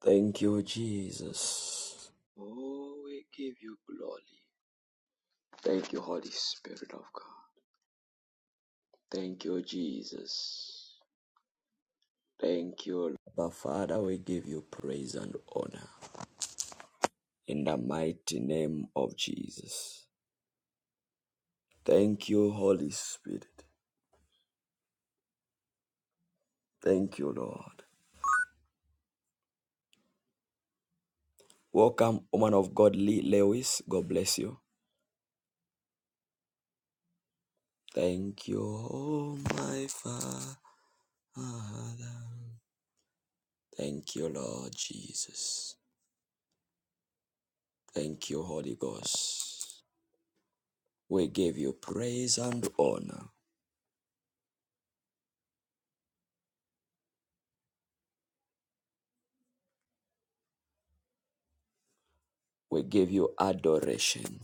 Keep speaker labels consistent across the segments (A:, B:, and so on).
A: Thank you, Jesus. Oh, we give you glory. Thank you, Holy Spirit of God. Thank you, Jesus. Thank you. Lord Father, we give you praise and honor in the mighty name of Jesus. Thank you, Holy Spirit. Thank you, Lord. Welcome, woman of God, Lee Lewis. God bless you. Thank you, oh my Father. Thank you, Lord Jesus. Thank you, Holy Ghost. We give you praise and honor. We give you adoration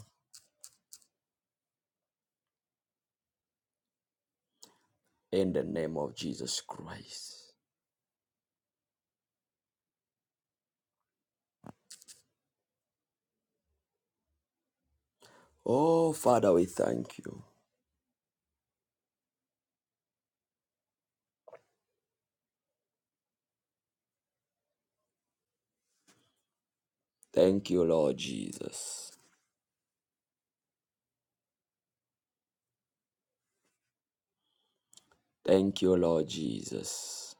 A: in the name of Jesus Christ. Oh, Father, we thank you. Thank you, Lord Jesus. Thank you, Lord Jesus.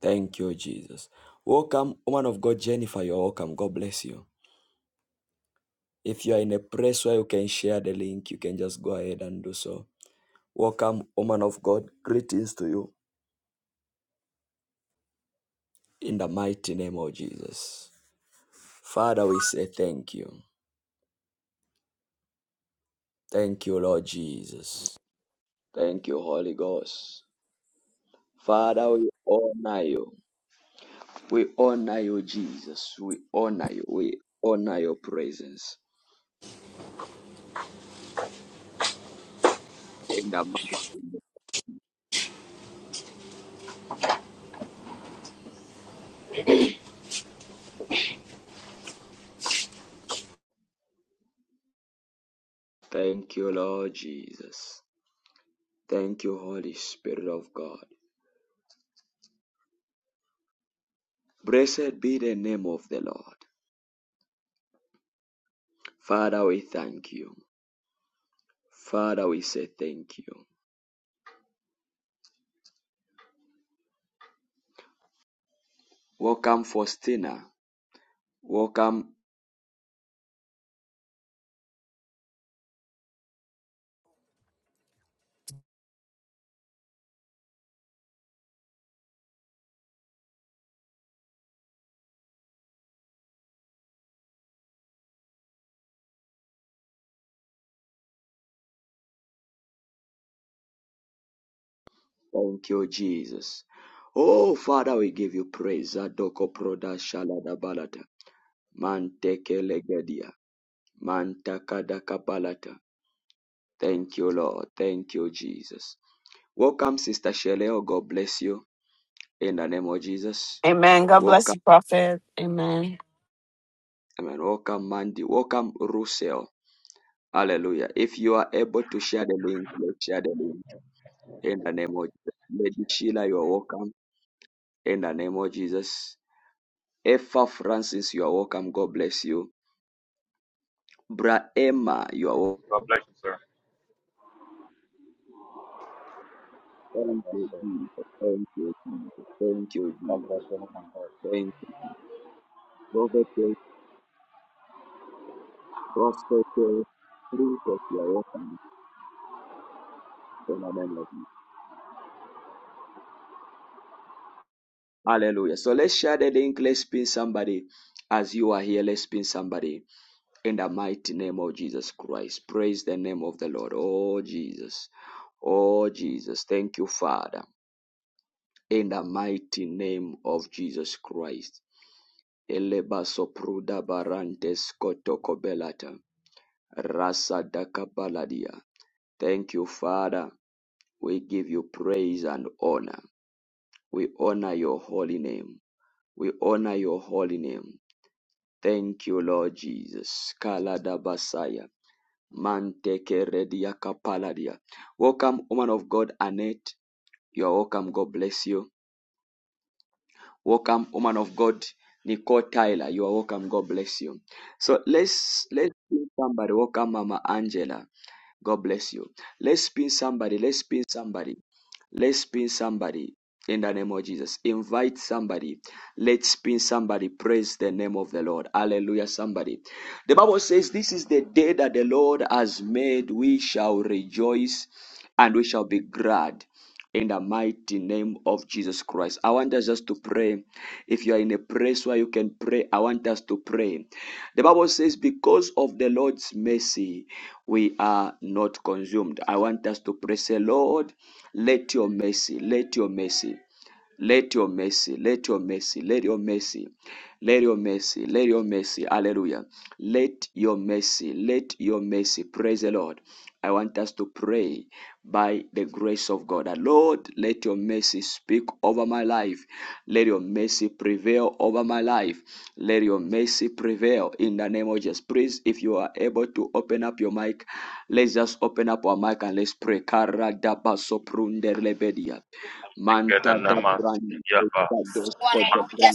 A: Thank you, Jesus. Welcome, woman of God, Jennifer. You're welcome. God bless you. If you are in a place where you can share the link, you can just go ahead and do so. Welcome, woman of God. Greetings to you in the mighty name of Jesus. Father, we say thank you. Thank you, Lord Jesus. Thank you, Holy Ghost. Father, we honor you. We honor you, Jesus. We honor you. We honor your presence. In the mighty- Thank you, Lord Jesus. Thank you, Holy Spirit of God. Blessed be the name of the Lord. Father, we thank you. Father, we say thank you. Welcome, Faustina. Welcome, Thank you, Jesus. Oh, Father, we give you praise. Adoko proda shalada balata. Manteke legedia. Mantakada kabalata. Thank you, Lord. Thank you, Jesus. Welcome, Sister Sheleo. God bless you. In the name of Jesus.
B: Amen. God
A: Welcome,
B: bless you, Prophet. Amen.
A: amen. Welcome, Mandy. Welcome, Russell. Hallelujah. If you are able to share the link, let's share the link. In the name of Jesus. Lady Sheila, you are welcome. In the name of Jesus. Effa Francis, you are welcome. God bless you. Bra Emma, you are
C: God bless you, sir.
D: God
A: welcome.
D: bless you.
A: Thank you, Jesus. Thank you, Jesus. Thank you,
D: God bless
A: Jesus.
D: you, woman
A: Thank you. Prophet, prophet, princess, you are welcome. In Hallelujah. So let's share the link. Let's pin somebody as you are here. Let's pin somebody in the mighty name of Jesus Christ. Praise the name of the Lord. Oh, Jesus. Oh, Jesus. Thank you, Father. in the mighty name of Jesus Christ. Eleba sopruda barantes kotoko belata. Rasa daka Thank you, Father. We give you praise and honor. We honor your holy name. We honor your holy name. Thank you, Lord Jesus. Kalada Basaya. Manteke redia kapaladia. Welcome, woman of God, Annette. You are welcome. God bless you. Welcome, woman of God, Nicole Tyler. You are welcome. God bless you. So let's let's give somebody welcome, Mama Angela. God bless you. Let's pin somebody. Let's pin somebody. Let's pin somebody in the name of Jesus. Invite somebody. Let's pin somebody. Praise the name of the Lord. Hallelujah. Somebody. The Bible says, This is the day that the Lord has made. We shall rejoice and we shall be glad. In the mighty name of Jesus Christ. I want us just to pray. If you are in a place where you can pray, I want us to pray. The Bible says, Because of the Lord's mercy, we are not consumed. I want us to pray, say, Lord, let your mercy, let your mercy, let your mercy, let your mercy, let your mercy. Let your mercy, let your mercy, hallelujah. Let your mercy, let your mercy, praise the Lord. I want us to pray by the grace of God. Lord, let your mercy speak over my life. Let your mercy prevail over my life. Let your mercy prevail in the name of Jesus. Please, if you are able to open up your mic, let's just open up our mic and let's pray. Manta
C: Sikene
A: da
C: nama sikiyaba.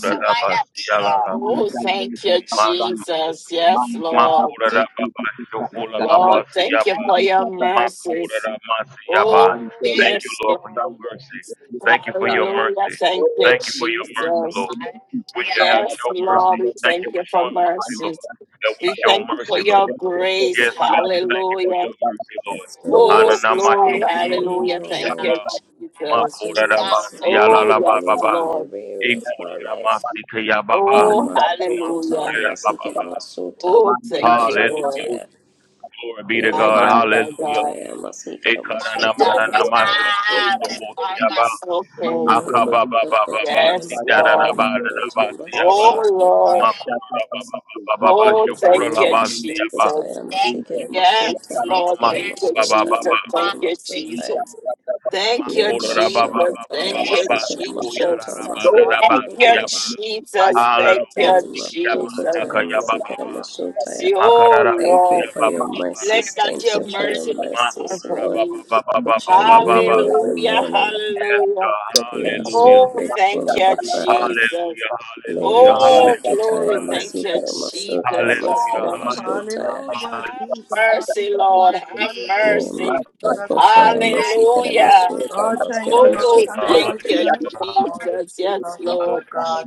C: Makuraraba siyalala.
B: Oh,
A: Man can
B: thank
A: make a
B: you,
A: upright.
C: Masuku.
B: Jesus. Yes,
A: Man can
B: Lord.
A: upright.
C: Makuraraba
A: Man can
C: bashukulalaba
A: upright.
B: Lord, thank you
C: siyaba.
A: Man
B: for your
A: can
B: mercies.
C: Makurarama siyaba.
B: Oh,
C: Thank
A: make a
C: you,
B: yes,
C: Lord, for your
B: Lord.
C: mercy. Thank you for your
A: upright.
B: Hallelujah.
C: mercy.
B: Thank you,
A: Oh,
C: Thank you for
A: he's
C: your
A: in
C: mercy,
A: the
B: Jesus.
C: Lord.
A: name of Jesus,
C: We should
A: I
C: have
A: have
B: Yes,
C: show
A: a
C: mercy.
A: brand new
B: Lord. We
C: Thank
B: thank
C: you
A: day.
C: for
B: you for
C: showing
A: I
C: mercy, Lord.
B: mercies.
C: That we
B: We
C: show
B: thank you for
C: mercy, Lord.
B: your grace.
C: Yes, God, we thank you for
B: Hallelujah.
C: your mercy, Lord.
E: Let your
A: Lord,
B: Oh,
E: mercy
A: in
B: glory.
E: speak
A: the name
E: for
A: of
E: me,
A: Jesus,
B: Hallelujah.
E: O
B: Thank
A: man
C: Ananamashokurorobosiyaba,
E: Lord.
B: you,
A: shall
E: Let
A: not
B: Jesus.
E: your mercy
A: be able to
E: speak
B: Oh,
E: for
A: get
E: me
B: yes,
A: up
C: makorarabasiyalalababa,
E: in
B: Lord.
E: every area
A: in the
E: of my life.
C: ikoraramasikeyababa,
E: May
A: Man
B: Oh,
E: my
A: shall not
E: soul
A: be
E: go
A: able
E: tire,
B: hallelujah.
A: to
E: must he get
C: makorarababa.
E: my soul tire,
B: Oh,
A: Manta
E: get
B: thank
E: my
B: you,
E: soul
B: Lord.
C: Hallelujah.
A: Gadabo,
E: tire.
C: Glory be to
E: May
B: My
C: God.
E: my
B: God,
A: Manta,
E: soul
B: my
E: go
C: Hallelujah.
B: God.
E: tire, must he get my
B: My
E: soul tire,
B: God, my
E: must
A: Lord,
E: get
A: I
E: my
A: pray
E: soul
A: and
E: tire.
B: God.
A: pray
B: My
A: you.
B: God.
C: Ekaranamanamashokurorobosiyaba,
B: is Okay.
E: May
A: Manta
E: my
A: Lord,
E: soul go
C: akababababa,
E: tire,
A: Manta Gadabo,
E: must
B: Yes,
E: he get
B: Lord.
E: my soul
A: Manta Manta
E: tire, must
C: sidararabadabasiyaba,
E: get
A: Gadabo,
E: my
B: Oh,
E: soul tire.
B: Lord.
A: Manta Gadabo,
C: makorarababababa,
B: Oh,
A: Manta
B: thank
E: May
B: you,
E: my soul go
C: shukurarabasiyaba,
B: Jesus.
E: tire, must he
B: Thank you.
E: get my soul
B: Yes,
E: tire, must
B: Lord.
E: get my
B: Thank you,
E: soul tire,
B: Jesus.
E: must
C: mamamasukurababa.
E: get
B: Thank
E: my
B: you,
E: soul tire.
B: Jesus. Thank you, Jesus.
E: Nemasokotaya
B: Thank you,
C: Makorababababababa,
E: masikere masota
B: Jesus.
E: maskere
C: Sikuyarabababa,
B: Thank you,
E: masotaya.
C: Siyaba,
B: Jesus.
A: Manta
B: Thank
C: Hallelujah,
B: you, Jesus.
C: Sikiyamandaka,
E: Nemasokotaya
A: Gadabo,
E: masikere
B: Have
C: Yabababa,
E: masotaya.
B: mercy, oh
C: Makarababa,
E: Thank
B: Lord.
E: you for your
C: Siyabababa,
B: Let
E: mercies.
B: not
E: Thank
B: your
E: you for your
B: mercy be far
E: mercies,
B: from
E: Lord,
B: me.
E: which are
C: Makorababababababa.
E: new every
B: Hallelujah,
E: morning.
C: Yes,
B: hallelujah.
C: God.
E: We are so
C: Hallelujah.
B: Oh,
E: grateful,
B: thank
E: Abba
B: you,
E: Father.
B: Jesus.
C: Hallelujah. Hallelujah.
B: Oh,
C: Hallelujah.
E: Nemasokotaya
B: glory, thank you,
C: Hallelujah.
E: masikere masota
B: Jesus. Yes,
C: Hallelujah.
E: maskere
B: Lord.
C: Hallelujah.
E: masotaya.
B: Have
F: Hallelujah, Jesus.
B: mercy, Lord.
F: Hallelujah.
B: Have mercy.
F: Hallelujah. Jesus.
E: Nemasokotaya masikere
B: Hallelujah.
E: masota
F: Oh, thank
E: maskere
F: you, Lord.
C: Yes,
B: Oh,
F: Thank you
C: God.
E: masotaya.
F: for
B: thank you,
F: your
C: Hallelujah.
F: mercy,
C: Hallelujah.
F: Lord
B: Jesus. Yes,
F: Jesus. Oh,
B: Lord.
F: God.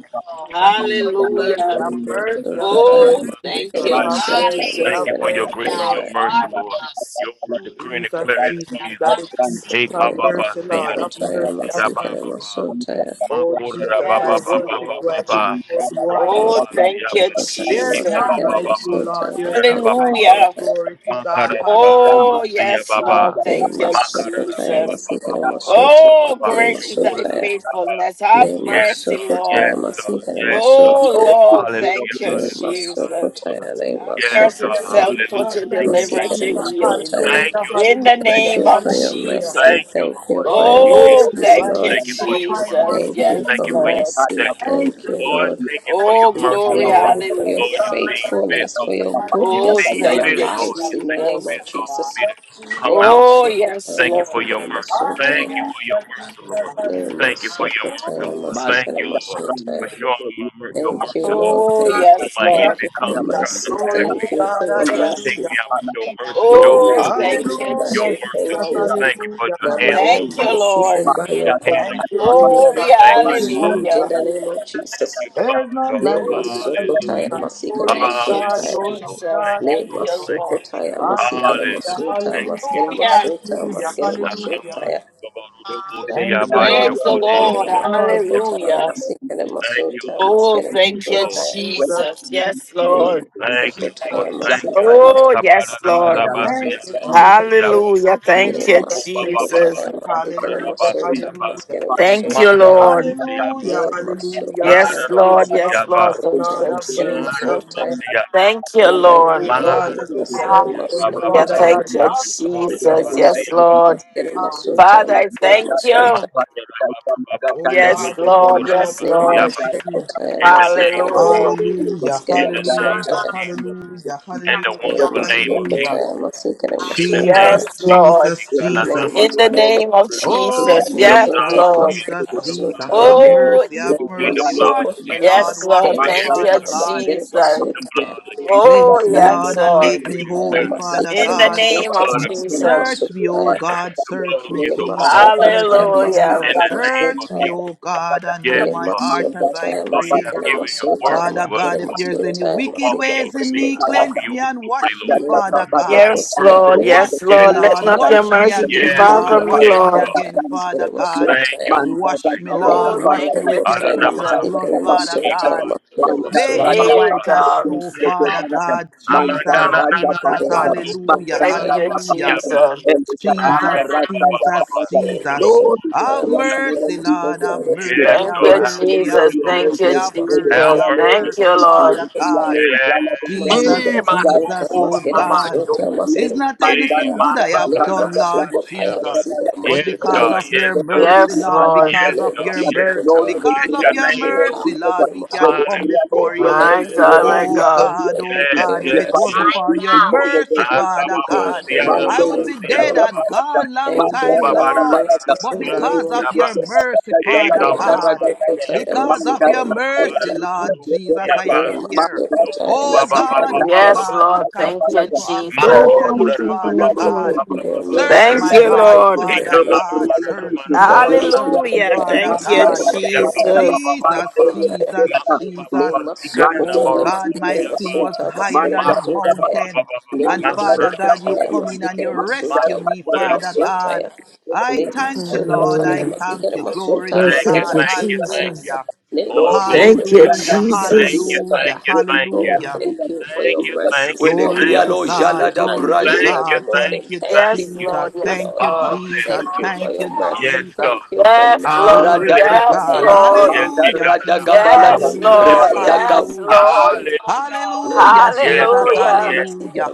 F: Thank you for your mercy.
B: Hallelujah.
F: Have
C: Ra ra
F: mercy on me,
C: ra
E: Sokotaya
F: Lord
B: Oh,
C: ba
F: Jesus.
C: siya
B: thank
E: masikere
B: you,
C: ba
F: Have
E: masonta
F: mercy.
C: Thank
F: Have
B: Jesus.
C: you
E: masikere
C: for your
F: mercy,
C: grace and
F: Lord
C: your
E: masontaya
C: mercy,
F: Jesus.
C: Lord. Your word decree and
F: Jesus,
C: declare in
F: Jesus,
C: season.
F: Daddy
A: Manja
F: Jesus,
C: Hey, ba
F: have
C: ba
E: nema
C: ba,
F: mercy,
C: see ya
F: Lord,
C: do
F: have
C: do,
E: sokotaya
F: mercy,
C: see
F: have
C: ya ba
E: masikere
C: ba
F: mercy.
C: ba.
E: masontaya
C: Ma
F: Oh,
C: ko da da
F: Jesus,
C: ba ba
F: I
B: Yes,
C: ba ba
F: worship
C: ba
B: Lord.
F: you,
C: ba
F: I
C: ba.
F: lift you
C: Sho
F: up, you
C: ko la
F: are
C: la
F: great.
E: nema
B: Oh,
C: ba, see ya
B: thank you,
C: ba.
E: sokotaya
F: There
C: Hey,
F: is
C: ka
B: Jesus.
C: ba
F: none
C: ba
E: masikere
F: like
C: ba ba.
F: you, Lord.
E: masonta
C: Ko
F: There
C: da
F: is
C: da
F: none
E: masikere
C: ba ba
F: like
C: ba.
F: you.
B: Hallelujah.
E: masontaya
F: Glory to
C: Ma ka da da ba
F: God.
C: da da ba,
B: Oh,
C: see ya
B: yes,
C: ba ba.
B: Lord. Thank
E: nema
B: you,
C: Ma ka da da ba
E: sokotaya
C: ba ba
B: Jesus.
C: ba
E: masikere
C: ba ba ba
E: masonta
C: ba
B: Oh,
C: ba.
E: masikere
B: great
C: Sho
B: is
C: ko
B: thy
C: da da
E: masontaya
C: ba ba ba.
B: faithfulness. Have
C: Yes,
E: nema
B: mercy,
C: God.
E: sokotaya
C: Yes,
B: Lord.
C: God.
E: masikere
C: Yes, God.
B: Oh,
E: masontaya
B: Lord.
C: Hallelujah.
B: Thank you,
E: nema
C: Hallelujah.
B: Jesus. Have
C: Hallelujah.
E: sokotaya nema
C: Yes,
F: Thank
B: mercy,
C: God.
F: you,
E: sokotaya
B: self
F: Jesus.
C: Hallelujah.
B: torture,
F: Thank
C: Thank you,
F: you,
B: deliverance,
E: masikere
C: Jesus.
B: and
F: Jesus.
B: healing.
E: masontaya
C: Thank
F: Hallelujah.
C: you,
B: In
C: Lord.
B: the
C: Thank
E: Thank
F: Hallelujah.
C: you.
B: name
E: you
B: of
C: Jesus.
E: for your
F: Hallelujah.
E: mercy.
C: Thank
B: Jesus.
C: you,
E: Thank you
C: Lord.
E: for
C: Thank
E: your
F: Lord,
C: you,
F: I thank
B: Oh,
C: Jesus.
E: mercies,
F: you. I
B: thank
E: Lord.
B: you,
C: Thank
F: lift
C: you
F: you
C: for
F: up.
C: your
F: I
C: mercy.
B: Jesus.
F: worship.
E: Thank
F: you.
E: you
B: Yes,
C: Thank
E: for
C: you for your
B: Lord.
E: mercy.
C: protection.
F: Thank
E: Thank
F: you,
E: you,
C: Lord,
A: no,
E: Lord.
C: thank you
F: Jesus.
C: for
F: Thank
B: Oh,
C: your
E: We
C: mercy,
B: glory.
E: Thank
C: Lord.
E: you for your
F: you,
C: Lord,
B: Hallelujah.
C: you see
F: God.
C: fit,
E: faithfulness, for
C: Lord.
E: your
F: Hallelujah.
C: You
B: Oh,
E: goodness
C: see
E: in
B: thank
E: our
C: fit,
B: you,
C: Lord.
F: Hallelujah.
E: lives.
C: You
E: In the
C: see
E: name
B: Jesus.
C: fit,
E: of
C: Lord, for me
E: Jesus.
F: Yes,
C: to
F: Jesus.
C: come
E: Name
C: out,
E: of
B: Oh,
C: Lord.
B: yes,
E: Sokotaya
C: Thank you for
B: Lord.
C: your
E: Masikere
C: mercy. Thank
E: Masotaya.
C: you for your
F: Hallelujah.
C: mercy, Lord.
F: Jesus.
E: Name
F: Hallelujah.
E: of
C: Thank you for your mercy,
E: Sokotaya
C: Lord. Thank
E: Masikere
C: you, Lord, for
E: Masotaya.
C: showing my mer- your
E: Thank you,
C: mercy, Lord.
E: Lord.
B: Oh,
E: Thank you.
C: When
B: yes,
C: my
F: Jesus.
B: Lord.
E: Thank
C: enemy
E: you for
C: comes to try to
F: Jesus.
E: mercy.
C: attack
F: Glory
C: me,
F: to
E: Thank you for
F: God.
C: to
E: your
C: try
F: Hallelujah.
C: to
B: Hallelujah.
C: take
E: mercy.
C: me out, but your mercy
E: Your
C: shows
B: Oh,
C: up, Lord
E: mercy,
B: thank you,
E: Father.
C: your
E: We
F: Hallelujah.
C: mercy,
E: thank
F: Jesus.
C: Lord.
E: you
B: Jesus.
C: Thank you for
F: Hallelujah.
C: your
E: that
C: hand
E: by
C: of
E: your
C: your
B: Thank
F: Hallelujah.
B: you,
C: mercy,
E: mercies
C: Lord.
E: and
B: Lord.
E: by your
C: Your hand of
F: Thank
C: your
F: you,
E: compassion
C: mercy,
E: we
F: Jesus.
E: are
C: Lord.
E: not
B: Glory,
C: Thank
F: Thank
C: you,
F: you,
C: Father.
E: consumed in
B: hallelujah.
F: Jesus.
E: the name of
C: Thank
E: Jesus.
C: you,
F: There's
C: Father,
F: none
C: Lord.
E: Le
F: like you, Lord
E: masokotaya
C: Hallelujah.
F: Jesus.
E: masikere
F: Glory to
B: Thank you,
F: God,
E: masutaya.
C: Hallelujah,
F: glory to
C: Lord.
B: Jesus.
C: Thank
F: God.
C: you,
E: Le
B: Thank
C: Lord.
B: you,
C: Thank
B: Lord.
C: you.
E: masokotaya masikere
F: Hallelujah,
C: Hallelujah.
E: masutaya
C: Thank
F: hallelujah,
C: you.
E: masikere
B: Hallelujah.
E: masutaya
F: hallelujah,
E: masikere
F: hallelujah.
E: masutaya.
C: Nakamasi, Babarudobo,
F: Thank you,
C: Siyaba,
F: Lord.
B: Praise the
C: Shokode,
F: Thank you,
E: Le
B: Lord.
C: Yalalaba,
F: Lord.
E: masokotaya
B: Hallelujah.
E: masikere
C: Thank you,
E: masutaya
C: Lord.
B: Oh,
E: masikere
C: Thank
A: Lord,
B: thank
F: Jesus,
C: you,
B: you,
C: Lord.
E: masutaya.
F: Jesus,
B: Jesus.
F: Jesus,
B: Yes,
E: Le
B: Lord.
C: Thank you,
F: Jesus,
C: Lord.
E: masokotaya
C: Thank
A: Whether
C: you,
F: Jesus.
E: masikere
C: Lord.
B: Oh,
C: Ikabada,
E: masutaya
B: yes, Lord.
E: masikere
C: Dadadaba,
F: Thank you,
E: masutaya.
F: Jesus.
C: Siyaba,
F: Thank
B: Hallelujah.
F: you, Jesus.
B: Thank
E: Le
B: you,
C: Mako
F: Thank you,
C: baba
F: Jesus.
C: baba
B: Jesus.
E: masokotaya masikere
C: shukura
F: Hallelujah,
C: basi
E: masutaya
C: aba
F: hallelujah.
E: masikere
B: Thank you,
C: mara
E: masutaya.
B: Lord.
C: robusi aba
F: Hallelujah,
E: Le
F: hallelujah,
C: mara
B: Yes,
E: masokotaya masikere
F: hallelujah.
B: Lord.
C: robusi
F: Have
E: masutaya
B: Yes,
C: aba
B: Lord.
F: mercy,
B: Thank
F: Lord.
B: you,
F: Have
E: masikere
F: mercy,
C: mara
B: Jesus.
F: have
E: masutaya.
C: robusi
F: mercy.
C: aba
B: Thank you,
E: In the name
F: Oh
B: Lord.
E: of
F: God,
C: mara
F: as we
E: Jesus,
F: come
E: they
C: robusi
F: before
C: aba
E: must
F: you,
C: baba
B: Hallelujah.
F: Father
E: sukotaya,
B: Thank
F: God, we
C: baba
B: you,
F: ask you for
C: shukura
E: masikere
B: Jesus.
F: mercy.
C: basi
B: Yes,
E: masulta,
C: aba
B: Lord.
E: masikere masulta,
B: Father, I
E: masikere
B: thank
E: masulta,
B: you.
C: makura baba baba
F: Oh
C: baba
B: Yes,
F: God, we lift
B: Lord.
C: masikura
F: you up,
B: Yes,
E: ne
F: we
C: basi
B: Lord.
C: aba
F: worship you.
E: masukotaya,
C: in the name
E: masikere
C: of
B: Hallelujah.
C: Jesus
E: masulta,
F: Hallelujah,
E: masikere
C: in the name
E: masulta,
C: of
F: hallelujah,
C: Jesus
F: hallelujah,
A: Manjar
C: in the
E: ne
F: hallelujah,
C: wonderful name of Jesus
F: hallelujah.
E: masukotaya, masikere
C: in the name
B: Yes,
E: masulta,
C: of
F: Jesus,
C: Jesus.
B: Lord.
F: Jesus,
E: ne
F: Jesus.
B: In the
E: masukotaya,
B: name of
C: Ikananamamasukura.
F: Oh
B: Jesus.
E: masikere
C: The
B: Yes,
E: masulta,
C: blood of
F: Jesus,
B: Lord.
E: masikere
C: Jesus,
F: Jesus,
C: the
E: masulta,
F: Jesus,
C: blood of
F: have
C: Jesus.
B: Oh,
F: mercy,
E: ne
F: have
C: We plead the
F: mercy.
C: blood of
F: Wash me,
E: masukotaya,
C: Jesus
B: Yes,
F: Lord,
B: Lord.
E: masikere masulta, masikere
F: wash
C: over
F: me,
B: Thank
C: every
B: you,
E: masulta,
F: Father God.
E: ne
C: circumstance.
B: Jesus.
E: masukotaya,
C: The blood of Jesus.
F: Cleanse
B: Oh,
F: me,
B: yes,
F: Lord, and
C: We
B: Lord.
F: make me
C: decree and
F: holy,
C: declare
F: Father
E: masikere
B: In the
F: God.
C: the
B: name
E: masulta,
B: of
C: blood of
E: masikere
C: Jesus,
B: Jesus.
F: Search me, O
E: masulta,
F: God,
C: the blood
F: search
C: of
F: me,
E: Le
C: Jesus over
F: Jesus,
C: all
F: search
E: masokotaya
F: me,
C: circumstances.
B: Hallelujah.
C: In
F: Jesus,
E: masikere
C: the name of
F: search me,
E: masotaya.
F: O
C: Jesus.
F: God, I know
C: Yes,
E: Le
F: my
C: God.
F: heart as I
E: masokotaya
C: Lord, you
F: pray.
C: have
E: masikere
C: given your
E: masotaya
C: word
F: Father
C: to us,
E: masikere
F: God, if
C: Lord,
F: there's any
A: Manja
E: masotaya
C: to
F: wicked
C: walk in
E: masikere
C: your
F: ways in
C: dominion,
F: me,
C: to walk
E: masotaya.
C: in
F: cleanse
C: your
F: me and
C: authority,
F: wash me,
C: Lord,
E: Le
F: Father
C: with
F: God.
C: your
B: Yes,
C: word,
E: masokotaya
B: Lord.
E: le
C: Lord.
B: Yes,
F: Wash me,
C: Yes,
B: Lord. Let
F: Lord,
C: God.
B: not
E: masokotaya
B: your
F: wash me
B: mercy be
F: again,
C: Yes,
B: far
F: Lord,
B: from
C: God.
E: masikere
B: me,
F: wash
C: Yes,
F: me
B: Lord.
C: God.
E: masotaya
F: again,
E: masikere
F: Father God.
C: Thank you,
E: masotaya.
C: Lord.
F: Wash
C: Thank
F: me,
E: Le
F: Lord,
B: Oh,
F: wash
B: thank
F: me
B: you,
F: with
C: you.
F: your
E: masokotaya
F: precious
C: Aranamano,
B: Jesus.
F: blood,
E: masikere
F: Father
E: masotaya
C: Ibaba,
F: God.
E: masikere
F: Make me
E: masotaya.
C: Uranabababa,
B: Hey,
F: white as
B: God.
F: snow, Father God,
A: Manta
F: Jesus,
C: Amandana,
A: Raja
F: Jesus,
C: Nananaba,
E: Le masokotaya
A: Raja
E: masikere masotaya masikere masotaya masikere masotaya.
A: Lord,
F: hallelujah,
B: Thank you,
C: Sukuyalalaba,
F: hallelujah.
A: we
C: Siaba,
B: Jesus.
F: Jesus, Jesus,
C: Akababababa,
E: Le masokotaya masikere
F: Jesus.
C: Sukuruburu,
F: Have
A: pray in the
C: Siaba.
A: name of
F: mercy,
A: Jesus,
F: Lord,
A: your
F: have
A: mercy.
C: Yes,
F: mercy,
B: Thank
F: have
A: Where
C: God,
B: you,
A: the
C: have
A: killing,
F: mercy,
A: Lord,
C: mercy,
B: Jesus.
F: have
A: your
C: Lord.
B: Thank
F: mercy,
B: you,
A: mercy.
F: have
A: Where the
F: mercy,
C: Have
B: Jesus.
A: killer,
F: have
A: Lord,
C: mercy,
A: your
B: Thank
F: mercy,
B: you,
C: Lord.
A: mercy. Where the
B: Lord.
F: Father
A: killer,
E: masotaya
F: God.
A: Lord, Jana the Grande.
F: Jesus,
C: Yes. Eh,
E: Masikere
A: That
E: masota,
F: Jesus,
C: Masoko,
A: is
C: ba
F: oh
A: the
E: maskere
A: land
C: Mama,
A: of
F: God.
A: the
E: masota,
C: Shoko.
A: Sophia.
F: Is
E: maskere
F: not there
A: Manda,
E: masota
C: Eh,
F: anything
E: ya.
F: good
A: Rata,
F: I
A: Rata,
F: have
E: Le
F: done,
A: Rata, Rata,
C: Masakararaba,
F: Lord
E: masoko
A: Rata,
E: taya,
C: Siaba.
F: Jesus?
A: Rata,
E: masikere
A: Rata.
F: But
C: Yes,
E: masota,
C: God,
F: because
A: Release
F: of
A: the
E: maskere
F: your
C: yes,
A: Sophia,
C: God.
F: mercy,
E: masota
B: Yes,
E: ya.
A: Rata,
F: Lord,
B: Lord.
C: Yes,
F: because of
E: Le
C: God,
F: your
C: yes,
E: masoko
F: mercy,
A: Lord,
E: taya,
C: God.
A: we
F: because
C: Bless
A: pray
F: of
E: masikere
C: your
A: in the
F: your
C: name,
A: name of
E: masota,
C: Lord.
F: mercy,
A: Jesus,
F: Lord,
E: maskere
F: we can
A: where the
E: masota.
F: come
A: killer,
C: Hallelujah.
A: Lord,
F: before
A: your
F: you.
B: My
E: Thank you
A: mercy. When
E: for
B: God,
E: your
A: the
B: my
C: Hallelujah.
F: Oh
E: mercy.
A: Bible
B: God.
F: God,
E: Thank
F: oh
E: you for
C: Yes,
F: God,
E: your
F: if
C: yes,
F: it
E: mercy.
F: wasn't
C: yes.
F: for
A: says
F: your
A: because of the
F: mercy,
A: Lord's
F: Father
A: mercy,
C: Akababa,
E: Thank
F: God,
E: you, Lord.
A: Manda
F: I
C: siyanama,
F: would
E: Thank
F: be
E: you,
F: dead
A: Rasta
E: Lord.
F: and
C: siyabababa,
A: Barata,
F: gone long
E: Thank
A: Manda
E: you
F: time,
E: for your
A: Rasta
F: Lord.
E: mercy
A: Barata,
F: But
E: in
C: yobabarabarababa,
E: the name
F: because
A: Rasta
F: of
E: of
C: siyaba.
F: your
E: Jesus.
A: Barata,
F: mercy, Father
E: Le
A: Rasta
F: God,
C: Ekabamama,
A: Barata,
E: masoko taya,
F: because of
A: Manda
F: your
E: masikere
A: Rasta
F: mercy,
E: masota.
F: Lord
C: siyabababababababarabarababa,
F: Jesus, I
A: Barata,
C: siyaba.
E: Le
F: am here.
E: masoko
A: Manda Rasta
E: taya,
F: Oh
C: Lukubaba,
E: masikere
F: God, oh
E: masota.
B: Yes,
F: God, we
B: Lord. Thank you,
F: continue
A: Barata,
F: to have
B: Jesus.
G: What
F: mercy
A: Lord,
F: on
G: I'm
A: we
C: Masukura,
F: us,
A: thank
G: doing for
A: you,
F: Father
G: me
A: Lord,
C: Baba!
A: your
C: Baba!
F: God.
G: is-
A: mercy.
E: For your
A: Lord, we
F: Search
C: Baba,
E: mercy.
B: Thank
F: my
A: thank
B: you,
A: you, Lord,
E: Thank you
F: heart,
A: your
E: for
B: Lord.
E: your
C: Eka
F: Father
A: mercy. Lord,
C: la
A: we thank
E: mercy.
C: la
A: you,
C: ma
F: God.
A: Lord,
C: na
A: your
C: na ma
F: Search
A: mercy.
F: me,
C: na na ma
F: Lord.
A: Lord,
C: na
A: we
C: na
E: Masotho,
C: ma.
F: Search
A: thank you,
F: me,
B: Hallelujah.
A: Lord,
C: Eku
A: your mercy.
F: Father
C: la
B: Thank
C: la
B: you,
C: la
E: Masika,
F: God.
C: ba siya ba ba
E: Masotho,
C: ba
B: Jesus.
C: ba ba ba
F: Jesus,
A: Manda
C: ba.
E: Masotho,
A: Rasta
F: Jesus,
A: Barata,
C: Mako ba ba
F: Jesus.
E: Ne
C: ba sika na na
A: Manchar
C: ma
F: Oh
E: masokotaya
C: ro ro
F: God, my
E: masikere
C: siya ba.
F: sin was
E: masota
F: higher
E: masikere
F: than the
C: Mako re ra
E: masotaya.
C: ba ba
F: mountain.
C: ba ba.
E: Ne
F: And
C: Mako re
F: Father
C: ra ba
F: God,
C: ba ba
F: you
E: masokotaya
F: come
C: ba
F: in
C: ba.
F: and you
E: masikere masota
F: rescue me,
C: Mashu re
E: masikere
C: ra ba
F: Father
C: ba ba.
F: God.
E: masotaya.
F: I
E: Ne
F: thank you, Lord.
E: masokotaya
F: I
B: Hallelujah.
F: thank
E: masikere
F: you. Glory
E: masota
B: Oh,
F: to
C: Thank you,
E: masikere
B: thank
F: God.
B: you,
C: thank you,
E: masotaya.
C: thank you.
B: Jesus.
F: Hallelujah.
E: Ne
C: Oh, glory
B: Thank
C: to
B: you,
C: your
E: masokotaya
F: Hallelujah.
C: name.
E: masikere
C: Thank you,
B: Jesus.
C: thank
E: masotaya.
F: Hallelujah.
C: you, thank you.
E: Oh,
F: Hallelujah.
E: thank you for
C: Thank
E: your
C: you, thank
E: mercies,
A: where
C: you,
A: they
E: your
F: Glory
A: cry,
C: thank
F: to
C: you.
A: Lord,
E: mercies
F: God.
E: which
A: Jalada
E: are
F: Glory to
E: new
A: Brazil,
C: Thank you,
E: every
F: God.
C: thank
F: Thank
E: morning.
C: you,
F: you,
E: Thank
C: thank
B: Yes,
E: you,
C: you.
F: Jesus.
B: Lord.
E: thank you,
B: Yes,
F: Thank
E: Lord.
F: you,
B: Lord.
F: Jesus.
E: Thank you
C: Hallelujah.
E: for
F: Thank
E: your
F: you,
C: Yes,
E: mercy.
C: God.
E: Thank
F: Jesus.
E: you for
B: Yes,
E: mercy.
B: Lord.
F: Glory
A: Rada
F: to
B: Yes,
C: Hallelujah.
F: God.
C: Lord.
E: Thank
A: Mandara Gabalata,
B: Lord.
E: you
C: Yes.
A: Manda
F: Hallelujah, Jesus.
A: Rada
E: for your
B: Yes,
F: Hallelujah.
B: Lord.
E: mercy
C: Ikararabarabosiaba.
E: and your
A: Gabalata,
B: Yes,
F: Hallelujah.
B: Lord.
E: compassion.
C: Hallelujah.
E: name Lema
F: Hallelujah,
C: Yes,
F: Jesus.
C: God.
E: sokotaya
B: Hallelujah.
C: Yes, God.
F: Hallelujah.
E: masikere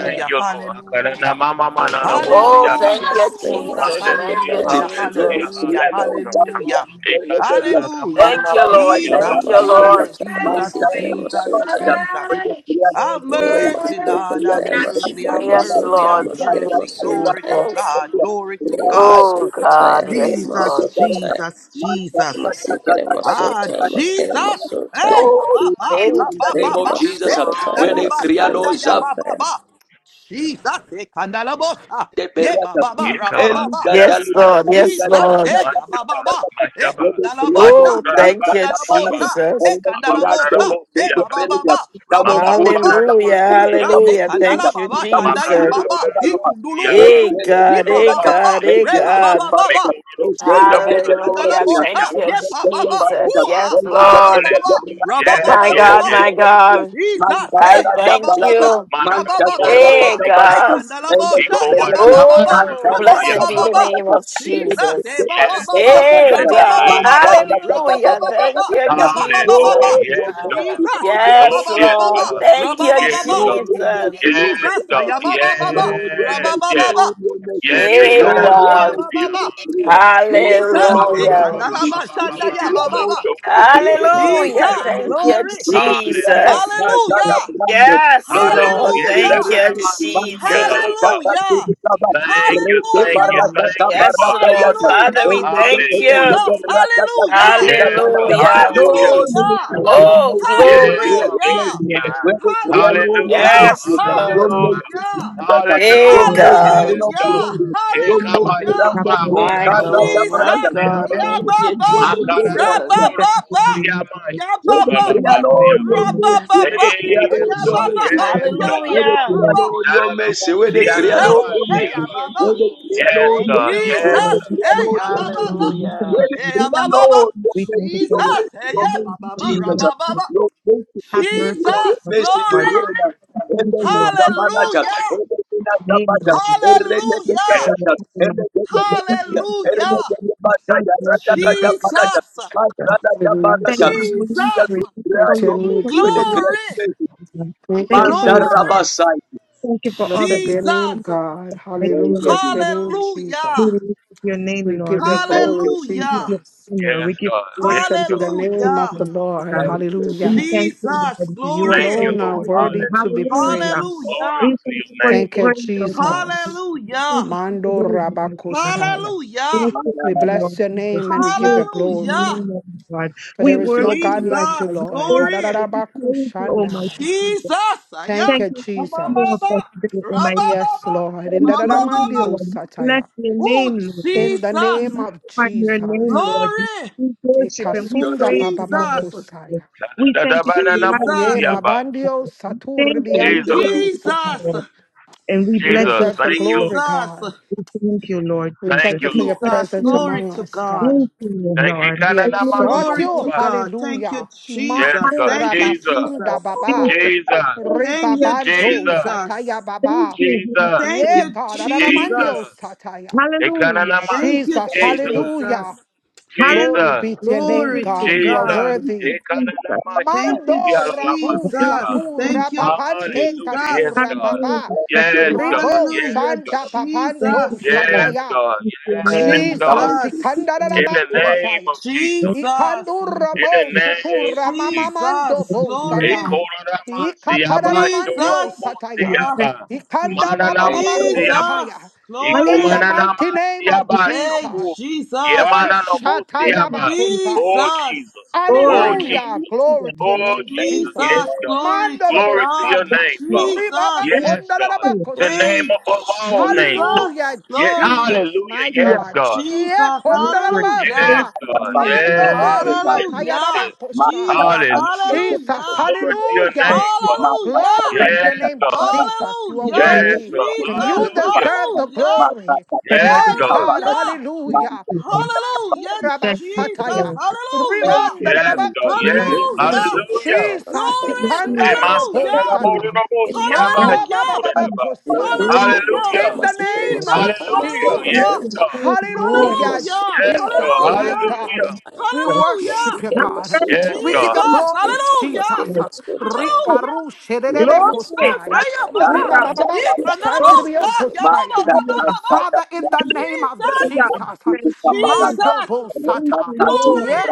C: Thank you, Lord.
F: Hallelujah.
E: In the name of
B: Oh,
C: Akaranamamamanarabosiaba.
B: thank
F: Hallelujah,
B: you,
E: Jesus, name us
F: Jesus.
B: Jesus.
E: so
B: Thank
C: Hallelujah.
B: you,
E: sokotaya
A: Lord,
F: Hallelujah.
E: masikere
C: Hallelujah.
B: Jesus.
F: Hallelujah.
E: masotaya.
C: Hallelujah.
F: Hallelujah. Hallelujah,
B: Thank you, Lord.
C: Ikarararamanamasiaba.
F: Jesus.
E: Name
B: Thank you,
E: us so
F: Oh,
B: Lord.
E: sokotaya
F: Jesus,
E: masikere
F: Jesus,
E: masotaya.
F: Jesus. Have
E: Name us
F: mercy,
E: so
F: Lord. Have
E: sokotaya
F: mercy.
E: masikere
F: Have
B: Yes,
F: mercy.
E: masotaya
F: Have
B: Lord. Thank you,
F: mercy.
E: masikere
F: Glory to
B: Jesus.
F: God. Glory to God.
B: Oh,
E: masotaya.
B: God.
E: name us
B: Yes,
E: so
B: Lord.
F: Jesus,
E: sokotaya
F: Jesus, Jesus.
E: masikere
F: Ah,
E: masotaya masikere
F: Jesus. Hey,
E: masotaya.
F: ya ba ba,
B: Hey.
A: in
F: la ba
A: the
F: ba
A: name of
F: ba.
E: Lema
A: Jesus,
F: Eh, anda
E: sokotaya
A: where
F: la
A: they
F: ba,
A: cry,
E: masikere
F: shanda
A: Lord,
F: ya ba ba
E: masotaya.
F: ba. Jesus, eh, kanda la bosha.
A: de
F: Ye ba
A: berata
F: ba ba, ra ba
A: el
F: ba ba.
A: da da da
B: Yes,
A: da
C: Ikabasiyaranama.
A: da
B: Lord. Yes,
A: da
F: Jesus,
B: Lord.
F: eya, ba,
C: Mashaba.
F: ba,
A: da
F: ba.
A: da da
F: E
C: Mashaba.
A: wede kriado
F: kandalabosha,
B: Oh,
A: ma
F: e
B: thank you,
A: tata pala
C: Mashodarabasiaba.
A: de
F: kandalabosha, e
B: Jesus.
A: el rato
F: kandalabosha,
A: de
F: e
A: de
F: ba,
C: Mababararabosiaba.
F: ba, ba,
A: pelga
F: ba, ra,
A: tamo
F: ba, ba, ba,
A: bote
F: ba.
A: tamo
B: Hallelujah.
A: bote
F: Jesus,
C: Mababararamasikiyaba.
A: tamo
F: e
B: Hallelujah.
F: kandala,
B: Thank
F: ba,
B: you,
A: bote
F: shanda, ya,
B: Jesus.
F: ba, ba, e
A: tamo
C: Makarabarabu
A: Lord, your mercy, Lord,
C: diaba,
B: Hey,
F: kundulubusu, e
B: God.
F: ba,
B: Hey,
F: ba,
C: shukuralaba
A: your
F: ba,
B: God.
F: ba,
A: mercy,
B: Hey,
C: diaba,
F: re,
A: Lord,
F: ba, ba, ba,
B: God.
F: ba, ba.
C: mekururukurabu
F: Jesus, e
C: raba,
B: Hallelujah. Thank
F: kandalabosha,
C: sikiyama,
B: you,
F: ye, ba, ba, ba,
C: kururaba.
B: Jesus. Yes,
F: hua, ba, ba, ba, ba,
B: Lord.
F: ba,
C: Hallelujah.
F: ra, ba, ba,
C: Yes,
B: My
F: ba, ba,
C: yes,
B: God.
F: ba.
C: yes.
B: My God.
F: Jesus,
B: I
F: hey, ya ba ba
B: thank
F: ba ba,
B: you.
F: ra ba ba ba ba
C: Manarabururubu
F: ba,
B: Hey,
F: eh,
C: sikiyaba.
B: God.
F: kandala bosha, ya ba ba ba ba,
B: Oh,
C: Ikobaranamanamu
F: ra ba ba
B: blessed
F: ba
C: diaba.
B: be
F: ba
B: the
F: ba.
B: name of
F: Jesus, eh,
B: Jesus.
F: ba ba
C: Yes,
F: ba ba,
C: God, in
B: Hey,
C: the
F: ra ba ba
B: God.
F: ba
C: name
F: ba
C: of
F: ba,
C: Jesus.
F: ra ba ba
B: Hallelujah.
F: ba ba ba,
B: Thank you,
F: ya ba ba ba ba
B: Jesus.
F: ba.
C: Hallelujah. Yes, God.
F: Jesus, ah, ya ba
C: Oh,
B: Yes,
F: ba ba
C: yes,
F: ba ba,
B: Lord.
C: God.
F: ra
B: Thank
F: ba
C: Oh,
F: ba
B: you,
F: ba
C: yes,
A: your mercy,
F: ba.
A: Lord,
C: God.
B: Jesus.
A: your
C: Yes,
F: Jesus, ah,
C: God.
F: ya
A: mercy.
F: ba ba ba ba,
A: Lord, your
F: ra
C: Yes,
F: ba ba
A: mercy,
F: ba
C: yes.
F: ba.
A: Lord, your mercy,
C: Yes,
B: Hey,
A: Lord,
F: Jesus,
A: your
F: hey,
C: Ikarabarabu
F: ya
B: God.
A: mercy,
F: ba
A: Lord,
F: ba
A: your mercy,
F: ba.
C: diaba.
A: Lord, your
C: Oh,
A: mercy,
C: ba,
A: Lord,
F: Jesus,
C: ba, ba,
F: hey,
C: ba,
A: your
C: ba,
B: Hallelujah.
C: ba,
F: kandala
A: mercy,
C: ba,
F: ba
G: Jesus.
C: ba, ba,
F: shanda,
C: ba,
F: ya
C: ba,
F: ba
C: ba.
A: Lord,
F: ba
A: your
F: ba.
C: Yo,
A: mercy,
C: da, da,
A: Lord,
C: da, da, ba, see,
B: Hallelujah.
C: yes,
F: Jesus,
C: God.
B: Thank
A: your mercy,
B: you,
F: glory,
A: Lord,
C: Hallelujah.
B: Jesus.
A: my
C: Yes,
A: God,
F: hallelujah.
C: God.
A: Abraham,
B: Yes,
A: Lord, your
C: Hallelujah.
B: Lord.
A: mercy,
C: Yes,
A: Lord,
C: that
B: Thank
F: Hallelujah.
A: your
C: and
B: you,
C: ba
A: mercy,
C: must
A: man,
C: be a
A: Lord,
C: lot
B: Jesus.
A: your
C: of us.
A: God,
F: Hallelujah.
A: Abraham,
C: Thank you,
A: Rete
C: thank you,
F: Hallelujah.
A: barata
C: thank
A: da
C: you,
B: Yes,
A: barata
C: Father
A: ya
B: Lord.
C: God.
A: da,
B: Father, we
F: Hallelujah.
A: ele de de
B: thank
A: de de
C: Hallelujah,
B: you.
A: de
F: Jesus.
C: Lord.
A: rata da
F: Hallelujah.
A: kubuda
C: Yes, God.
A: balata.
B: Hallelujah.
C: Hallelujah.
A: Lord, we
F: Hallelujah.
A: declare your
B: Oh,
A: mercy, we
C: Yes,
B: glory.
C: yes,
A: declare your
F: Hallelujah.
A: mercy,
C: yes.
A: we declare Lord your
F: Hallelujah.
C: Hallelujah,
A: mercy.
B: Yes,
A: Your
B: Lord.
A: mercy,
C: hallelujah,
F: Hallelujah.
A: Jesus.
B: Hey,
A: Your
C: hallelujah.
A: mercy,
B: God.
A: King
C: Yes,
A: of
C: God.
F: Hallelujah.
A: glory. Your mercy,
F: Hallelujah.
A: Rambo,
C: Ekabashoba
A: God,
B: My
A: Karada,
B: God, my
A: Barada.
F: Jesus.
B: God,
C: bararaburubusiaba.
A: And the
B: thank you,
A: people,
F: Eyababa.
A: of the
B: Jesus.
F: Rabababa.
C: Makararaburubusiama.
A: Your mercy,
F: Yabababa.
A: Lord,
C: Shukuralabasiaba.
A: your mercy.
B: Yes,
A: Let
F: Rabababa.
A: the
B: Lord,
C: Hey,
A: prayer,
B: thank
C: Yes,
B: you,
A: Lord, your
C: God.
A: mercy.
B: Jesus.
F: Yabababa.
C: Yes, God.
A: We de
B: Hallelujah.
A: create
F: Yalabababa.
A: no no message. We de
F: Jesus,
A: create no
B: Oh,
A: no
F: hey
B: thank
F: ya
A: message.
C: Dararamusianarabasiaba.
B: you,
A: We
F: baba.
A: de
B: Jesus.
A: create no
C: Yes,
B: Thank
C: God.
B: you,
A: we
C: Yes,
B: Lord.
A: de
F: Jesus,
A: create
C: God.
F: hey
A: no
F: ya
A: no message.
F: baba.
B: Hallelujah.
A: We de
F: Hey ya
A: create
F: baba.
A: no no
H: We thank you
A: message.
H: for your
F: Jesus, hey ya baba
H: mercy.
F: baba.
A: No message to
H: have
A: create.
H: mercy on
F: Jesus,
A: No
H: us,
A: message to create. No message to
H: Lord.
F: glory.
H: We
A: create.
H: thank
A: No
H: you, Lord.
A: message to
F: Hallelujah.
A: create.
H: name, Lord.
A: No message
H: We
A: to create. No message to create. No message
H: thank you
C: Yes,
H: for
F: Hallelujah.
H: your
C: Lord.
H: people, my
A: to
H: Jesus.
A: create.
H: We thank you for all
A: No
F: Hallelujah.
H: that you have done for us in the name of Jesus.
F: Jesus.
A: message
G: Returning
H: Thank
G: Jesus.
H: you, Holy
A: to
F: Jesus.
H: Spirit. Thank you for your,
A: create.
G: Return
A: We de create no no message. We de create no no message.
G: me,
H: thank you
A: We de
H: for your
F: Glory.
G: Jesus.
A: create no
H: Jesus.
G: Thank
H: Thank
G: you,
H: you for life.
A: no
F: Glory.
A: message.
G: Jesus.
H: Thank you for all that
G: Blessed be your
H: you
G: name,
H: do. In
F: Jesus.
G: God.
H: the mighty
A: Thank
H: name
A: you,
G: Hallelujah.
H: of
G: To
A: Jesus.
G: your
H: Jesus.
G: name, Jesus.
H: We
F: Hallelujah.
H: lift up your
G: We
H: name, Lord.
G: give you
H: We come,
A: Thank
G: glory,
A: you,
H: we
A: Jesus.
H: give
F: Hallelujah.
H: you
G: Jesus.
H: honor.
C: Yes,
H: We give
C: God.
H: grace.
G: Blessed
C: Yes,
H: We
G: be
H: give
G: the
C: God.
H: thanks
G: name of
F: Hallelujah.
G: the
H: to
G: Lord.
A: Thank
H: God.
A: you,
H: We
A: Jesus.
G: Hallelujah.
H: thank
F: Jesus,
H: you, Lord.
G: You
H: Thank you
C: Thank
F: glory.
H: for
C: you,
H: your
G: alone are
C: Lord.
G: worthy
H: healing.
G: to be
C: Hallelujah.
H: Hallelujah.
A: Thank
G: praised.
C: Glory
H: We
F: Hallelujah.
C: to
H: thank
C: your
H: you for your
A: you,
C: name,
G: Thank
A: Jesus.
G: you,
C: Lord.
H: praise, Lord, Lord
G: Jesus.
H: Jesus. We thank
F: Hallelujah.
H: you for
G: Mando
H: your wisdom, Lord God.
G: Rabakosaya.
H: Bless
F: Hallelujah.
A: Thank
H: your
G: We
H: name,
G: bless
H: Lord
G: your
H: Jesus.
G: name and
H: We
G: we give the
H: glorify your
G: glory.
F: Hallelujah.
H: name, Lord God.
G: For
H: We
G: there is
A: you,
G: no
H: worship
G: God
A: Jesus.
H: you,
G: like you,
F: Jesus,
H: Lord. We
G: Lord.
H: worship
F: glory.
H: you. We praise you,
G: Hadadadabakushandai.
H: Almighty Jesus.
F: Jesus, yeah.
G: Thank you,
H: Thank you for
F: Mama, mama,
H: more
G: Jesus.
H: for today, Almighty.
G: Yes,
F: mama,
G: Lord. In the
H: We
A: Thank you,
F: mama.
H: thank
A: Jesus.
H: you,
F: mama.
G: dadadamandio
H: Lord. We Bless
G: sataya.
H: your
F: Oh,
H: name, Lord.
G: In the
H: We
G: name
F: Jesus,
G: of
H: magnify your name,
G: Jesus.
H: Lord.
F: glory.
H: We worship
A: Thank
H: and we
A: you,
G: Ikasunda
A: Lord.
H: praise you, Lord
F: Jesus,
H: Jesus.
G: bababakosaya.
H: We thank you for the life,
G: Ye
F: Jesus,
H: Almighty
G: babandio
H: Jesus. We thank you.
A: Thank you,
C: Jesus,
G: saturbiandrio
A: Jesus.
H: We thank you,
G: sataya.
H: Lord.
F: Jesus,
H: And we
G: You
H: bless
C: Jesus,
H: your
G: deserve
C: thank
G: the
H: name, Lord.
G: glory,
C: you,
F: Jesus,
G: God.
H: We thank you, Lord
G: We
C: thank
H: Jesus.
G: thank you
C: you,
H: We
G: for your
C: Lord.
H: thank
F: Jesus,
G: presence
H: you.
F: glory
G: among
F: to
G: us,
F: God.
G: God.
H: Thank you,
C: Thank you,
H: Lord.
G: We
H: Hallelujah.
G: exalt
F: Glory
G: you.
F: to
H: Thank
C: Kananamasukuba.
F: God. Thank you,
G: Hallelujah.
C: Yes,
F: Jesus.
C: God,
G: Makura
F: Thank
H: you,
F: you,
C: Jesus,
A: Oh,
F: Jesus.
G: basunda baba.
H: Jesus.
A: thank
C: Jesus,
A: you,
H: Thank you,
F: Thank
H: your
F: you,
G: Ribabando
H: Savior.
C: Jesus,
G: shataya
F: Jesus.
H: Thank
G: baba.
H: you, Holy
C: Jesus,
F: Thank
G: Yeah,
H: Spirit.
F: you,
G: God.
H: Thank you.
G: Adaramandio
C: Jesus,
F: Jesus.
G: sataya.
H: Hallelujah.
C: Ekananama,
F: Thank
H: Thank
F: you,
H: you.
G: Jesus.
C: Jesus,
G: Hallelujah.
F: Jesus.
G: Glory
H: Hallelujah.
C: Jesus,
G: be to your
H: Thank
G: name,
H: you,
F: Glory to
G: God. You are
H: Lord.
C: Jesus,
F: God.
H: Thank
G: worthy.
H: you, Jesus.
F: Thank you,
G: Mando rabu
H: Thank
F: Jesus.
C: Ekananamasukuyalabasiaba.
H: you, Jesus.
F: Thank
G: satura
F: you,
G: papante
C: Hallelujah, yes,
F: Jesus.
G: katura
C: God,
G: baba.
H: Hallelujah.
A: Thank you.
H: Thank
A: Thank you,
C: yes,
H: you.
A: Lord.
C: God,
A: Jesus.
G: Ribo
C: yes,
F: Hallelujah,
G: shanda
C: God,
H: Thank
G: papando
H: you,
F: Jesus.
C: yes,
H: Lord.
G: shataya.
C: God,
H: Thank you,
C: yes,
H: Lord.
A: Come
C: God.
A: on,
G: Jesus,
A: thank you
F: Jesus.
A: for
C: In
A: this
H: Thank you,
C: the
H: Lord.
A: hour.
C: name
G: ikandarabakosaya.
C: of Jesus.
H: Thank
F: Jesus.
C: In the
G: Ikanduramo
C: name
G: sutura
C: of Jesus.
G: mamamando
F: Jesus.
G: bo
H: you, Lord.
F: Glory.
H: Thank
G: satai.
C: Ekorarama siyaba
G: Ikataramandio
C: shororobo
F: Jesus.
H: you,
G: sataya.
F: Ah,
H: Lord.
C: siyaba.
H: peace
G: Ikanda
H: of
G: baba
H: the
C: Mananamo
A: Thank
G: baba
A: you,
H: Lord.
A: Lord.
C: siyaba.
G: kosaya.
F: Jesus.
G: In
H: Hallelujah.
F: Glory.
G: the
C: Ikomananama
G: mighty name of
H: We
C: siyaba
F: Hey,
C: shoku.
G: Jesus.
F: Jesus,
G: Oh,
H: thank you.
C: Yemananobo
H: We
G: shataya
H: give
C: siyaba.
H: you
G: bakosaya.
C: Oh
F: Jesus,
C: Jesus. Oh
H: glory.
F: glory,
G: Hallelujah.
C: Jesus.
H: Hallelujah.
G: Glory to your
C: Oh
G: name,
A: Thank
C: Jesus.
A: you, Lord.
G: Jesus.
F: Jesus,
C: Yes, God.
F: glory to
G: Mandalabo
C: Glory to
F: God,
C: your
H: Thank
G: Sata.
C: name,
H: you.
C: Father.
G: Ribaba
F: Jesus,
H: Thank
C: Yes, God.
H: you.
C: The
G: Kondarabakosaya.
C: name
F: hey,
C: above all names,
F: Jesus,
C: Lord.
G: Hallelujah,
C: Yeah,
F: glory,
G: Jesus,
C: hallelujah.
G: my
H: Hallelujah.
C: Yes,
G: God.
C: God.
G: Yeah,
F: Jesus,
H: Glory. Glory
F: hallelujah,
G: Kondarabasa.
C: Yes,
H: to your
C: God.
A: Back
H: name, Lord.
A: to
C: Yes.
A: the
G: Mandobosa
A: start.
C: Yes, yes,
F: hallelujah,
C: yes.
A: Mark
G: Tayababakosa.
F: Jesus,
A: that as the
C: Hallelujah.
G: Jesus,
F: hallelujah,
C: Glory
A: Lord.
C: to your
G: hallelujah.
H: Thank
C: name,
H: you.
C: Father.
A: Mark that as
F: hallelujah,
G: Glory
H: Thank you.
G: to
A: the
G: your
C: Yes,
A: thank
G: name,
C: God.
G: Jesus. You
H: Thank
G: are
A: you,
H: you,
A: thank
F: hallelujah,
A: you,
H: Lord.
A: thank
C: Yes,
G: worthy.
C: God.
A: you,
H: Thank
F: Jesus,
A: yes,
H: you.
G: You
A: yes,
C: Hallelujah.
G: deserve the
A: Mark
F: hallelujah,
A: that
G: glory.
A: thank
H: Thank
C: Yes,
G: Hey,
A: you,
H: you.
A: Lord.
C: God.
G: God,
A: Kabarata.
F: hallelujah,
A: Mark
G: hallelujah.
A: that
H: Thank you.
A: thank you, Lord.
F: hallelujah,
H: Thank you, Lord. Thank you.
F: Jesus,
G: Makurabasataya.
H: Thank you.
A: Thank
F: hallelujah.
A: you,
C: Yes,
A: Jesus.
C: God.
H: Thank you. Thank
G: Ribandalabakosaya.
E: Le
C: Yes.
H: you. thank you,
F: Hallelujah!
C: Hallelujah.
E: masukotaya
G: Jesus,
E: masikere
H: Glory
F: Glory!
H: to you,
G: Ikanda
E: masuta masikere
F: Hallelujah!
E: masikere
G: Robosata.
E: masuta.
G: Manda
F: Hallelujah!
G: Baba Baba
C: Emasaraborinomosiabashikuranaba.
E: Le
G: Kosaya
F: Hallelujah!
G: in
E: masukotaya
C: Hallelujah.
G: the
E: masikere
H: name,
G: name
H: Lord.
F: Jesus!
G: of
E: masuta masikere
C: Hallelujah.
G: Jesus.
H: Thank
F: Hallelujah!
C: Yes,
H: you,
E: masuta.
C: God.
H: Holy Lord.
E: Le
G: Hallelujah,
F: Hallelujah!
C: Yes,
E: masukotaya
C: God.
G: Jesus,
E: le
G: my
F: Hallelujah!
G: God.
C: Hallelujah.
E: masukotaya
G: We
H: Thank
F: Hallelujah!
G: worship you,
E: masikere
G: God.
H: you,
E: masuta
C: Yes,
G: We give
C: God.
G: you
H: Lord.
E: masikere
F: Jesus!
G: glory,
E: masuta
H: Glory.
G: Jesus.
F: Hallelujah!
E: masikere masutaya.
H: Hallelujah.
F: Hallelujah!
G: Rikarushe
E: Le
F: Jesus!
H: Glory.
G: rerebekosaya.
F: Hey,
E: masukotaya
F: Mama!
G: We
E: le
H: Hallelujah.
F: You can
E: masukotaya masikere
F: Yeah, Mama!
G: babababakushandribiokosaya.
F: Mama!
H: Hallelujah.
F: Mama!
G: Father, in the name of
F: Jesus!
G: Jesus,
H: Thank you, Jesus.
G: Mando
F: Jesus!
H: Thank
G: Bosata.
H: you,
G: Ye
H: Lord.
F: Glory!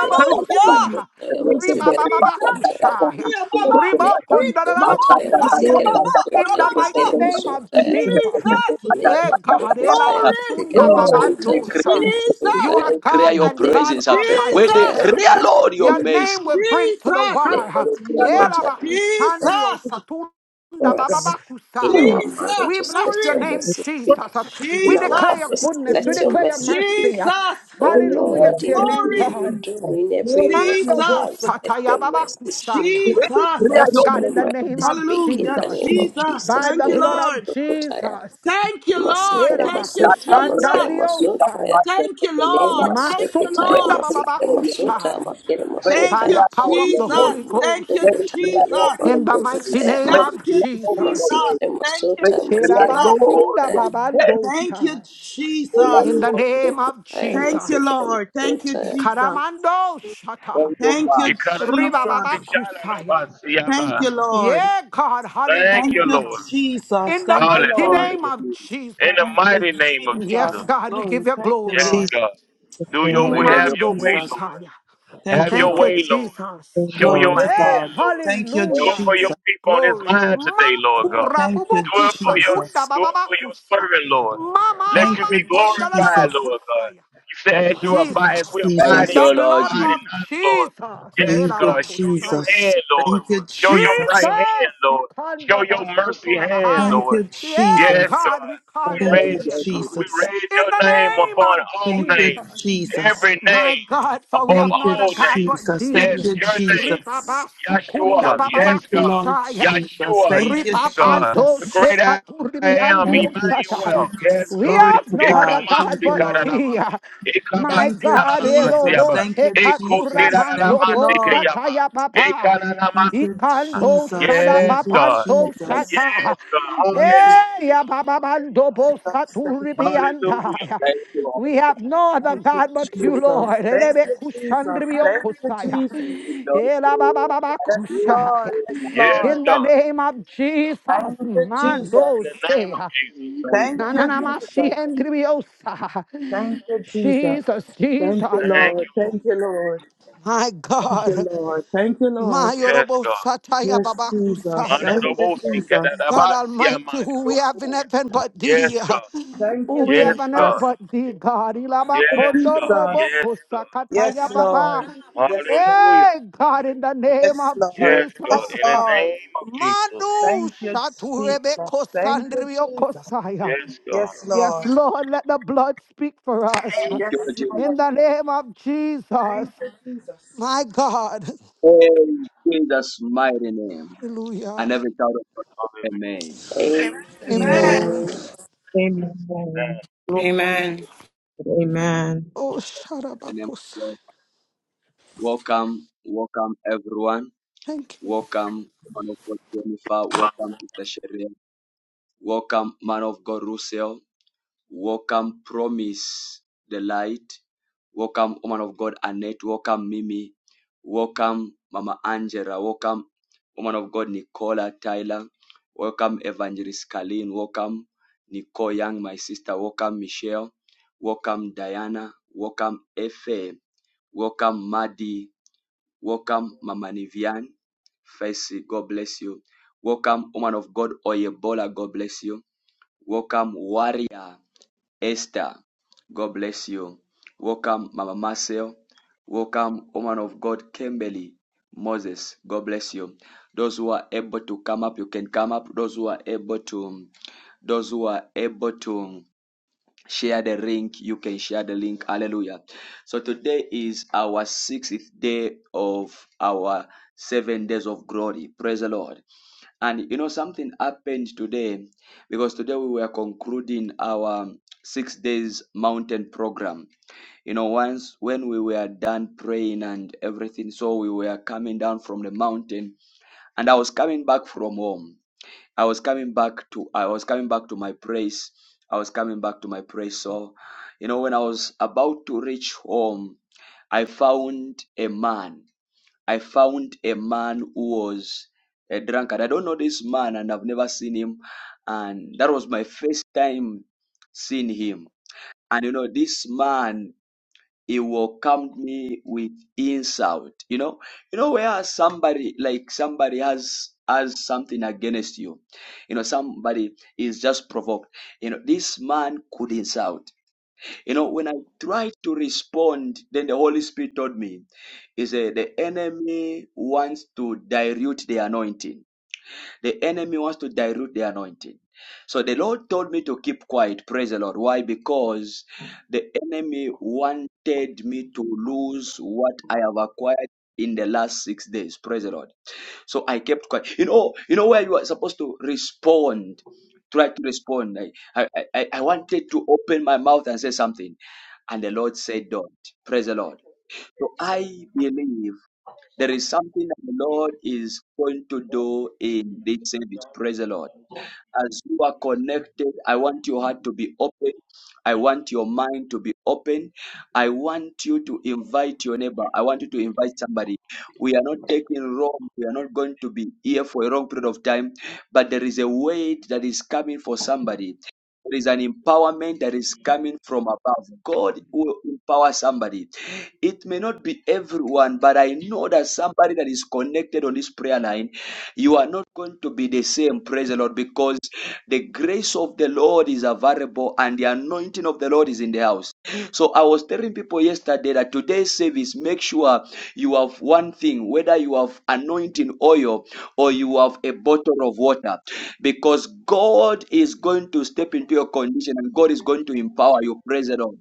E: le
H: Hallelujah.
G: kusaya,
E: masukutaya
H: Thank you.
G: riba
E: masikere
G: baba
F: Jesus.
E: masutaya.
G: kusaya,
F: Yeah,
H: Thank
F: mama.
E: Le
G: riba
H: you,
F: Hit the
G: kondaraba
F: most.
E: masukutaya
H: thank you,
F: Yeah,
E: masikere
H: Lord.
F: mama.
G: in
E: masuta
F: Rama,
G: the
F: mama.
E: masikere
G: mighty
H: Thank you,
G: name of
E: masutaya.
G: Jesus.
H: Jesus. Thank
F: Jesus.
H: you,
E: le
G: Hey God,
E: masokotaya
F: Glory.
H: thank
E: masekele
G: Elabasunda
H: you, Lord. Thank
E: masota
G: Babandosha.
E: masekele
H: you,
G: You
F: Jesus.
G: are
E: masotaya
G: God
A: Declare
H: Jesus. Thank you.
A: your
G: and
E: le
G: God
A: presence.
G: all by
A: We
F: Jesus.
E: masokotaya
A: declare,
G: yourself.
E: masekele
A: Lord, your
G: Your name
A: mercy.
G: will bring to the
F: Jesus.
E: le
G: world.
A: We declare, Lord,
H: Hallelujah.
E: masokotaya
A: your
G: Elabakushandrio
F: Jesus.
G: Satun- Nda
E: for
G: baba
E: us
H: Jesus.
E: in
G: bakusaya.
H: Hallelujah.
E: our
F: Jesus.
G: We
E: marriages
G: bless
E: let
G: your
E: your
F: Glory.
G: name,
E: mercy speak
G: Jesus.
H: Praise to you.
E: in
G: We
E: our
G: declare
F: Jesus.
G: your
E: offices
G: goodness. We
E: let
H: Hallelujah.
E: your
G: declare your
E: mercy
G: mercy.
E: speak
F: Jesus.
E: oh
G: Hallelujah
H: Hallelujah.
E: lord
G: to
E: in
G: your
H: Thank
G: name,
A: mercy.
H: you,
F: Glory.
E: everything we
G: God.
E: do
H: Jesus.
E: in every
H: Lord,
E: area of
H: you are
G: Mandobo
H: the
E: our
F: Jesus.
E: lives let
G: sataya
E: your mercy
G: babakushaya.
E: speak
H: great
A: Where the
F: Jesus.
A: prayer
G: Yes,
E: let
A: your
G: God,
E: your
G: in
A: name,
G: the
E: mercy
G: name
H: In
G: of
E: speak in
F: Hallelujah.
E: the
G: Jesus,
E: name of
F: Jesus.
E: jesus
G: by
F: Thank
G: the
E: le
F: you,
G: blood of
F: Lord.
E: masokotaya
G: Jesus.
F: Thank you, Lord.
E: masekele
F: Thank you,
A: that
E: masota
A: that right
F: Jesus.
A: is that
E: masekele
G: Erabakushandariosaya.
A: right and
F: Thank you,
A: second of
E: Le
F: Lord.
A: that
F: Thank you,
A: Where
E: masokotaya
A: the
G: Masukunda
F: Lord.
A: prayer
E: masikere
A: know your name,
E: masota
G: bababakushai.
E: makere
A: where the
F: Thank
G: By the
E: masotaya.
F: you,
A: prayer know
G: power of
A: your
G: the
E: Le
A: name,
F: Jesus.
G: Holy Ghost,
F: Thank
A: where
F: you,
A: the
E: masokotaya
A: prayer
E: le
A: know
F: Jesus.
A: your
G: in
A: name,
G: the mighty
E: masokotaya
G: name
A: where the
G: of
A: prayer
F: Thank you,
A: know
F: Jesus.
A: your
G: Jesus.
A: name,
E: masikere
F: Thank you,
A: where the
E: masota
A: prayer
E: masikere
A: know
F: Jesus.
G: Sherabasunda
A: your
E: masotaya.
A: name.
F: Thank you,
G: babandoshai.
A: In the
E: Le
G: In
A: name
F: Jesus.
G: the
A: of Jesus,
G: name of
E: masokotaya
F: Thank you,
G: Jesus.
E: masikere
F: Lord. Thank you,
E: masotaya.
F: Jesus.
G: Ikaramando shata.
A: thank you,
F: Thank you,
A: Father.
F: Jesus.
G: Ribababakusaya.
F: Thank
C: Ikaranamasicharanabasiaba.
F: you, Lord.
G: Yeah, God,
C: Thank
F: Thank
C: you,
F: you,
G: hallelujah.
C: Lord.
F: Jesus.
G: In the
F: Thank you,
G: mighty
A: Thank
C: Hallelujah,
A: you,
F: Lord.
G: name
C: Lord.
G: of
A: Jesus.
G: Jesus.
C: In the
F: Thank you,
C: mighty name of
G: Yes,
F: Jesus.
C: Jesus.
G: God, we give
F: Glory.
G: you
F: Thank you,
C: Yes,
G: glory.
H: Jesus'
F: Lord.
C: God. Do
F: Thank
C: your
A: We
C: way,
H: name,
F: you,
A: give
C: have
A: you
C: your
G: Mando
C: way,
F: Jesus.
C: Lord.
G: Bosaya.
F: Thank
C: Have
F: you,
C: your
G: Thank you,
C: way,
F: Lord.
C: Lord.
G: Jesus.
H: thank you,
C: Show
F: Glory
C: your
F: to
C: hand,
G: Yeah,
F: God.
C: Lord.
F: Thank you,
A: praise.
C: Do it
G: hallelujah.
C: for
F: Jesus.
C: your people on this
G: Glory.
C: line today, Lord God.
G: Makura
F: Thank you,
C: Do it for
G: bubokusa
C: your
G: kunda
F: Jesus.
C: do it for your
G: bababakusa.
C: servant, Lord.
G: Mama
C: Let
F: Thank
C: you be
G: mama
F: you,
C: glorified,
F: Jesus.
C: Lord God.
G: kondalabakosaya.
C: You said as you
F: Thank you,
C: abide, as we
G: Jesus.
C: abide
A: thank
C: in you,
G: The
F: Jesus.
A: you,
C: you
A: Lord
G: blood
C: abide
A: Jesus.
G: of
C: in us, Lord.
G: Jesus.
H: Lord.
C: Yes,
F: Thank you,
C: God. Show
G: Elabakusaya.
C: your
F: Jesus.
C: hand, Lord.
F: Thank you,
C: Show your
F: Jesus.
C: right
G: Jesus,
C: hand, Lord. Show
G: Ikanda
C: your mercy hand,
F: Thank
G: basotorabahai.
C: Lord.
F: you,
G: yeah,
C: Yes,
F: Jesus.
G: God,
C: God.
G: we
C: We
G: call it
F: Thank
G: to
A: Thank
F: you,
C: raise
G: dear
A: you, Jesus.
C: we
G: God.
F: Jesus.
C: raise
G: In the
C: your name
G: name
C: upon
G: of
C: all
F: Thank you,
C: names,
G: Jesus,
F: Jesus.
C: every
G: my
C: name
G: God, for we
C: above
G: have
F: Thank you,
G: not
C: all
G: a God
C: names.
G: but
F: Jesus.
C: Yes,
G: thee.
F: Thank you,
C: your name,
F: Jesus.
G: Ribabasukunda
A: Thank
C: Yahshua.
A: you, Jesus.
C: Yes,
F: Thank you,
C: God.
F: Lord
G: bababakusaya.
F: Jesus.
C: Yahshua,
F: Thank
C: yes,
F: you,
C: God.
G: Ripapanto
C: The great
F: Jesus.
C: I
G: shekaturibi
C: am,
F: Thank you,
G: andiosata.
C: Emmanuel. Yes,
F: Jesus.
G: We
C: God.
F: Glory
G: have
F: to
G: no other
F: God. Thank
G: God
F: you,
G: but
C: Ekamasikarabba.
F: Lord.
G: thee. My
F: Thank you,
G: God,
F: Jesus.
G: Elobo
C: Ekabasikarabasiaba.
F: Thank you, Jesus. Thank
G: Shekaturamanto
F: you, Lord.
C: Ekosirarabasikeaba.
G: Bosataya Papa.
C: Ekananama-
F: Thank you,
G: Ikando
F: Jesus.
G: shada
F: Thank
C: Yes,
F: you,
C: God.
G: papanto
F: Jesus.
G: shata.
C: Yes, God.
F: Thank you,
G: Eh, ya
C: Hallelujah.
G: bababando
F: Jesus.
G: bo
F: Thank
G: saturibianda.
C: Hallelujah.
G: ya.
A: Thank you, Lord.
G: We have no other
F: you, Jesus. Thank you,
G: God but you,
F: Jesus.
G: Lord.
F: Thank
G: Elebe
F: you, Jesus.
G: kushandribio
F: Thank you,
G: kusaya.
F: Jesus.
A: Thank you, Lord.
G: Ela babababa
A: Thank
F: Yes,
A: you,
G: kushaya.
F: Lord. Yes,
A: Lord.
C: Yes,
F: Lord.
G: In the
C: God.
G: name of Jesus,
F: Thank you, Jesus.
C: In
G: mando
C: the name
G: shea.
C: of Jesus.
A: Thank
G: Na
F: Thank
G: na
F: you,
G: na
A: you,
G: ma shi
F: Jesus.
G: endribiosa.
F: Thank you, Jesus.
G: Jesus,
F: Thank you,
G: Jesus,
C: Thank
F: Lord.
C: you, Lord.
F: Thank you, Lord.
G: my
F: Thank you,
G: God.
F: Lord. Thank you, Lord.
C: Yes, God.
G: Mayorobosataya
F: Yes, Jesus.
C: Mana
G: babakusaya.
F: Thank
A: Lord.
F: you,
C: dobosi
F: Jesus.
G: God
C: kadadabasi
G: Almighty,
C: amai
G: who we have in
C: doku.
G: heaven but
C: Yes,
G: thee, uh,
C: God.
F: Thank
G: who
F: you,
G: we have
F: Jesus.
C: Yes,
G: on earth
C: God.
G: but thee, God.
F: Thank
C: Yes,
F: you,
C: God.
F: Jesus.
C: Yes, God.
F: Yes,
G: Ilabakondorobokosakataya baba.
F: Lord. Yes, Lord.
C: Hallelujah.
G: Hey, God, in the name
F: Yes,
G: of
F: Lord.
G: Jesus.
C: Yes, God.
F: Yes,
C: In the
G: uh,
F: Lord.
C: name of Jesus.
G: Madu
F: Thank you, Jesus.
G: Shaturebeko
F: Thank you,
G: Sandrio
F: Jesus.
G: Kosaya.
C: Yes, God.
F: Yes,
G: Yes,
F: Lord.
G: Lord, let the blood speak for us. uh,
A: Thank
F: Yes,
A: you, Jesus.
G: In
F: Lord.
G: the name of Jesus.
F: Thank you, Jesus.
G: My God.
A: In Jesus' mighty name.
G: Hallelujah.
A: And every child of God, say
C: Hallelujah.
A: Amen.
E: Amen.
F: Amen.
G: Amen.
H: Amen. Amen. Glory to God.
I: Amen.
H: Amen.
G: Oh,
A: In the name of
G: Sharabakus.
A: God. Welcome, welcome everyone.
G: Thank you.
A: Welcome, man of God Jennifer. Welcome, Sister Sharia. Welcome, man of God Russell. Welcome, Promise, the light. Welcome, woman of God, Annette. Welcome, Mimi. Welcome, Mama Angela. Welcome, woman of God, Nicola Tyler. Welcome, Evangelist Kalin. Welcome, Nicole Young, my sister. Welcome, Michelle. Welcome, Diana. Welcome, Efe. Welcome, Madi. Welcome, Mama Nivian. Faisi, God bless you. Welcome, woman of God, Oyebola. God bless you. Welcome, warrior. Esther, God bless you. Welcome, Mama Marcel. Welcome, woman of God, Kimberly Moses. God bless you. Those who are able to come up, you can come up. Those who are able to, those who are able to share the link, you can share the link. Hallelujah. So today is our sixth day of our seven days of glory. Praise the Lord. And you know, something happened today because today we were concluding our six days mountain program. You know, once when we were done praying and everything, so we were coming down from the mountain and I was coming back from home. I was coming back to I was coming back to my place. I was coming back to my place. So, you know, when I was about to reach home, I found a man. I found a man who was a drunkard. I don't know this man and I've never seen him. And that was my first time seeing him. And you know, this man, he welcomed me with insult. You know, you know, where somebody like somebody has has something against you. You know, somebody is just provoked. You know, this man could insult. You know, when I tried to respond, then the Holy Spirit told me, He said, The enemy wants to dilute the anointing. The enemy wants to dilute the anointing. So the Lord told me to keep quiet. Praise the Lord. Why? Because the enemy wanted me to lose what I have acquired in the last six days. Praise the Lord. So I kept quiet. You know, you know where you are supposed to respond. Try to respond. I, I, I, I wanted to open my mouth and say something and the Lord said, Don't. Praise the Lord. So I believe there is something that the Lord is going to do in this service. Praise the Lord as you are connected, I want your heart to be open. I want your mind to be open. I want you to invite your neighbor. I want you to invite somebody. We are not taking wrong. We are not going to be here for a long period of time, but there is a weight that is coming for somebody. There is an empowerment that is coming from above. God will empower somebody. It may not be everyone, but I know that somebody that is connected on this prayer line, you are not going to be the same. Praise the Lord, because the grace of the Lord is available and the anointing of the Lord is in the house. So I was telling people yesterday that today's service, make sure you have one thing, whether you have anointing oil or you have a bottle of water, because God is going to step into your condition and God is going to empower you. Praise the Lord.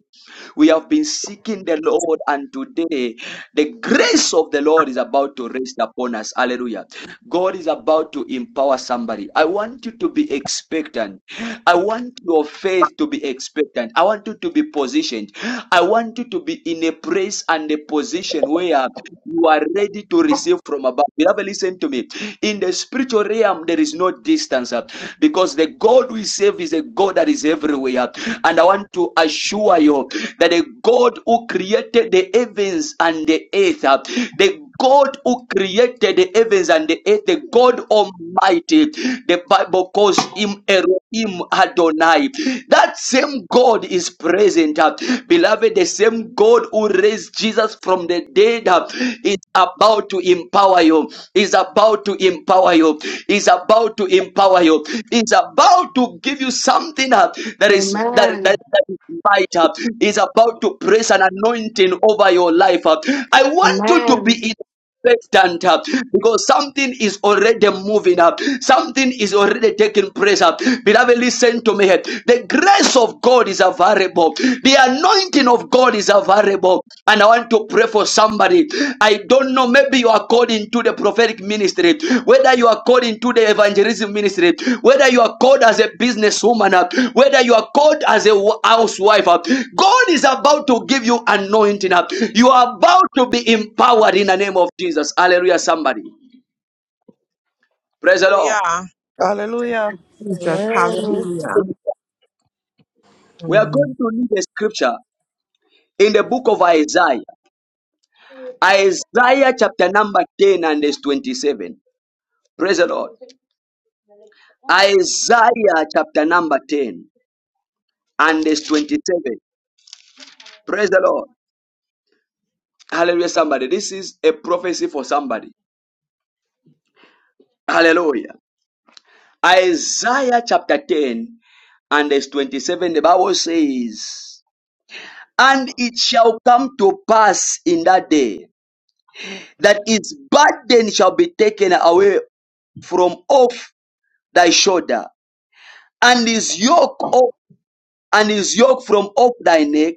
A: We have been seeking the Lord, and today the grace of the Lord is about to rest upon us. Hallelujah. God is about to empower somebody. I want you to be expectant. I want your faith to be expectant. I want you to be positioned. I want you to be in a place and a position where you are ready to receive from above. Beloved, listen to me. In the spiritual realm, there is no distance distance uh, because the God we serve is a God that is everywhere. And I want to assure you that the God who created the heavens and the earth, uh, the God who created the heavens and the earth, the God Almighty, the Bible calls him Elohim Adonai. That that same God is present. uh, Beloved, the same God who raised Jesus from the dead uh, is about to empower you. Is about to empower you. Is about to empower you. Is about to give you something uh, that is that, that
G: Amen.
A: that is might uh, is about to press an anointing over your life. uh. I want you to be
G: Amen.
A: in expectant uh, because something is already moving up, something is already taking place up. Beloved, listen to me. The grace of God is available, the anointing of God is available, and I want to pray for somebody. I don't know, maybe you are called into the prophetic ministry, whether you are called into the evangelism ministry, whether you are called as a businesswoman, uh, whether you are called as a housewife, uh, God is about to give you anointing. uh, You are about to be empowered in the name of Jesus. Hallelujah, somebody. Praise the Lord.
H: Hallelujah.
F: Hallelujah.
H: Jesus. Hallelujah.
A: We are
J: Amen.
A: going to read a scripture in the book of Isaiah. Isaiah chapter number 10 and verse 27. Praise the
K: Okay.
A: Lord.
K: Yeah. I
A: Isaiah chapter number 10 and verse 27. Praise the Lord. Hallelujah, somebody. This is a prophecy for somebody. Hallelujah. Isaiah chapter 10 and verse 27, the Bible says, And it shall come to pass in that day that his burden shall be taken away from off thy shoulder, and his yoke off, and his yoke from off thy neck,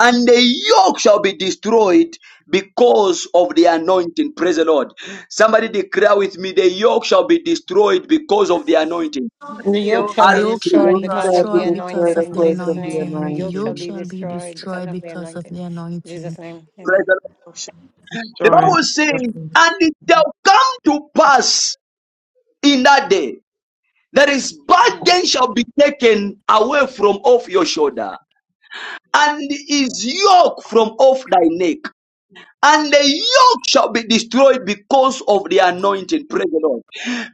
A: and the yoke shall be destroyed because of the anointing. Praise the Lord. Somebody declare with me, the yoke shall be destroyed because of the anointing.
I: The yoke
F: You
L: The
I: shall be
F: shall be
L: yoke shall
A: Hallelujah.
I: destroyed
J: Lord
L: be
F: strong,
I: because
J: God,
I: of
J: be
I: the
L: destroyed
J: the
F: Father.
L: because
J: spirit
I: anointing
J: of
L: of
I: in
L: the
J: words
I: Jesus'
J: of the
I: name. The
L: anointing. The
I: yoke shall
L: yoke
J: anointing.
I: be
L: shall be
I: destroyed because
L: destroyed
I: of the
L: because of
I: anointing.
L: the
I: In
L: anointing.
I: Jesus' name.
A: Praise
I: Amen.
A: the Lord.
H: Thou shalt
A: The
H: Destroy.
A: Bible
H: the
A: says,
H: serpent.
A: and it shall come to pass in that day that his burden shall be taken away from off your shoulder and his yoke from off thy neck. and the yoke shall be destroyed because of the anointing. Praise the Lord.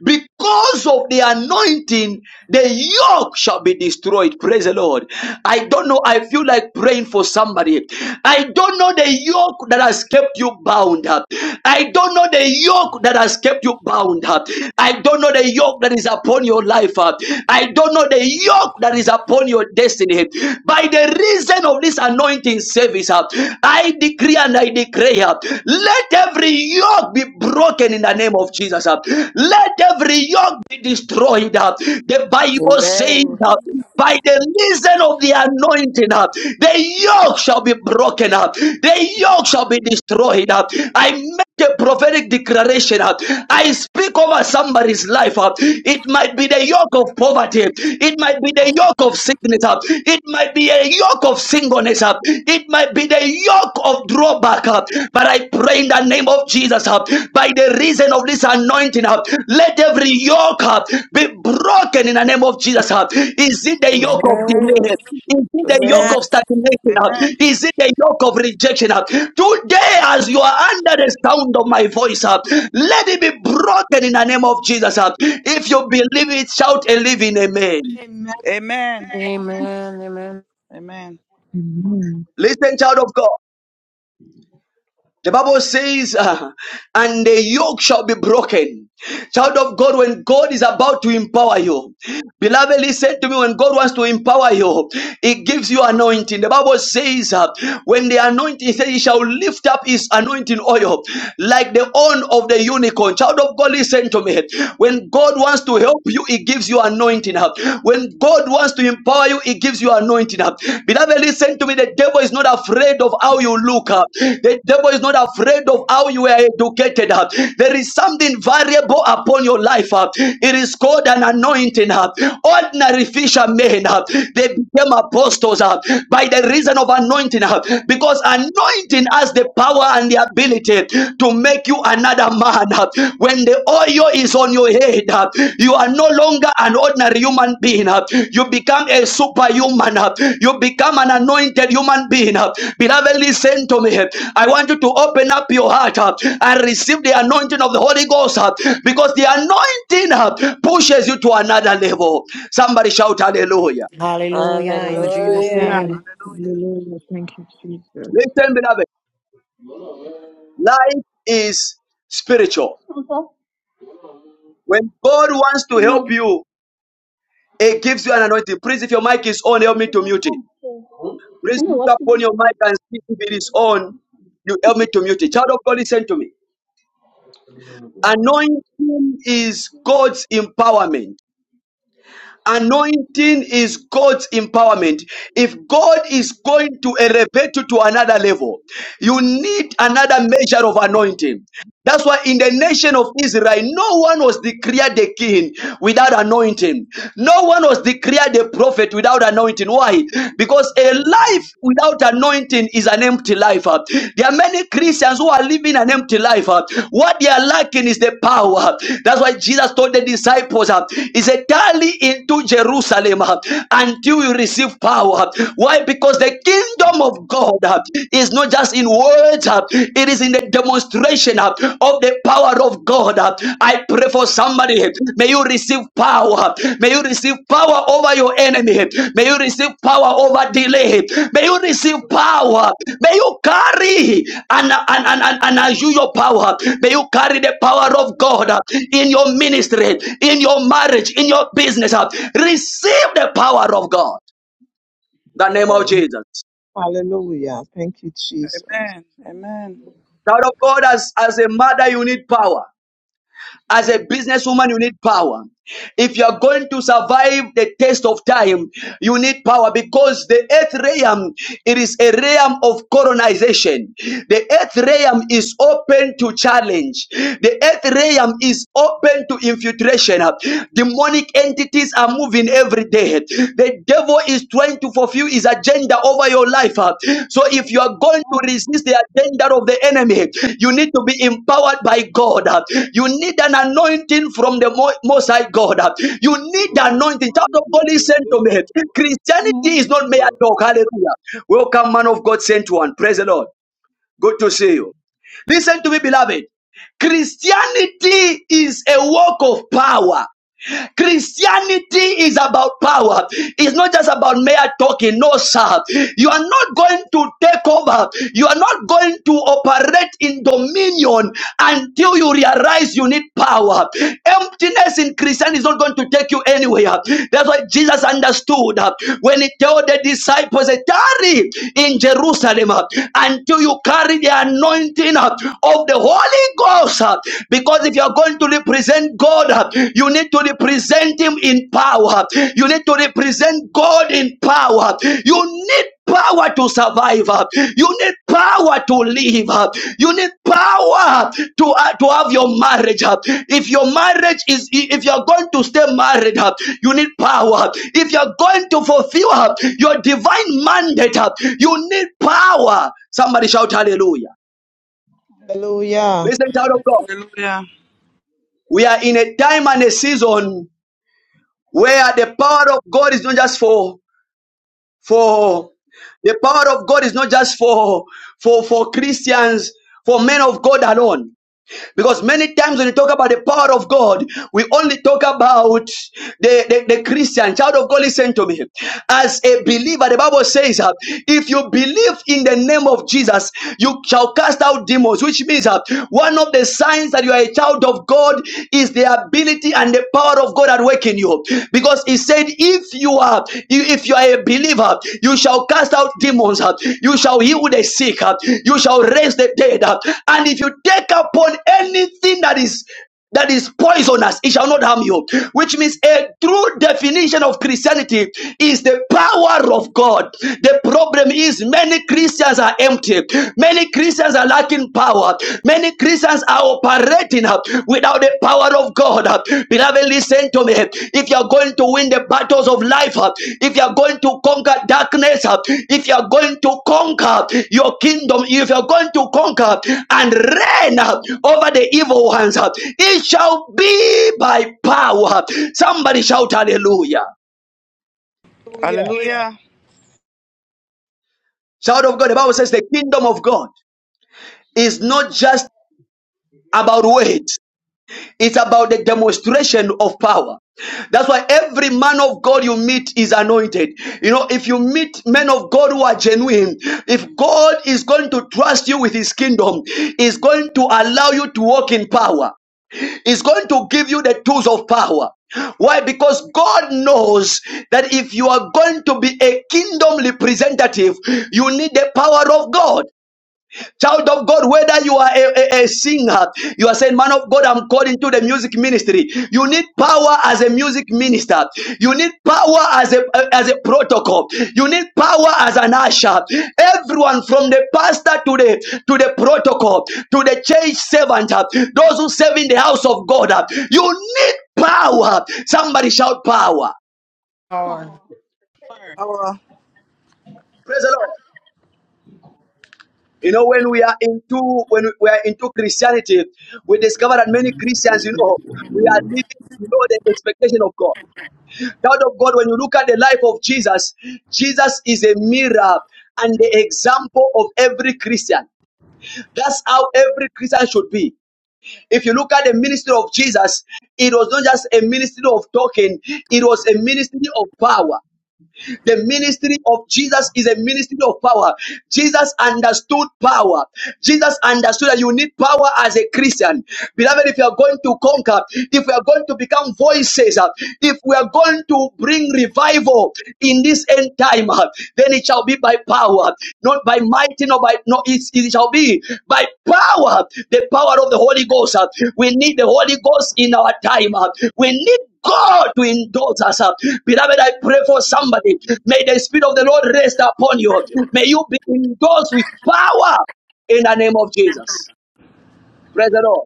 A: Because of the anointing, the yoke shall be destroyed. Praise the Lord. I don't know. I feel like praying for somebody. I don't know the yoke that has kept you bound up. I don't know the yoke that has kept you bound up. I don't know the yoke that is upon your life. uh. I don't know the yoke that is upon your destiny. By the reason of this anointing, service. uh, I decree and I declare, uh, let every yoke be broken in the name of Jesus. uh, Let every yoke be destroyed. uh, The Bible says,
E: Amen.
A: uh, by the reason of the anointing, uh, the yoke shall be broken up, the yoke shall be destroyed I make a prophetic declaration I speak over somebody's life It might be the yoke of poverty, it might be the yoke of sickness it might might be a yoke of singleness. uh, It might be the yoke of drawback. uh, But I pray in the name of Jesus, uh, by the reason of this anointing, uh, let every yoke uh, be broken in the name of Jesus. uh. Is it
E: Amen.
A: the yoke of
E: Amen.
A: delay? Is it the yoke
E: Amen.
H: Amen.
A: of stagnation? uh?
F: Amen.
A: Is it the yoke of rejection? uh? Today, as you are under the sound of my voice, uh, let it be broken in the name of Jesus. uh. If you believe it, shout a living amen.
H: Amen.
F: Amen.
I: Amen. Amen.
F: Amen.
H: Amen.
A: Listen, child of God. The Bible says, uh, and the yoke shall be broken. Child of God, when God is about to empower you, beloved, listen to me. When God wants to empower you, He gives you anointing. The Bible says, uh, when the anointing, He says, He shall lift up His anointing oil like the horn of the unicorn. Child of God, listen to me. When God wants to help you, He gives you anointing. Uh, When when God wants to empower you, He gives you anointing. uh. Beloved, listen to me. The devil is not afraid of how you look. uh. The devil is not afraid of how you are educated. uh. There is something variable upon your life. uh. It is called an anointing. uh. Ordinary fishermen, uh, they became apostles uh, by the reason of anointing. uh, Because anointing has the power and the ability to make you another man. When the oil is on your head, you are no longer an ordinary human being. You become a superhuman. You become an anointed human being. Beloved, listen to me. I want you to open up your heart and receive the anointing of the Holy Ghost because the anointing pushes you to another level. Somebody shout hallelujah.
I: Hallelujah. In Jesus'
E: Hallelujah.
H: Hallelujah.
I: name.
F: Hallelujah.
H: Hallelujah. Thank you, Jesus.
A: Listen, beloved. Life is spiritual. When God wants to help you, It gives you an anointing. Please, if your mic is on, help me to mute it. Please
K: know what
A: look
K: you
A: upon
K: mean.
A: your mic and see if it is on. You help me to mute it. Child of God, listen to me. Anointing is God's empowerment. Anointing is God's empowerment. If God is going to elevate you to another level, you need another measure of anointing. That's why in the nation of Israel, no one was declared the king without anointing. No one was declared the prophet without anointing. Why? Because a life without anointing is an an empty life. uh. There are many Christians who are living an empty life. uh. What they are lacking is the power. That's why Jesus told the disciples, uh, He said, Tarry into Jerusalem uh, until you receive power. Why? Because the kingdom of God uh, is not just in words, uh, it is in the demonstration uh, of the power of God. uh. I pray for somebody. May you receive power. May you receive power over your enemy. May you receive power over delay. May you receive power. May you carry an, an, an, an, an unusual power. May you carry the power of God in your ministry, in your marriage, in your business. Receive the power of God. the name of
H: Amen.
A: Jesus.
H: Hallelujah. Thank you, Jesus.
F: Amen. Amen.
A: Child of God, as, as a mother, you need power. As a businesswoman, you need power. If you are going to survive the test of time, you need power because the earth realm it is a realm of colonization. The earth realm is open to challenge. The earth realm is open to infiltration. Demonic entities are moving every day. The devil is trying to fulfill his agenda over your life. uh. So if you are going to
K: Um,
A: resist the agenda of the enemy, you need to be empowered by God. uh. You need an anointing from the Mo- Most High God. uh. You
K: yeah.
A: need the
K: Hallelujah.
A: anointing. Child
K: Hallelujah.
A: of God, listen to me. Christianity is not mere talk. Hallelujah. Welcome, man of God, sent one. Praise the Lord. Good to see you. Listen to me, beloved. Christianity is a work of power. Christianity is about power. It's not just about mere talking. No, sir. You are not going to take over. You are not going to operate in dominion until you realize you need power. Emptiness in Christianity is not going to take you anywhere. That's why Jesus understood uh, when he told the disciples, uh, tarry in Jerusalem uh, until you carry the anointing uh, of the Holy Ghost. uh, because if you are going to represent God, you need to represent Him in power. You need to represent God in power. You need power to survive. You need power to live. You need power to, uh, to have your marriage. If your marriage is, if you are going to stay married, you need power. If you are going to fulfill your divine mandate, you need power. Somebody shout hallelujah.
H: Hallelujah.
A: Listen, child of God.
F: Hallelujah.
A: we are in a time and a season where the power of God is not just for for the power of God is not just for for for Christians, for men of God alone. Because many times when you talk about the power of God, we only talk about the, the, the Christian. Child of God, listen to me. As a believer, the Bible says, uh, if you believe in the name of Jesus, you shall cast out demons, which means uh, one of the signs that you are a child of God is the ability and the power of God at work in you. Because he said, if you are, you, if you are a believer, you shall cast out demons, uh, you shall heal the sick, uh, you shall raise the dead. uh, And if you take upon anything that is that is poisonous, it shall not harm you. Which means a true definition of Christianity is the power of God. The problem is many Christians are empty, many Christians are lacking power, Many Christians are operating uh, without the power of God. uh. Beloved, listen to me. If you are going to win the battles of life, uh, if you are going to conquer darkness, uh, if you are going to conquer your kingdom, if you are going to conquer and reign uh, over the evil ones, uh, it shall be by power. Somebody shout hallelujah.
H: Hallelujah.
F: Hallelujah.
A: Shout of God. The Bible says the kingdom of God is not just about weight. It's about the demonstration of power. That's why every man of God you meet is anointed. You know, if you meet men of God who are genuine, if God is going to trust you with his kingdom, is going to allow you to walk in power, is going to give you the tools of power. Why? Because God knows that if you are going to be a kingdom representative, you need the power of God. Child of God, whether you are a, a, a singer, you are saying, Man of God, I'm called into the music ministry. You need power as a music minister. You need power as a as a protocol. You need power as an usher. Everyone from the pastor to the to the protocol, to the church servant, uh, those who serve in the house of God, uh, you need power. Somebody shout power.
I: Power.
K: Hallelujah.
F: Our.
A: Praise the Lord. You know, when we are into when we are into Christianity, we discover that many Christians, you know, we are living below the expectation of God. Child of God, when you look at the life of Jesus, Jesus is a mirror and the example of every Christian. That's how every Christian should be. If you look at the ministry of Jesus, it was not just a ministry of talking, it was a ministry of power. The ministry of Jesus is a ministry of power. Jesus understood power. Jesus understood that you need power as a Christian. Beloved, if you are going to conquer, if we are going to become voices, uh, if we are going to bring revival in this end time, uh, then it shall be by power, not by might, nor by no, it, it shall be by power, the power of the Holy Ghost. uh. We need the Holy Ghost in our time. uh. We need God to indulge us. Beloved, I pray for somebody. May the Spirit of the Lord rest upon you. May you be indulged with power in the name of Jesus. Praise the Lord.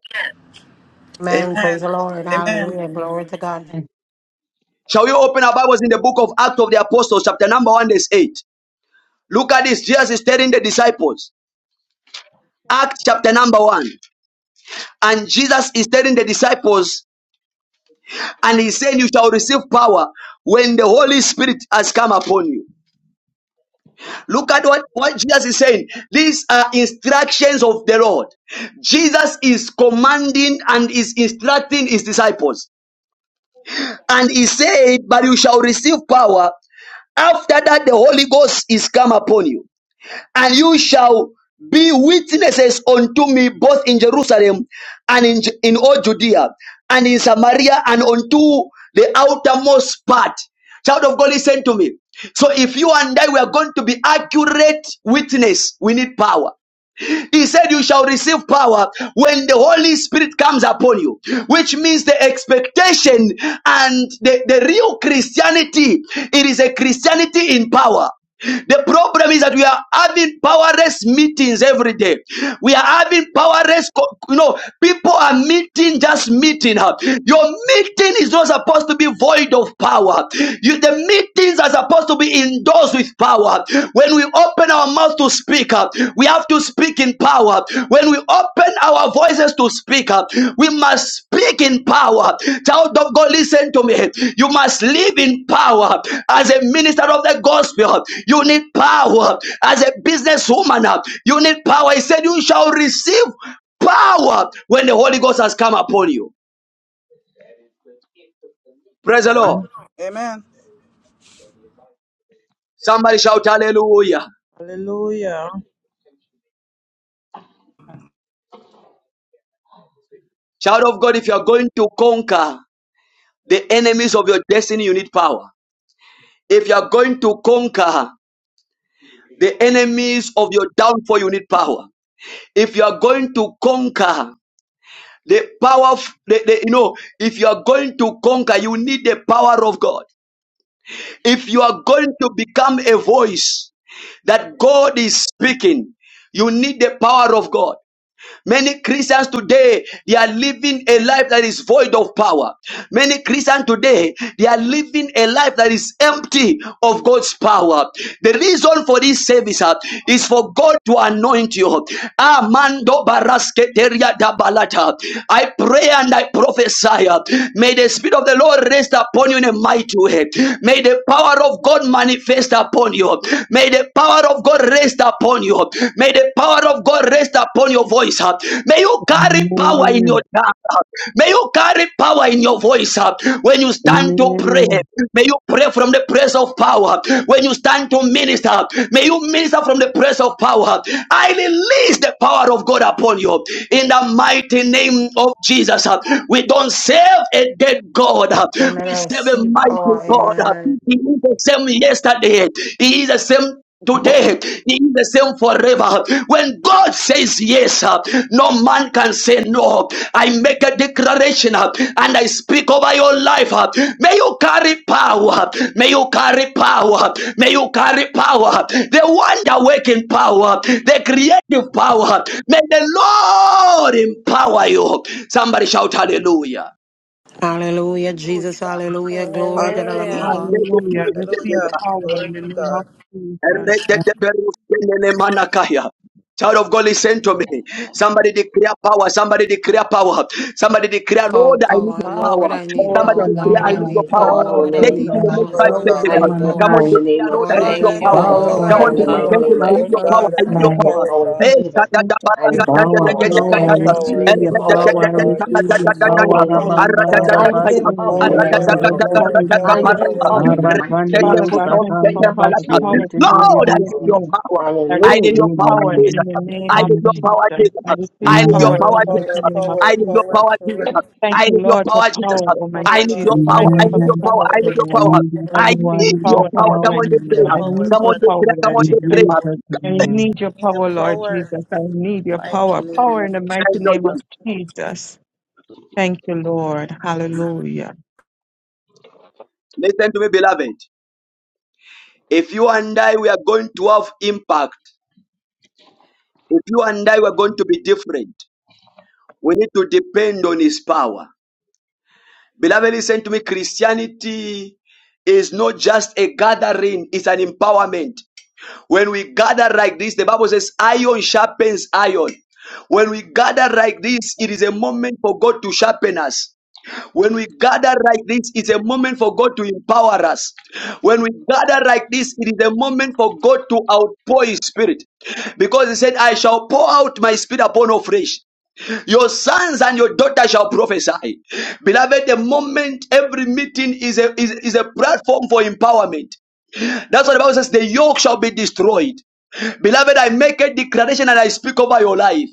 I: Amen. Praise
F: Amen.
I: the Lord.
F: Amen.
I: Hallelujah. Glory to God.
J: Yes.
A: Shall we open our Bibles in the book of Acts of the Apostles, chapter number 1, verse 8? Look at this. Jesus is telling the disciples, Acts chapter number 1. And Jesus is telling the disciples, and He said, You shall receive power when the Holy Spirit has come upon you. Look at what, what Jesus is saying. These are instructions of the Lord. Jesus is commanding and is instructing his disciples. And he said, But you shall receive power after that the Holy Ghost is come upon you and you shall be witnesses unto me both in Jerusalem and in, Ju- in all Judea and in Samaria and unto the outermost part. Child of God, listen to me. So if you and I were going to be accurate witness, we need power. He said, You shall receive power when the Holy Spirit comes upon you, which means the expectation and the, the real Christianity. It is a Christianity in power. The problem is that we are having powerless meetings every day. We are having powerless, co- you know, people are meeting just meeting. huh? Your meeting is not supposed to be void of power. You, the meetings are supposed to be endorsed with power. When we open our mouth to speak up, we have to speak in power. When we open our voices to speak up, we must speak in power. Child of God, listen to me. You must live in power as a minister of the gospel. You need power as a businesswoman. uh, You need power. He said, You shall receive power when the Holy Ghost has come upon you. Praise the Lord.
H: Amen.
F: Amen.
A: Somebody shout hallelujah.
H: Hallelujah.
A: Child of God, if you are going to conquer, The enemies of your destiny, you need power. If you are going to conquer the enemies of your downfall, you need power. If you are going to conquer the power of, the, the- you know, if you are going to conquer, you need the power of God. If you are going to become a voice that God is speaking, you need the power of God. Many Christians today, they are living a life that is void of power. Many Christians today, they are living a life that is empty of God's power. The reason for this service uh, is for God to anoint you. Amando barasketeria da balata. I pray and I prophesy. uh, May the Spirit of the Lord rest upon you in a mighty way. May the power of God manifest upon you. May the power of God God rest upon you. May the power of God rest upon your voice. huh? May you carry power in your
J: Amen.
A: tongue. huh? May you carry power in your voice. huh? When you stand to pray,
J: Amen.
A: may you pray from the place of power. When you stand to minister, may you minister from the place of power. I release the power of God upon you in the mighty name of Jesus. huh? We don't serve a dead God. huh?
I: Amen.
A: We
I: I
A: serve a
I: receive power.
A: mighty God. huh?
I: Amen.
A: He is the same yesterday. He is the same Today, he the same forever. When God says yes, uh, no man can say no. I make a declaration uh, and I speak over your life. uh, May you carry power. May you carry power. May you carry power. The wonder working power, the creative power. May the Lord empower you. Somebody shout hallelujah.
I: Hallelujah. Jesus. Hallelujah. Glory to the Lamb
F: Hallelujah.
I: of
E: Hallelujah.
I: God.
H: Hallelujah. Receive
F: Hallelujah.
H: power
F: Glory
H: in the
F: to
H: name of
F: God.
A: Child
H: Jesus.
J: Yeah.
A: of God, listen to me. Somebody declare power. Somebody declare power. Somebody declare,
I: power,
A: Lord, I need
I: power,
A: your
J: Power,
A: power.
I: Lord, I need
M: Yes.
J: Power
A: Somebody
I: power,
J: from
A: declare,
J: on
I: Lord,
A: I
I: I
M: Power. I
A: need
J: high.
A: your
I: need power,
A: power.
M: understand
J: Power
M: power in
I: Lord,
M: the
I: I
A: Take
J: from
A: it
M: name
A: in
I: need
M: of
A: the
J: God.
I: power,
A: next
M: Jesus.
A: five
F: Our
I: Lord,
J: Power
I: I
M: I
A: seconds.
F: Lord.
J: from
I: need
J: on
M: understand
I: power,
A: Come on,
M: power in
J: high.
M: the name
A: declare,
M: of
A: Lord, I
I: Lord,
M: Jesus.
A: need
I: I
F: Lord,
E: Thank
A: your
F: I
I: need
E: you,
F: need
A: power.
M: I
I: power,
J: power,
E: Lord,
M: understand
J: Power,
I: Lord,
A: Come
I: I
E: for
F: power.
M: power
A: on,
M: in
A: be
M: the
I: need.
M: mighty
E: power.
A: intentional.
M: name
A: I
M: of
A: need
F: Oh
A: your
E: Thank
J: power
M: Jesus.
J: of
A: power.
E: you.
F: God,
A: I
F: I
M: I
A: need your
F: need
J: God.
M: understand
A: power.
F: power,
M: power in
A: Eh,
F: Lord.
H: we
A: da-
M: Jesus'
A: da-
M: name.
H: thank
A: da-
H: you,
A: ba-
M: I
A: da- da- da-
M: understand
H: Jesus,
A: da-
J: Power,
F: Lord,
A: da-
M: power
H: even
M: in
A: da-
F: I
M: the
A: da-
J: power, I
F: need
E: Le
M: mama.
H: power
A: da- da.
H: and
M: I
F: power.
H: mercy
F: I
A: Eh,
J: receive
M: understand
F: need
J: your
A: da-
H: name of
A: da-
M: power.
A: da-
J: power,
F: power,
J: I
A: da-
M: I
H: Jesus.
E: masokotaya
F: Lord.
A: da- da- da-
M: understand
J: receive
M: power in
J: your
M: the
A: da- da- da-
M: mighty
H: Power,
A: da.
J: power,
M: name
F: I
M: of
H: power,
F: need
M: Jesus.
A: Arra-
J: Rabanda
A: da-
H: Jesus.
A: da-
M: I
F: power.
A: da- da-
H: Power,
A: da.
J: Rabasa
M: understand power in the
A: Arra-
J: Kototo
F: Power,
H: Lord, and
A: da-
M: mighty
A: da-
M: name
A: da-
F: Lord.
H: receive
M: of
A: da- da-
M: Jesus.
H: power
F: Power,
J: Rabasi,
A: da-
H: in
A: da-
H: your
M: I
A: da-
F: power,
H: mighty
M: understand
A: da-
F: power.
M: power in
H: name.
M: the
A: da.
M: mighty
A: Let
M: name
J: Arakandi
F: Uh,
M: of
A: them
H: Father
A: go
H: God,
M: Jesus.
A: out.
H: thank you
A: Let
M: In
H: for
A: them
J: Usakanda
M: the
H: power,
M: mighty
A: alert out.
M: name
H: power,
M: of
J: Bashiki
M: Jesus. I
H: power,
A: Lord,
M: declare
A: I
H: power,
A: need
M: power.
A: your
J: Tedebesi.
H: power.
A: power.
H: I
A: I need
M: Hallelujah.
H: receive
A: your power,
H: power in
A: Jesus.
J: Amen.
H: the name
A: I
H: of
A: need your
J: Amen.
H: Jesus.
A: power, Jesus.
H: I
A: I
H: receive
A: need
J: Amen.
A: your
H: power in
F: power,
A: power,
H: the
A: Jesus.
F: power,
H: mighty name of
A: I
F: power,
A: need your
H: Jesus.
F: power,
A: power, Jesus.
F: power.
A: I
H: Thank you,
A: need your
H: Lord, for
A: power, Jesus.
H: power, Almighty
A: I
F: Power, Lord.
A: need your
H: Jesus.
A: power.
H: Thank
F: Power,
A: I
H: you
J: Amen.
H: for
A: need
H: the
A: your
J: Amen.
F: power,
A: power.
H: power,
A: I
F: power,
A: need your
J: I
H: Almighty.
F: power,
A: power.
J: need your
H: I
F: power.
A: I
J: power,
H: receive
A: need your
H: power in
A: power.
H: the
A: Come on,
F: I
H: mighty
A: just
F: need
A: pray.
H: name.
F: your
H: I
J: God.
F: power,
H: need
A: Come on,
H: your
F: Father
A: just
H: power,
A: pray.
F: God. I
A: Come
F: need
A: on,
H: Lord
J: In
A: just
F: your
H: Jesus.
A: pray.
F: power.
J: Jesus'
H: I
J: name.
H: need your
F: I need your
H: power, Lord
F: power.
H: Jesus. I need your
F: Mighty
H: power.
F: name
H: Power in
F: of
H: the mighty
F: Jesus.
H: name of Jesus. Thank you, Lord. Hallelujah.
A: Listen to me, beloved. If you and I, we are going to have impact. If you and I, we are going to be different. We need to depend on His power. Beloved, listen to me. Christianity is not just a gathering, it's an empowerment. When we gather like this, the Bible says, iron sharpens iron. When we gather like this, it is a moment for God to sharpen us. When we gather like this, it's a moment for God to empower us. When we gather like this, it is a moment for God to outpour His Spirit. Because He said, I shall pour out my Spirit upon all flesh. Your sons and your daughters shall prophesy. Beloved, the moment every meeting is a, is, is a platform for empowerment. That's what the Bible says the yoke shall be destroyed. Beloved, I make a declaration and I speak over your life.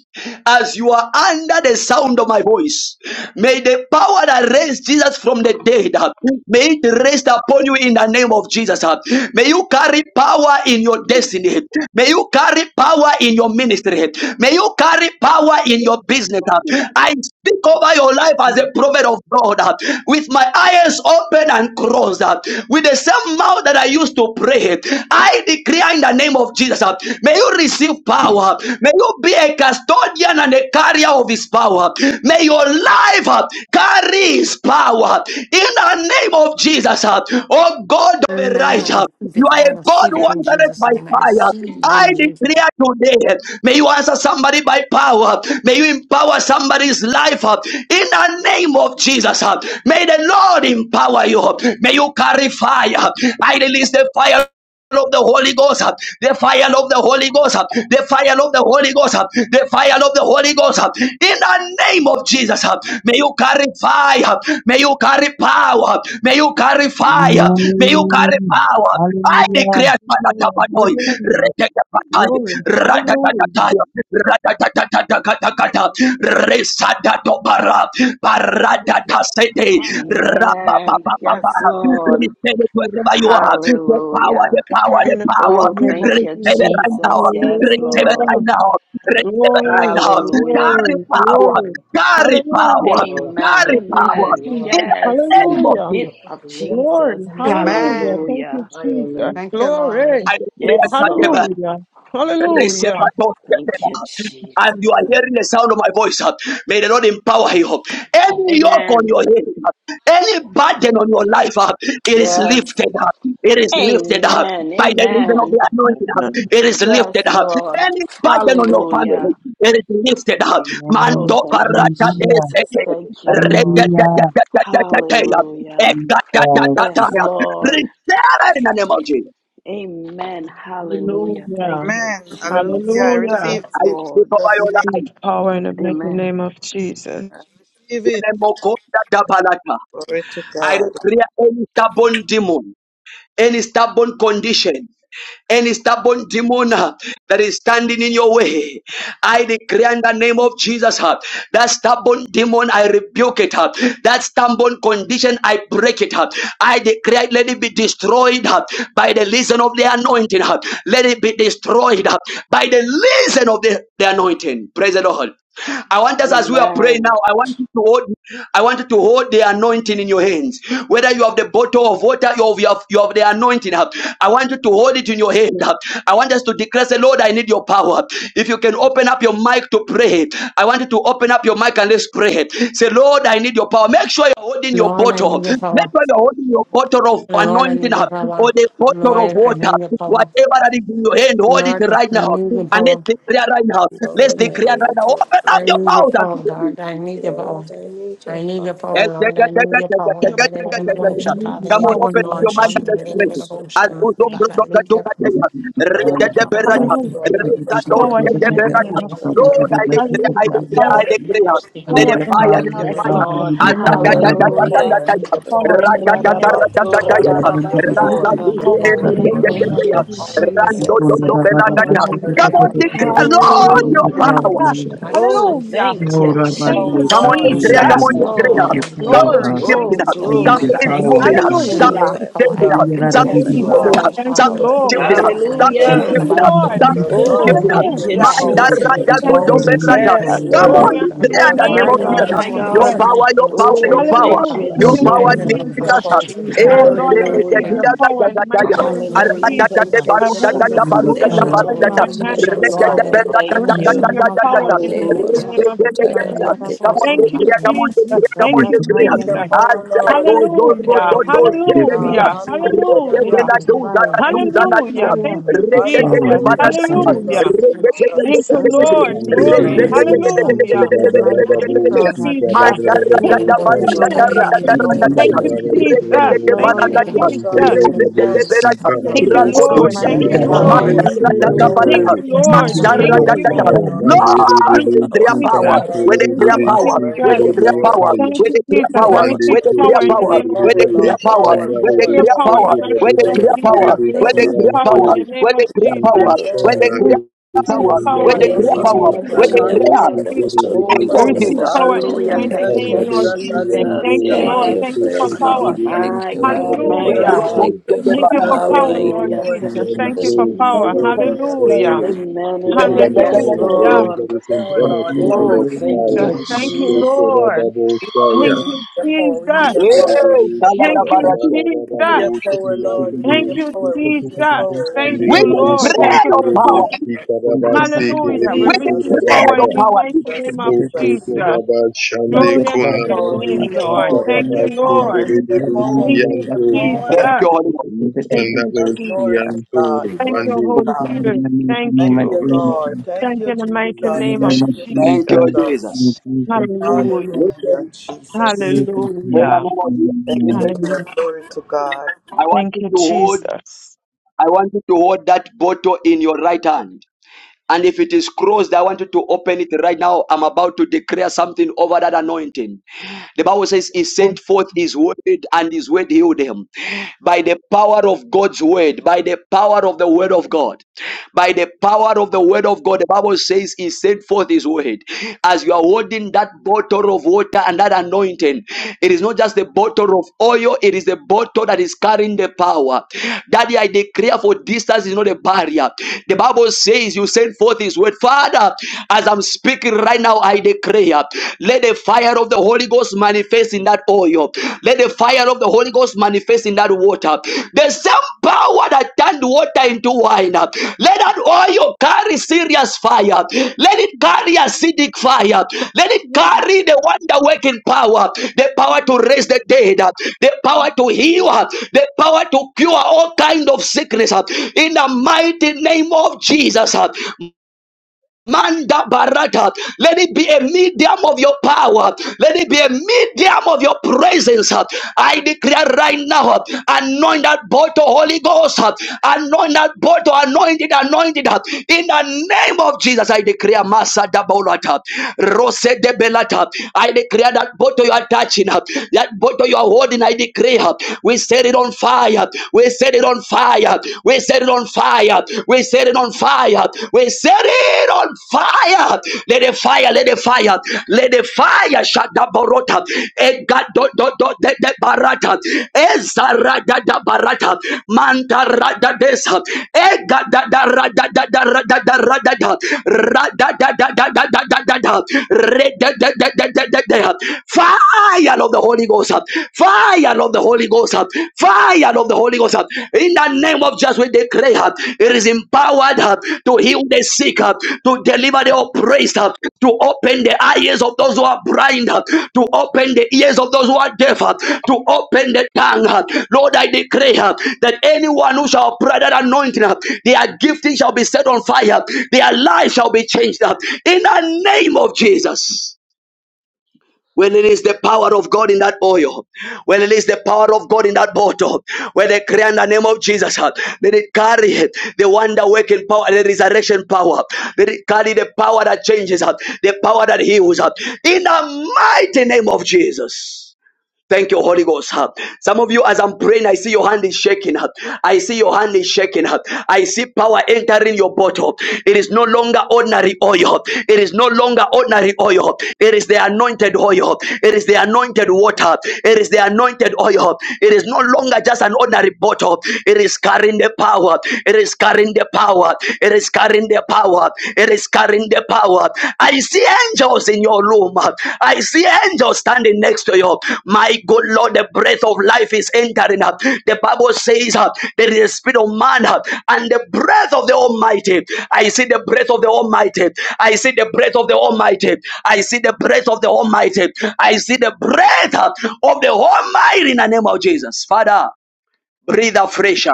A: As you are under the sound of my voice, may the power that raised Jesus from the dead, uh, may it rest upon you in the name of Jesus. uh. May you carry power in
K: You
A: your
K: can do it.
A: destiny. May you carry power in your ministry. May you carry power in your business. uh. I speak over your life as a prophet of God uh, with my eyes open and closed uh, with the same mouth that I used to pray. I declare in the name of Jesus, uh, may you receive power. May you be a custodian and a carrier of his power. May your life uh, carry his power in the name of Jesus. uh, Oh God of
I: Amen. I
A: Elijah,
I: receive
A: you
I: it.
A: are a
I: I
A: God
I: receive
A: who
H: Amen.
I: it in
A: answered
I: Jesus'
A: by
I: name. I
A: fire.
I: receive it
A: I
I: in Jesus. name.
A: declare today, may you answer somebody by power. May you empower somebody's life uh, in the name of Jesus. uh. May the Lord empower you. May you carry fire. I release the fire fire of the Holy Ghost, uh, the fire of the Holy Ghost, uh, the fire of the Holy Ghost, uh, the fire of the Holy Ghost. uh, In the name of Jesus, uh, may you carry fire, may you carry power, may you carry fire, may you carry
J: Amen.
A: power, I
H: Oh,
J: Hallelujah.
A: declare
H: Lord.
A: Malakapatoi,
H: Hallelujah.
A: Rekatapatai,
H: Glory. Hallelujah.
A: Ratatatai, Ratatatatakata, Resadato Bara, Paradata Sete,
B: Amen.
A: Rabababa,
B: Yes, Lord.
A: receive it wherever you are, the power, the
B: Hallelujah.
A: power,
H: Power
A: the
H: in the
A: power,
B: Oh,
H: mighty name of
B: thank
A: receive
B: you,
A: it
H: Jesus.
A: right now,
B: Jesus. Yes,
A: receive it
B: Lord.
A: right
H: Hallelujah.
A: now, receive it
M: Lord
A: right
H: Glory.
A: now,
M: Jesus,
B: Hallelujah.
M: Lord,
A: carry
H: Glory.
M: that you
A: power,
M: do
H: Glory.
M: not contain
A: carry
M: us.
A: power,
H: Hallelujah.
M: About
B: Amen.
A: carry
M: fire,
H: Thank you,
M: fire,
A: power,
B: Amen.
A: in
M: Lord.
H: Jesus.
A: the
B: Yes.
M: You
A: name
M: must
A: of
H: Hallelujah.
M: consume
A: Jesus.
B: In
M: us with
B: of
M: your fire,
B: Jesus.
H: Glory.
M: Lord.
H: Hallelujah.
G: Amen.
H: Thank you,
B: Hallelujah.
M: Fire, Lord.
H: Jesus.
G: Thank you,
H: Glory.
A: I
B: Yes,
A: declare
B: Lord.
H: Hallelujah. Hallelujah.
B: Thank you, Jesus.
A: And you are hearing the sound of my voice. uh, May the Lord empower you. Any yoke on
B: Amen.
A: your head, uh, any burden on your life, uh, it is
B: Yes.
A: lifted up. It is lifted up
B: Amen.
A: by the reason of
B: Amen.
A: the anointing. uh, It is
B: Yes,
A: lifted up.
B: Lord.
A: Any burden on your
B: Hallelujah.
A: family, it is lifted up.
B: Oh,
A: Mando
J: Amen.
B: thank you,
A: barata
J: Hallelujah.
B: Jesus.
A: esete,
B: Thank you, Lord.
J: Hallelujah.
A: reketeteteteteteteya,
B: Hallelujah.
J: Jesus.
B: Yes,
A: ekatatataya.
B: Lord.
A: Receive it in the name of Jesus.
B: Amen. Hallelujah. Thank
H: Hallelujah.
B: you,
F: Amen. Hallelujah. I
B: Jesus.
H: Hallelujah.
B: Yes,
F: receive it
A: I
F: in
A: speak
B: Lord.
A: over
F: Jesus'
A: your
F: name.
A: life.
H: Need the power in the mighty
B: Amen.
H: name of Jesus.
F: I receive it.
A: Lemokonda dabalaka.
F: Glory to
A: I
F: God.
A: declare any stubborn demon, any stubborn condition, any stubborn demon uh, that is standing in your way. I declare in the name of Jesus uh, that stubborn demon, I rebuke it. uh, That stubborn condition, I break it. uh, I declare, it, let it be destroyed uh, by the reason of the anointing. uh, Let it be destroyed uh, by the reason of the, the anointing. Praise the Lord. I want us as we are praying
B: Amen.
A: now, I want you to hold I want you to hold the anointing in your hands. Whether you have the bottle of water, you have, you have, you have the anointing. huh? I want you to hold it in your hand. huh? I want us to declare, say, Lord, I need your power. If you can open up your mic to pray, I want you to open up your mic and let's pray. Say, Lord, I need your power. Make sure you're holding your
I: Lord, I
A: bottle.
I: need your
A: Make
I: power.
A: sure you're holding your bottle of
I: Lord, I
A: anointing
I: need
A: uh,
I: your
A: or
I: power.
A: the bottle of
I: Lord, I
A: water.
I: need your power.
A: Whatever that is in your hand, hold it
I: Lord,
A: right
I: I
A: now.
I: need your
A: And let's
I: power.
A: declare right now. Let's
E: Lord, I
A: declare right
E: need
A: now.
E: your
A: Open up
I: I
A: your
E: power.
I: need your
A: mouth.
I: power,
A: and.
I: God. I need your power.
E: Lord, I need your
I: I need your
E: power.
A: Eh,
I: power,
A: yeah,
I: Lord.
A: yeah,
I: I
A: yeah,
I: need your
A: yeah, yeah, yeah,
I: power.
H: Need
I: I
H: your
A: yeah,
H: power,
A: yeah, yeah, yeah,
H: Lord.
E: Lay
H: We
A: yeah.
H: need your
A: Come
E: myself
A: on,
E: on
H: power,
A: open up
E: fire,
A: your
H: Lord.
A: mind
E: must
H: Thank
J: Worship
A: and
H: you,
E: get
K: Hey,
E: him
A: express
H: Jesus.
A: it.
E: so
A: As
E: tired.
A: Buzo
H: Thank you.
A: Bruto
I: I
H: Jesus.
I: need your power.
J: the
A: Katukataya,
F: God,
A: Rita
J: Lord.
F: I
A: de
F: need
E: Lay
F: the
A: Berata,
J: Worship
H: Hallelujah.
F: power,
J: the
F: I
E: myself
F: need the
E: on
A: Rita
F: power,
E: fire,
H: Power in
E: must
A: Doske
H: the
A: de
F: I
H: mighty
E: get him
A: Berata.
H: name
F: need
H: of
F: the
E: so tired,
F: power.
A: Lord,
H: Jesus.
E: must
A: I
E: get
A: declare, I
E: him
H: Hallelujah.
E: so
A: declare, I
H: Power.
E: tired.
F: God, I
J: Lord.
A: declare.
F: need
A: ja.
F: the
J: I
A: Let
F: power,
J: need
A: the
H: Power
F: I
J: your
H: in the
J: power,
A: fire,
F: need
A: let
H: name
A: the
H: of
J: oh
B: Yes,
A: fire.
J: God. I
H: Jesus.
B: Lord.
J: need
H: In
J: your
H: the mighty name of
F: the
E: Lay
F: power,
B: Hallelujah.
F: I
H: Jesus.
F: need
A: Azadadadadadadadaya,
F: the
H: Power
F: power, I need the power.
H: in the
B: Ora
H: name of
B: raba,
F: God, Jesus,
B: sora
H: Jesus.
A: Ratatatatatatataya,
B: la,
F: I need the
H: We
F: power, I
H: receive
B: Orarabasora-larabasanda.
F: need the
H: Power in the
F: power,
H: mighty
B: Hey,
F: Lord, I
B: thank
H: name
F: need
J: power.
H: of
A: Ratazizededededeya,
F: the
B: you,
H: Jesus.
F: power.
H: Thank you,
B: Jesus.
J: Lord, I
H: Jesus.
B: Yes,
H: Thank you,
A: Ratododobelakaya.
I: I
B: Lord.
F: Power
H: Holy
F: in
A: Come
F: the
A: on,
H: Spirit.
F: mighty
A: declare,
F: name of
H: Thank
A: Lord,
H: you,
A: your
B: Hallelujah.
E: fire,
A: power.
E: must
H: Jesus.
E: get him so
B: Oh,
E: tired, must get him so tired, must get
H: Hallelujah.
B: thank you,
E: him so
J: bind
H: Thank
F: power,
H: you,
J: you,
A: Come on,
F: Lord.
J: Satan,
B: Jesus.
J: da,
A: Andrea,
H: Jesus.
J: da,
B: Yes,
J: da,
A: come
J: da.
A: on,
J: We
A: Andrea.
E: tired.
J: need
B: Lord.
J: your
E: Lay
J: power, oh
A: Something
E: myself
A: is
H: Glory.
J: God.
H: Thank
A: shifting
B: Oh,
H: you,
E: fire, get
A: up.
J: We
E: him so
J: need
B: glory.
J: your
A: Something
H: Jesus.
A: is
E: tired,
J: power,
B: Thank
E: must
J: oh
A: moving
B: you,
E: get
A: up.
E: him
J: God.
E: so
B: Jesus.
A: Something
H: Hallelujah.
F: Glory
A: is
F: to
A: changing
F: God,
A: up.
J: We are
H: Thank
J: out of
H: you,
F: glory
E: Lord,
A: Something
F: to
E: I
B: Yes,
A: is
J: you.
A: moving
H: Jesus.
F: God.
E: need
A: up.
E: your
B: Lord.
H: Thank you,
A: Something
E: power, I
A: is
H: Lord.
E: need
F: Uh,
A: shifting
E: your
A: up.
F: Jesus,
A: Something is
J: Lord,
H: Thank
B: Hallelujah.
H: you,
J: I
E: name,
F: thank
A: shifting
F: you,
A: up.
E: so
J: need
H: Lord.
J: you,
F: Jesus.
A: Something is
F: God,
B: Oh,
J: Satan,
F: I
A: shifting
J: da,
F: need
A: up.
B: thank
F: your
B: you,
H: Hallelujah.
J: da, da,
F: power,
J: da,
F: I need
J: da,
B: Jesus.
F: your
A: Mandaraja
J: da.
H: Thank
A: Godo
F: power.
J: Lord,
H: you,
J: I need your
H: Jesus.
J: power, I
B: Yes,
A: Come
I: Water
F: Jesus,
A: on,
H: Glory
I: will
B: Lord.
H: unto
I: not
A: Andrea,
H: your
A: in
I: reject
A: the
I: all
A: name
I: I
B: My
H: name,
A: of
F: Jesus,
I: die.
H: Lord
B: God,
N: Hallelujah,
A: Jesus.
I: is
B: my
I: what
F: Jesus, I
I: is
A: Your
B: God.
H: Jesus.
F: need
N: hallelujah,
I: something
A: power,
I: that
A: your
I: will
A: power,
I: saturate
A: your
B: Oh,
I: the
N: Jesus,
A: power.
I: diet.
B: thank you,
H: Hallelujah.
F: your
A: Your
J: need your
H: Thank
F: power,
A: power
H: you,
J: power,
I: And
A: is
J: oh
F: Lord,
J: God. I need your power,
I: then
J: oh
I: you
B: Jesus.
J: God. I
F: your
H: Jesus.
A: Jesus.
N: Jesus,
I: wash it.
F: power,
I: And
J: need
N: Jesus,
H: Oh
F: power,
A: Is
I: then you
A: the
H: Lord, I
F: power.
I: wash
N: Jesus,
H: receive
B: Hallelujah.
H: your power
A: Gadia
H: in
J: your
H: the mighty
J: power,
A: Gadia.
J: oh
I: I'm
F: Power,
I: not
H: name
J: God. I
H: of
B: Hallelujah.
A: Arada
H: Jesus.
A: de
B: Thank
N: Jesus.
B: you,
H: And I
A: Baru
I: this
H: hold
N: Holy
J: need your power, oh God. I need your power, oh God. I need your power, oh God. I
H: this
A: Dada
J: need
B: Jesus.
A: Baru
J: your
H: anointed
B: Yes,
A: Dada
N: Spirit,
J: power,
F: Need
J: oh
A: Baru
H: oil
F: the
J: God. I
N: you
J: need
H: in
B: Lord.
A: Dada.
N: have
H: my
F: power,
N: your way
H: hand, oh
F: need the
N: in
A: Rega
F: power,
H: Lord.
B: Father, I
A: Berra
H: I
N: the
A: Dada
B: thank you.
H: receive
A: Dada
H: your
N: name of
A: Dada
H: power
A: Dada.
H: in the mighty
N: Jesus.
B: Hallelujah.
H: name of
N: You
A: Rega de
N: can
A: Gadia.
H: Jesus.
N: have a
A: Come
I: what
A: on,
N: voice of
A: take
H: Thank
I: I'm not
H: you,
A: prayer.
N: the
A: Come
N: Lord.
A: on, take
N: You
I: this
H: Jesus.
A: prayer.
N: can
A: Come on,
H: Thank
N: have
H: you,
A: take
N: a
I: my
A: prayer.
F: Need
N: voice
F: the
H: Jesus.
N: of
A: As
F: power,
A: that
F: Lord.
N: the
A: goes,
F: I need the
A: those road,
H: Hallelujah,
F: power.
A: those
N: Lord.
A: doors,
F: Glory
A: get
F: to
J: your
A: the
J: power,
F: God.
A: dear.
J: oh
H: hallelujah,
J: God.
N: Holy Ghost,
F: Hallelujah.
A: Rege
N: Holy
H: hallelujah,
A: la
N: Ghost
A: duza
F: Hallelujah.
N: fire,
A: la
N: Holy
A: duza
N: Ghost
A: la
F: Hallelujah.
A: dia.
H: hallelujah.
N: fire,
H: Thank you,
J: We
A: Rege
J: call
A: de de
J: on
H: Jesus.
J: you,
N: oh
A: bata
F: Hallelujah.
J: we call
A: dia.
J: on you,
N: Jesus,
F: Jesus.
H: Hallelujah.
A: Rege
F: Jesus.
A: de de
F: Jesus.
A: de
H: Thank
N: Jesus,
H: you,
A: de
J: we
A: de de.
J: pray
H: Lord.
J: to the
N: hey,
A: Rege
J: name
H: Glory.
A: de
F: Jesus.
A: de
J: of
A: de
N: hallelujah,
A: de de
H: Hallelujah.
A: de
N: hallelujah,
A: de de de de
N: mighty
A: de
H: Thank
A: de de
H: you,
A: de.
F: Jesus.
N: God,
F: Jesus.
H: Jesus.
F: Jesus.
A: Manda
F: I
A: ra
F: need
H: Yeah.
A: da
F: the
N: glory
A: da ba
N: to
F: power,
A: da
N: your
A: da
F: Lord.
A: da
F: I
A: ra
N: name,
H: Hallelujah.
A: da
F: need the
A: da ra da
F: power.
J: Jesus.
A: da
H: Thank
A: ya.
N: Jesus,
H: you,
A: Rege
N: The
A: de
H: Jesus.
A: de
F: Jesus.
H: Thank
A: bata
N: blood
A: da
H: you,
N: of
A: dia.
F: Jesus.
H: Jesus.
A: Rege de de
F: Jesus.
N: Jesus,
A: de ra da.
F: Jesus.
H: Thank you,
A: Ra ko
N: Jesus
A: to
J: We
H: Lord. Thank
F: I
J: pray
H: you,
A: dia.
N: Almighty
F: need
J: that
F: the
J: all of
N: God,
H: Lord.
A: Manda
J: you
F: power,
A: ra
J: are
A: da da
J: saved.
A: ba
F: power, I
N: prevail.
H: Thank
A: da.
F: need
H: you,
O: Power,
F: the
J: Please leave
H: Lord.
F: power,
J: your
A: Manda
F: I
A: ra
F: need
H: Thank
J: power
A: da
F: the
A: da da.
J: and
H: you.
N: Hallelujah.
F: power,
J: God.
F: Lord. Lord,
E: Thank you for
A: Lord,
H: Thank you,
A: their
E: power.
A: power
E: Thank
H: Jesus.
E: you for
A: with the
F: I
H: Thank
F: need
A: prayer
F: the
H: you,
E: power.
A: power,
F: power, I
A: with
H: Jesus.
F: need
A: the
F: the
E: In
F: power,
E: the
A: prayer
E: name
A: power,
E: of
H: Thank
A: with
E: Jesus,
A: the
H: you,
A: prayer
H: Jesus.
E: they
H: I
A: power,
O: Mande
E: must
H: receive
A: with the prayer
O: koko
H: power
E: put
H: in the
A: power,
E: them.
H: name
O: kore
H: of
A: with
E: They
F: Power,
A: the
O: bebe
A: prayer
H: Jesus.
F: Lord,
E: must
A: power,
E: put
F: power,
H: We
O: shanda
A: with the
O: bebe
F: power,
H: receive
A: prayer
F: power,
H: power in
A: power,
O: soko
H: the mighty
F: power,
A: with the
O: bebe
H: name of
F: power,
A: prayer
O: kire
E: them.
A: power,
H: Jesus.
F: power,
H: We
F: power,
A: with the
O: bebe
H: receive
E: They
A: prayer
F: power,
H: power in
A: power,
O: antori.
H: the
F: power,
H: name
A: with
H: of
A: the
F: power.
E: must
A: prayer
O: Mande
E: put
H: Jesus.
A: power, with the
E: them.
O: shanda
H: We
F: Glory,
A: prayer
O: bebe
H: receive
B: Yes,
A: power,
O: soko
F: mighty
H: power
A: with
F: name
B: Lord.
A: the
O: bebe
H: in
E: They
H: the
F: of
B: Yes,
A: prayer
H: name
E: must
H: of
A: power,
O: bebe
E: put
F: Jesus,
B: Lord.
H: Jesus.
A: with the
O: kaya
E: them
O: bebe
H: Thank
A: prayer.
F: hallelujah,
B: Hallelujah.
H: you,
E: together,
O: soko
A: Name
E: must
H: Jesus.
E: put
O: bebe
B: Holy
E: them,
H: We
A: of
E: must do them,
B: Ghost.
O: kanda.
H: receive
A: Jesus.
E: must
H: power
E: put
H: in
E: them,
H: the
E: must
B: Hallelujah.
H: mighty
E: do them,
F: hallelujah,
E: must
B: Thank
H: name,
O: Ikanda
B: you,
E: put
F: Jesus,
H: Lord
E: them.
O: bebe shi
H: Jesus.
F: hallelujah,
B: Jesus.
H: Thank you,
O: antori.
E: Thank
H: Lord.
O: Bebe
E: you
B: Yes.
F: hallelujah,
H: Thank
E: for
H: you
E: your
O: soko
H: for
O: bebe
H: power.
E: power.
F: hallelujah,
O: bebe
E: Thank
B: My
E: you.
O: kira
B: God. My
O: baba
F: Jesus,
H: Hallelujah.
E: Thank
B: God.
O: sayo.
E: you for
H: Thank you for
F: Jesus,
E: power.
O: Ikore
H: power,
E: in
O: bebe
H: Lord
B: Hallelujah.
F: power,
O: shi
H: Jesus.
F: Jesus,
B: Thank you,
H: Thank you
E: Jesus.
H: for
O: antori.
B: Jesus.
O: The
H: power.
F: power,
O: word is
F: power,
H: Hallelujah.
F: power,
O: prayer.
F: Jesus,
B: Amen.
O: The
F: power,
B: Amen.
O: kingdom is
F: power,
B: Yes,
O: not in
F: power,
H: Hallelujah.
O: words, but
B: Lord.
O: it's in
F: power,
J: About
F: Lord,
J: the
H: Thank
O: demonstration
F: power,
H: you,
B: Oh,
O: of
J: liberation
B: thank
J: and the
H: Jesus.
B: you,
O: power.
H: Thank you,
J: revelation
O: Ikoko
B: Jesus.
H: Lord.
O: rababo shaya.
J: and the
H: Thank
F: Jesus,
H: you,
F: we
H: Jesus.
F: need your power, we
A: Hey,
O: Vikerere
F: need your power,
H: Thank
O: Santa
F: we
H: you,
A: Saladabaradia.
H: Jesus.
O: Rarara
F: need your power, we need your
O: Boshi
F: power, Lord, we need
H: Thank
F: your
O: Antori
H: you,
F: power, we need your
H: Jesus.
F: power, we
H: Thank
F: need your
H: you,
A: With
O: Bandere
A: the
O: de
F: power,
H: Lord. Thank you
A: prayer of
H: for
O: Suntoro
A: power,
H: power.
F: Jesus.
O: Boshi Karabasi
H: Hallelujah.
O: Kerebo
H: We
A: with
F: Jesus,
A: the
H: receive
A: prayer
F: Jesus,
H: power
A: of
H: in
O: Kurababa
H: the
A: power,
H: mighty
F: Jesus,
H: name of
O: Boku
F: Jesus.
J: revelation.
H: Jesus.
O: Kuraba
F: Jesus,
O: Shande
F: we
J: Oh
H: Glory
F: need your
H: unto
J: God, in
H: your
F: power, we
J: the
O: Kunamandi
H: name,
F: need your
H: Lord.
J: mighty
F: power, we
H: Thank
F: need
J: name
H: you,
F: your
O: Kakarabasi
F: power, we
J: of
H: Lord.
F: need your
O: Kerebe
F: power, we
H: Thank
F: need
H: you,
F: your
O: Siantori
F: power.
A: thank you,
H: Jesus.
A: Holy Ghost.
H: Thank
O: Kanda
H: you,
F: That's
O: Boshi
F: glory to
H: Jesus.
F: God,
O: Antori
H: Thank you,
F: glory to
O: Bande
H: Holy
F: God.
H: Spirit. Thank
F: Thank you,
H: you.
O: Oraba
J: Jesus,
F: Lord. Thank
H: Thank
F: you,
H: you in the
F: Jesus.
O: in the
H: mighty
J: in
O: name
J: the
O: of
H: name of
J: name
F: Thank
J: of
F: you,
O: Jesus.
H: Jesus.
A: Thank
J: Jesus,
A: you,
J: in
F: Jesus.
J: the
A: Jesus.
J: Jesus' name,
H: Hallelujah.
F: Hallelujah,
A: Listen,
F: Jesus.
J: Jesus'
A: when I
J: name,
H: Hallelujah.
A: know what
F: Thank you,
J: amen.
A: you
F: Lord.
H: Hallelujah.
F: Glory to God.
A: I want
H: Thank
A: you
H: you,
A: to hold,
H: Jesus.
A: I want you to hold that bottle in your right hand. And if it is closed, I want you to open it right now. I'm about to declare something over that anointing. The Bible says he
H: Oh,
A: sent forth his word and his word healed him. By the power of God's word, by the power of the word of God by the power of the word of God. The Bible says he sent forth his word. As you are holding that bottle of water and that anointing, it is not just the bottle of oil, it is the bottle that is carrying the power. Daddy, I declare for distance is not a barrier. The Bible says you send forth his word. Father, as I'm speaking right now, I declare, let the fire of the Holy Ghost manifest in that oil for you. Let the fire of the Holy Ghost manifest in that water. The same power that turned water into wine. Let that oil carry serious fire. Let it carry acidic fire. Let it carry the wonder working power, the power to raise the dead, the
K: Hey,
A: power to heal, the power to cure all kind of sickness. In the mighty name of Jesus. Manda barata. Let it be a medium of your power. Let it be a medium of your presence. I declare right now, anoint that bottle, Holy Ghost. Anoint that bottle, anointed, anointed. In the name of Jesus, I declare Masa Dabolata. Rose de Belata. I declare that bottle you are touching, that bottle you are holding, I declare. We set it on fire. We set it on fire. We set it on fire. We set it on fire. We set it on fire. Let the fire, let the fire, let the fire shut the barota. Ega do do do de de barata. Ezara da da barata. Manta rada desa. Ega da da ra da da da da da da da. da da da da da da da da. Fire of the Holy Ghost. Fire fire of the Holy Ghost, uh, fire of the Holy Ghost. uh, In the name of Jesus, we declare uh, it is empowered uh, to heal the sick, uh, to deliver the oppressed, uh, to open the eyes of those who are blind, uh, to open the ears of those who are deaf, uh, to open the tongue. uh. Lord, I declare uh, that anyone who shall pray that anointing, uh, their gifting shall be set on fire, their life shall be changed. uh, In the name of Jesus. When it is the power of God in that oil, when it is the power of God in that bottle, when they cry in the name of Jesus, huh, let it carry the wonder working power, the resurrection power, let it carry the power that changes, huh, the power that heals, huh, in the mighty name of Jesus. Thank you, Holy Ghost. huh. Some of you, as I'm praying, I see your hand is shaking. huh. I see your hand is shaking. huh. I see power entering your bottle. It is no longer ordinary oil. huh. It is no longer ordinary oil. huh. It is the anointed oil. huh. It is the anointed water. It is the anointed oil. huh. It is no longer just an ordinary bottle. It is carrying the power. It is carrying the power. It is carrying the power. It is carrying the power. I see angels in your room. I see angels standing next to you. My good Lord, the breath of life is entering up. The Bible says uh, there is a spirit of man uh, and the breath of the Almighty. I see the breath of the Almighty. I see the breath of the Almighty. I see the breath of the Almighty. I see the breath uh, of the Almighty in the name of Jesus. Father, breathe afresh. uh,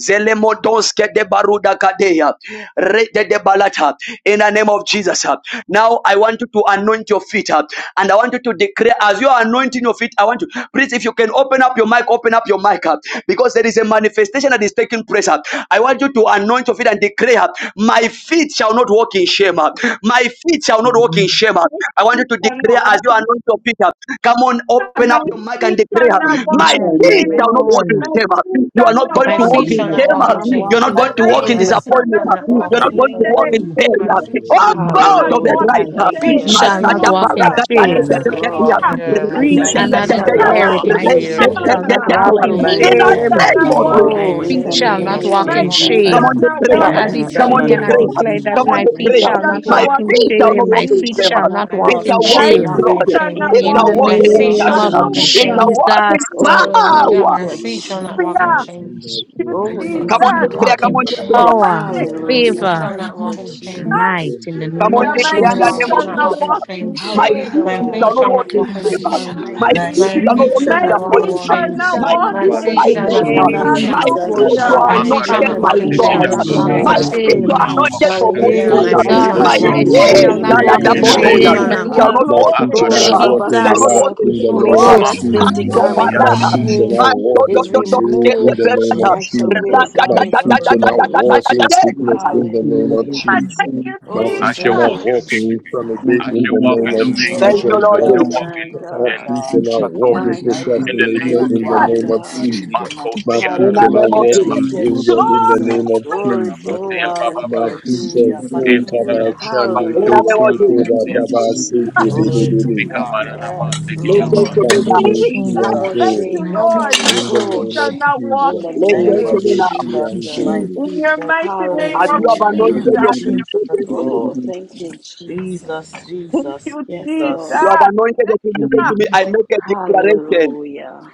A: Zelemotos de baruda kadeya. Rete de balata. In the name of Jesus. uh, Now I want you to anoint your feet up. And I want you to declare as you are anointing your feet. I want you, please, if you can open up your mic, open up your mic up. Because there is a manifestation that is taking place up. I want you to anoint your feet and declare, uh, My feet shall not walk in shame. uh, My feet shall not walk in
J: Amen.
A: shame. uh." I want you to declare as you anoint your feet up. Come on, open
H: My
A: up your mic and
H: feet are
A: declare,
J: My
H: not
A: my
J: teacher,
H: walking
J: I
N: Amen,
J: love
A: he
J: you,
A: shall
H: shame.
J: I
A: not
J: thank
A: walk in
N: amen.
H: My
J: you.
A: shame.
H: feet
A: You are
H: are
J: My
A: not
H: not
J: teacher,
A: going to
N: My
J: I love
A: walk
I: feet
H: walking
A: in
N: feet
I: shall
J: you,
I: not
J: I
A: shame.
J: thank
N: shall
I: walk in
N: not
J: you.
H: shame.
I: shame.
A: You're
N: walk
A: not
N: in
A: going to
H: My
A: walk in
N: shame.
I: My
H: feet are
I: seed
A: disappointment.
I: shall
H: not
I: not walk
A: You're
F: My
A: not
H: walking
I: in
A: going to walk
I: vain.
A: in
H: shame.
N: Amen.
H: My
I: My
A: failure.
H: feet
I: seed shall
A: Oh
I: not
J: My
I: walk
H: are
I: in
A: God
J: teacher,
H: not
A: of
J: I
I: vain.
A: the
J: love you, I
B: Hallelujah.
N: My
A: right.
H: walking
I: My
A: In
B: Thank
J: thank
I: seed
N: feet
H: shame.
B: you,
I: shall
A: the
L: I
J: you.
N: shall
I: not
L: see,
N: not
I: walk in
N: walk in
B: Jesus.
H: Hallelujah.
I: vain.
F: feet
N: shame.
B: Yes,
F: shall
I: My
F: not
I: seed
F: walk
B: Lord.
I: shall
N: I
I: not
H: Come
P: Yeah,
I: walk
P: my
B: My
F: in,
I: in
N: decree
F: my
J: Teacher,
P: feet
J: I
I: vain.
N: and
B: feet
P: shall
N: I
F: feet
J: love
P: not
B: shall
F: shall
J: you,
B: not
F: not
I: My
N: declare it.
P: walk
F: walk in
H: on,
B: walk
F: shame.
P: in
I: seed
N: My
B: in
I: shall not
N: feet
P: fear.
H: come
I: walk
H: on,
B: shame.
I: in
N: shall
H: come
N: not
H: on.
I: vain.
O: Thank
N: walk in
H: My
I: My
F: My feet shall not walk. My
B: Hallelujah.
F: feet
H: feet
N: shame.
H: are
P: Amen.
F: shall
A: name
H: not
A: of
F: not
A: Jesus.
F: walk
H: walking
N: My
P: Amen.
B: Oh,
F: in
I: seed
P: In
B: in
P: the
N: feet
I: shall
B: the
H: shame.
N: shall
F: shame.
P: name
N: not
P: of
B: name
N: walk
B: of
I: not
H: My
N: in
I: walk in
P: Jesus.
H: feet
B: Jesus.
F: My,
A: Come
N: shame.
H: are
I: vain.
A: on the
H: not
J: I
F: my
A: prayer.
I: My
N: I
J: love
H: walking
P: Name
F: feet
J: you, I
I: feet
B: Yes,
P: of
I: shall
A: Come
F: shall
A: on
I: not
H: shame.
N: decree
F: not
J: love
A: the
N: and
I: walk
B: Lord.
N: I
P: Jesus.
I: in
F: walk
A: prayer.
F: in
N: declare
I: vain.
J: you,
H: Hallelujah.
N: that
A: Come
J: I
A: on
F: shame.
J: love
N: my
H: My
A: the
J: you.
B: My
N: feet
A: prayer.
H: feet
I: My
N: shall
H: are
B: feet,
N: not
I: feet
A: My
H: not
I: shall
B: my
N: walk
I: not
N: in
A: feet
I: walk
H: walking
B: feet,
I: in
A: shall
I: vain.
B: my
H: shame.
N: shame.
A: not
N: My
A: walk in
B: feet
N: feet
A: shame.
B: shall
N: shall not
B: not
I: My
N: walk
A: It
F: My
B: walk
I: feet
N: in
A: shall
B: in
I: shall
F: feet
A: walk
H: My
I: not
A: in
F: shall
B: shame.
N: shame.
I: walk
F: not.
I: in
H: feet
I: vain. My feet shall not walk in
A: glory.
H: are
I: shame.
O: you.
H: not
B: In
A: It
B: the
N: In
A: shall
N: the
H: walking
A: walk
I: My
A: in
B: name
I: feet
J: Teacher,
B: of
H: shame.
N: name
I: shall not
N: of
J: I
I: walk
J: love
A: authority.
I: in
J: you,
A: It
J: I
H: Hallelujah.
A: shall
J: thank
I: shame.
B: Jesus.
N: Jesus,
J: you.
A: walk
N: I
A: in
B: Oh,
A: power.
B: thank
I: Hallelujah. My
B: you,
I: feet shall not walk in
H: Yeah.
B: Jesus.
I: shame.
H: Thank you,
L: I
I: In
B: Oh,
I: the name
L: see
B: yes,
A: Come
I: of
A: on,
N: shall
H: Jesus.
A: this
L: God
A: prayer.
B: Lord.
N: walk
I: Jesus.
A: Come
N: in
L: walking
A: on, this
L: chair.
H: Glory,
A: prayer.
N: power and
H: hallelujah.
L: I
I: My
B: Hallelujah.
L: see
I: feet
N: favor
I: shall
L: God
B: Thank
I: not walk
B: you,
I: in
L: walking
I: shame.
N: and
L: chair.
B: Jesus.
N: might. In the
A: Come
I: My
N: name
A: on,
N: of
A: this
B: Yes,
I: feet
H: My
A: prayer
I: are
L: I
A: in the
H: feet
N: Jesus.
L: see
A: name
I: walk,
L: God
A: of
H: shall
I: not
B: Lord.
H: not
A: Jesus.
I: walking
H: walk
L: walking
H: in
I: shame.
B: How
A: My
B: great
L: chair.
H: shame.
B: thou
A: feet
I: My
A: shall
I: feet
B: art!
A: not
B: My
I: shall
A: walk
I: not
A: in
I: walk
B: feet,
L: I
B: my
I: in
A: shame.
L: see
B: feet,
I: shame.
L: God
B: my
A: My
L: walking
F: My
A: feet
B: feet
I: My
A: shall
L: chair.
A: not
I: feet
F: feet
A: walk
I: shall
A: in
F: shall
H: My
I: not
B: shall
F: not
N: My
I: walk
B: not
I: in
H: feet
A: disappointment.
F: walk
B: walk
F: in
H: shall
B: in
N: feet
I: shame.
H: not
A: My
F: shame.
N: shall
H: walk
B: shame.
N: not
I: My
A: feet,
H: in
C: Basi
N: walk
I: feet
A: my
J: Teacher,
N: in
B: Shame
I: shall
J: I
C: amai.
A: feet,
B: is
I: not
F: My
H: shame.
I: walk
J: love
L: I
I: in
J: you,
B: not
L: see
J: I
N: shame,
F: feet
A: my
B: my
I: shame.
J: thank
L: God
F: shall
O: My
J: you.
L: walking
A: feet
F: not
A: you
H: Hallelujah.
L: chair.
B: portion.
O: future
F: walk
N: and
A: are
I: My
N: my
F: in
O: I
A: not
I: feet shall
O: work
B: In
A: yet
B: the
I: not
N: family
A: by
I: walk
F: shame.
I: in
C: Makadadabasi
N: feet
J: and
B: name
O: machine
I: shame
A: God.
N: shall
B: of
F: Praise
I: for
O: in
I: the
N: not
C: kidaba.
O: the
N: walk
I: glory
J: concerning
I: of
J: the
N: in
F: God,
A: My
O: name
B: Jesus,
O: of
I: God.
B: I
C: I
A: feet you
C: will
N: shame.
A: are
C: not
A: not
J: Israel,
O: Jesus.
B: denounce
C: walk
A: yet
C: in
A: for
O: My
A: good
B: shame.
C: shame.
N: Eh,
I: Hallelujah.
C: I
A: news.
F: my
H: My
I: My
O: future
B: I
J: and
I: feet
O: I
F: feet
H: feet
C: will
I: shall
C: not
A: My
F: shall
O: walk
H: shall
I: not
N: God,
F: not
O: in
I: walk
C: tread
N: my
H: not
B: reject
I: in
O: this
J: concerning
F: walk
C: away.
N: feet
J: the
H: walk
A: feet
N: shall
O: grace
F: in
I: shame.
H: in
B: shame.
J: Israel,
N: not
A: shall
O: in the
A: not
F: shame.
J: and
N: walk in
C: In
I: My
H: shame.
O: name
A: double
C: the
J: concerning
O: of
J: the
F: Glory
C: name
I: feet
A: toil.
F: to
N: shame.
I: shall
O: Jesus.
I: not.
A: Shall
F: God.
H: Hallelujah.
B: Hallelujah.
A: not walk
C: of
A: in
O: Nothing
H: Glory.
O: shall
B: Oh,
O: I
L: I see God walking chair. I see God walking chair. I see God walking chair. I see
O: walk
L: God
A: shame.
L: walking
C: Akadadabasi
L: chair.
A: Shall
O: in
A: not
N: Jesus,
O: lack
C: amai.
A: walk
B: Rababasora.
A: in
O: in the
A: sorrow.
N: Holy
L: I
O: name
B: Oh,
O: of
B: that
N: Ghost.
L: see
H: Glory.
A: Man,
B: filthy
O: Jesus.
A: no
F: Glory
C: Makusi
B: garment of
F: to
H: Hallelujah.
A: baraka.
C: amai.
L: God walking chair.
O: Nothing
F: God.
O: shall
F: Glory
O: I
B: shame
A: Man, no,
O: walk
A: no,
O: in
B: is
A: no, no.
O: delay
A: Get
O: in
A: the
B: removed.
O: the
F: to
O: name
F: God.
A: baraka.
O: of
F: Glory
B: I
F: to
B: shall wear the
O: Jesus. My
B: garment of
F: God.
O: feet
F: Glory
O: shall not
B: praise.
O: walk in sickness
F: to
O: in the
J: Israel, and concerning
O: name
J: the Israel,
O: of
B: Hallelujah.
H: I
O: Jesus.
H: thank you,
O: My
B: Oh,
C: I
O: feet shall
C: shall
B: thank
H: Jesus.
O: not
C: walk
B: you,
C: in
O: walk
C: victory.
O: in
B: Jesus.
J: and
O: infirmity
C: I
O: in
J: concerning
C: shall
O: the
J: the Israel, and
C: walk in
O: name
B: Yes,
O: of
C: dominion.
A: Thank
F: God.
A: you,
O: Jesus.
B: Lord.
C: I
A: Lord
O: God.
C: shall
A: Jesus.
C: walk in,
B: My
F: Glory
O: My
F: to
C: in
B: God.
O: feet shall
L: I
F: God.
L: see
O: not
L: God
O: walk
J: concerning
C: authority.
O: in
B: My
L: walking
F: My
L: chair.
C: In
B: God.
F: feet
C: the
F: shall
C: name
O: procrastination
F: not
O: in the
F: walk
H: Jesus.
B: My
O: name
F: in
O: of
B: God.
L: Future
F: shame.
L: not
F: The
O: Jesus.
L: walk in
F: mighty
O: My
L: shame.
F: name
O: feet
A: In
F: of
A: the
O: shall not
A: name
B: Hallelujah.
A: of
O: walk
A: Jesus.
O: in
B: Thank you,
O: danger in the
H: Glory.
O: name
B: Jesus.
O: of
F: Glory to
O: Jesus.
B: Oh,
F: God.
B: thank you,
L: My
O: Mapito
F: Hallelujah.
B: Jesus.
F: Hallelujah.
O: ukabachande
A: In the
H: Hallelujah.
A: name
B: Hallelujah.
A: of
O: kusuko
A: Jesus.
B: Thank you,
L: future not
O: batabaseke
B: Jesus.
F: Glory to
O: dededede.
F: God.
B: Yes,
A: Listen to
B: Lord.
A: me
L: walk
A: now.
L: in
O: Ikamboboshi
L: shame.
B: No
H: Jesus.
B: more
H: Thank
F: Jesus.
O: antore.
H: you,
B: shame. No more
H: Lord. My
O: In the
H: feet
B: reproach.
O: name
H: shall
O: of
H: not walk
B: In
O: Jesus.
B: the
H: in
L: My
F: Thank
A: Listen
B: name
A: to
F: you,
B: of
H: shame.
A: me
L: future
A: now.
L: not
O: Koraboshi
L: walk
F: Jesus.
L: in
B: Jesus.
L: shame.
F: My
H: In
O: antore.
H: your
F: teacher.
H: mighty
L: My
F: Lord.
H: name
A: As
H: of
A: you
L: future
A: have
B: Hallelujah.
L: not
F: Jesus.
L: walk
A: anointed
L: in
H: Jesus.
A: your people,
J: Amen.
L: shame.
A: listen to me.
B: Oh, thank you, Jesus.
F: Jesus.
H: Thank
F: Jesus.
H: you,
B: Yes,
H: Jesus.
A: You
B: Lord.
F: Jesus.
A: have anointed your people, listen to
H: Hallelujah.
A: me. I make a declaration.
B: Hallelujah.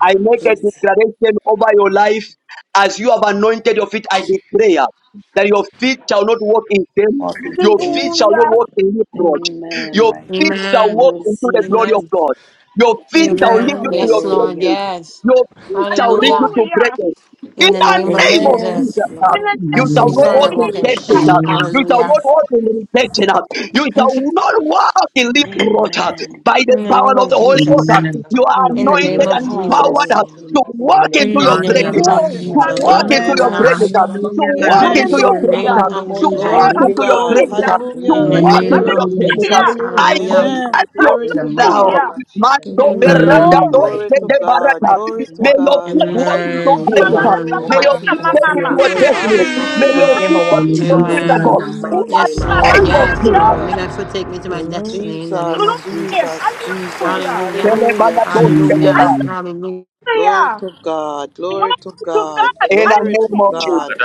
A: I make a
B: Bless
A: declaration over your life as you have anointed your feet. I declare that your feet shall not walk in shame.
F: Walking
A: Your feet
F: shame.
A: shall not walk in reproach. Your
B: Amen.
F: Right.
A: feet shall
B: I
I: Amen.
A: walk into the
B: receive it.
A: glory of
I: Amen.
A: God. Your feet shall
F: Amen.
A: lead you
I: Amen.
A: to your
I: Yes, Lord.
A: greatness.
B: Hallelujah.
I: Yes.
A: Your feet shall lead you
I: Hallelujah.
A: to
H: Hallelujah.
A: greatness. In
I: In the
A: the
I: name of
A: name of
B: Yes,
E: Amen.
I: Jesus.
A: Jesus,
H: In
A: uh,
B: Lord.
H: the
A: you
I: My
A: shall
I: feet
A: not
I: shall
A: walk
I: not
E: Amen.
H: name
A: in
I: walk
B: Thank
H: of
I: in
B: you,
A: shame.
H: Jesus.
A: uh,
I: shame.
A: You shall
I: Hallelujah.
A: not
E: Amen.
B: Jesus.
A: walk in rejection. uh, You
I: In
A: shall not walk in reproach uh,
B: Amen.
A: by the
I: the
A: power
I: name
A: of
I: of
A: the Holy Ghost.
I: Jesus.
J: Amen.
A: You are
M: Allora,
I: In the name
A: anointed and
M: buongiorno,
I: of
M: Sandra,
H: Oh,
A: empowered
I: Jesus.
A: uh,
M: perché tu non mi
B: Hallelujah.
A: to
M: stai
A: walk
M: sentendo?
A: into
I: In the
A: your
M: E
E: Amen.
M: non
I: name
A: greatness, uh,
M: mai
I: of
M: che
H: glory.
M: mi
J: Hallelujah.
A: to
I: Jesus.
M: mangi,
A: walk
L: Thank you,
A: into
F: Amen.
A: your
H: Hallelujah.
M: ma
I: Hallelujah.
A: greatness,
L: Jesus,
A: uh, to
J: Hallelujah.
A: walk
M: stai
A: into
F: Amen.
I: In
A: your
E: Amen.
I: the
A: greatness,
I: name
H: Hallelujah.
A: uh,
M: Rabandi
I: of
A: to
M: bonda, e
I: Jesus.
F: Glory
A: walk
M: mi
F: to
A: into
E: Amen.
M: vede
A: your
M: che
F: God.
M: tu non
A: greatness, uh,
H: Hallelujah.
M: mi che
A: to
M: non
I: In
M: mi
F: Hallelujah.
I: the
M: stai
A: walk
I: name
A: into
M: sentendo.
A: your
I: of
J: Hallelujah.
A: greatness.
M: In
A: uh.
H: Hallelujah.
M: the
I: Jesus.
M: name
A: I
M: of
I: Hallelujah.
M: Jesus,
F: Amen.
A: command your
F: Glory
M: in the
A: feet
F: to
M: mighty
A: now.
F: God.
M: name
H: Hallelujah.
M: of Jesus, you
A: Mando
M: make it
E: Amen.
M: to my,
A: berada
I: Amen.
A: do
H: Glory.
M: my
J: Hallelujah.
F: Glory to
A: de
M: feet,
F: God.
M: my
A: barata.
M: feet
F: Glory to
A: May
M: walk in
A: your
F: God.
A: feet
H: Ay,
M: power,
H: ay,
A: walk
M: uh,
A: into
F: Hallelujah.
I: Amen.
H: Mama,
A: greatness.
M: favor,
A: uh.
H: mama,
I: Amen.
M: or
A: May
M: my
A: your
F: Hallelujah.
M: feet
E: In the
M: will
A: feet
H: mama,
M: walk
A: take
M: in
A: you
E: name
M: the
A: to
H: mama,
E: of
A: your
M: anointing.
E: Jesus.
A: destiny.
M: My
A: May
M: feet will
A: your
F: Hallelujah.
M: never
A: feet take
M: walk
A: you
M: in
A: to your
M: shame.
L: Jesus,
F: Jesus,
J: Hallelujah.
M: In
A: miracle.
M: the
I: Amen.
L: I'm
M: mighty
F: Jesus,
I: Yes,
M: name of
H: mama,
I: Lord.
A: In the name
M: Jesus.
A: of
F: Jesus,
I: Yes,
H: ay,
A: Jesus.
I: Lord. May
F: Jesus,
I: God take me to my
E: Amen.
I: destiny in the name
F: Jesus,
I: of
H: glory. Hallelujah.
I: Jesus.
F: Jesus, Jesus.
H: Hallelujah.
I: Hallelujah.
F: Hallelujah,
I: Hallelujah.
F: Jesus.
I: Hallelujah.
F: Glory to God, glory
H: Glory
F: to
H: to
F: God,
H: God.
A: In the
F: glory to
A: name of
H: Hallelujah.
A: Jesus.
F: God.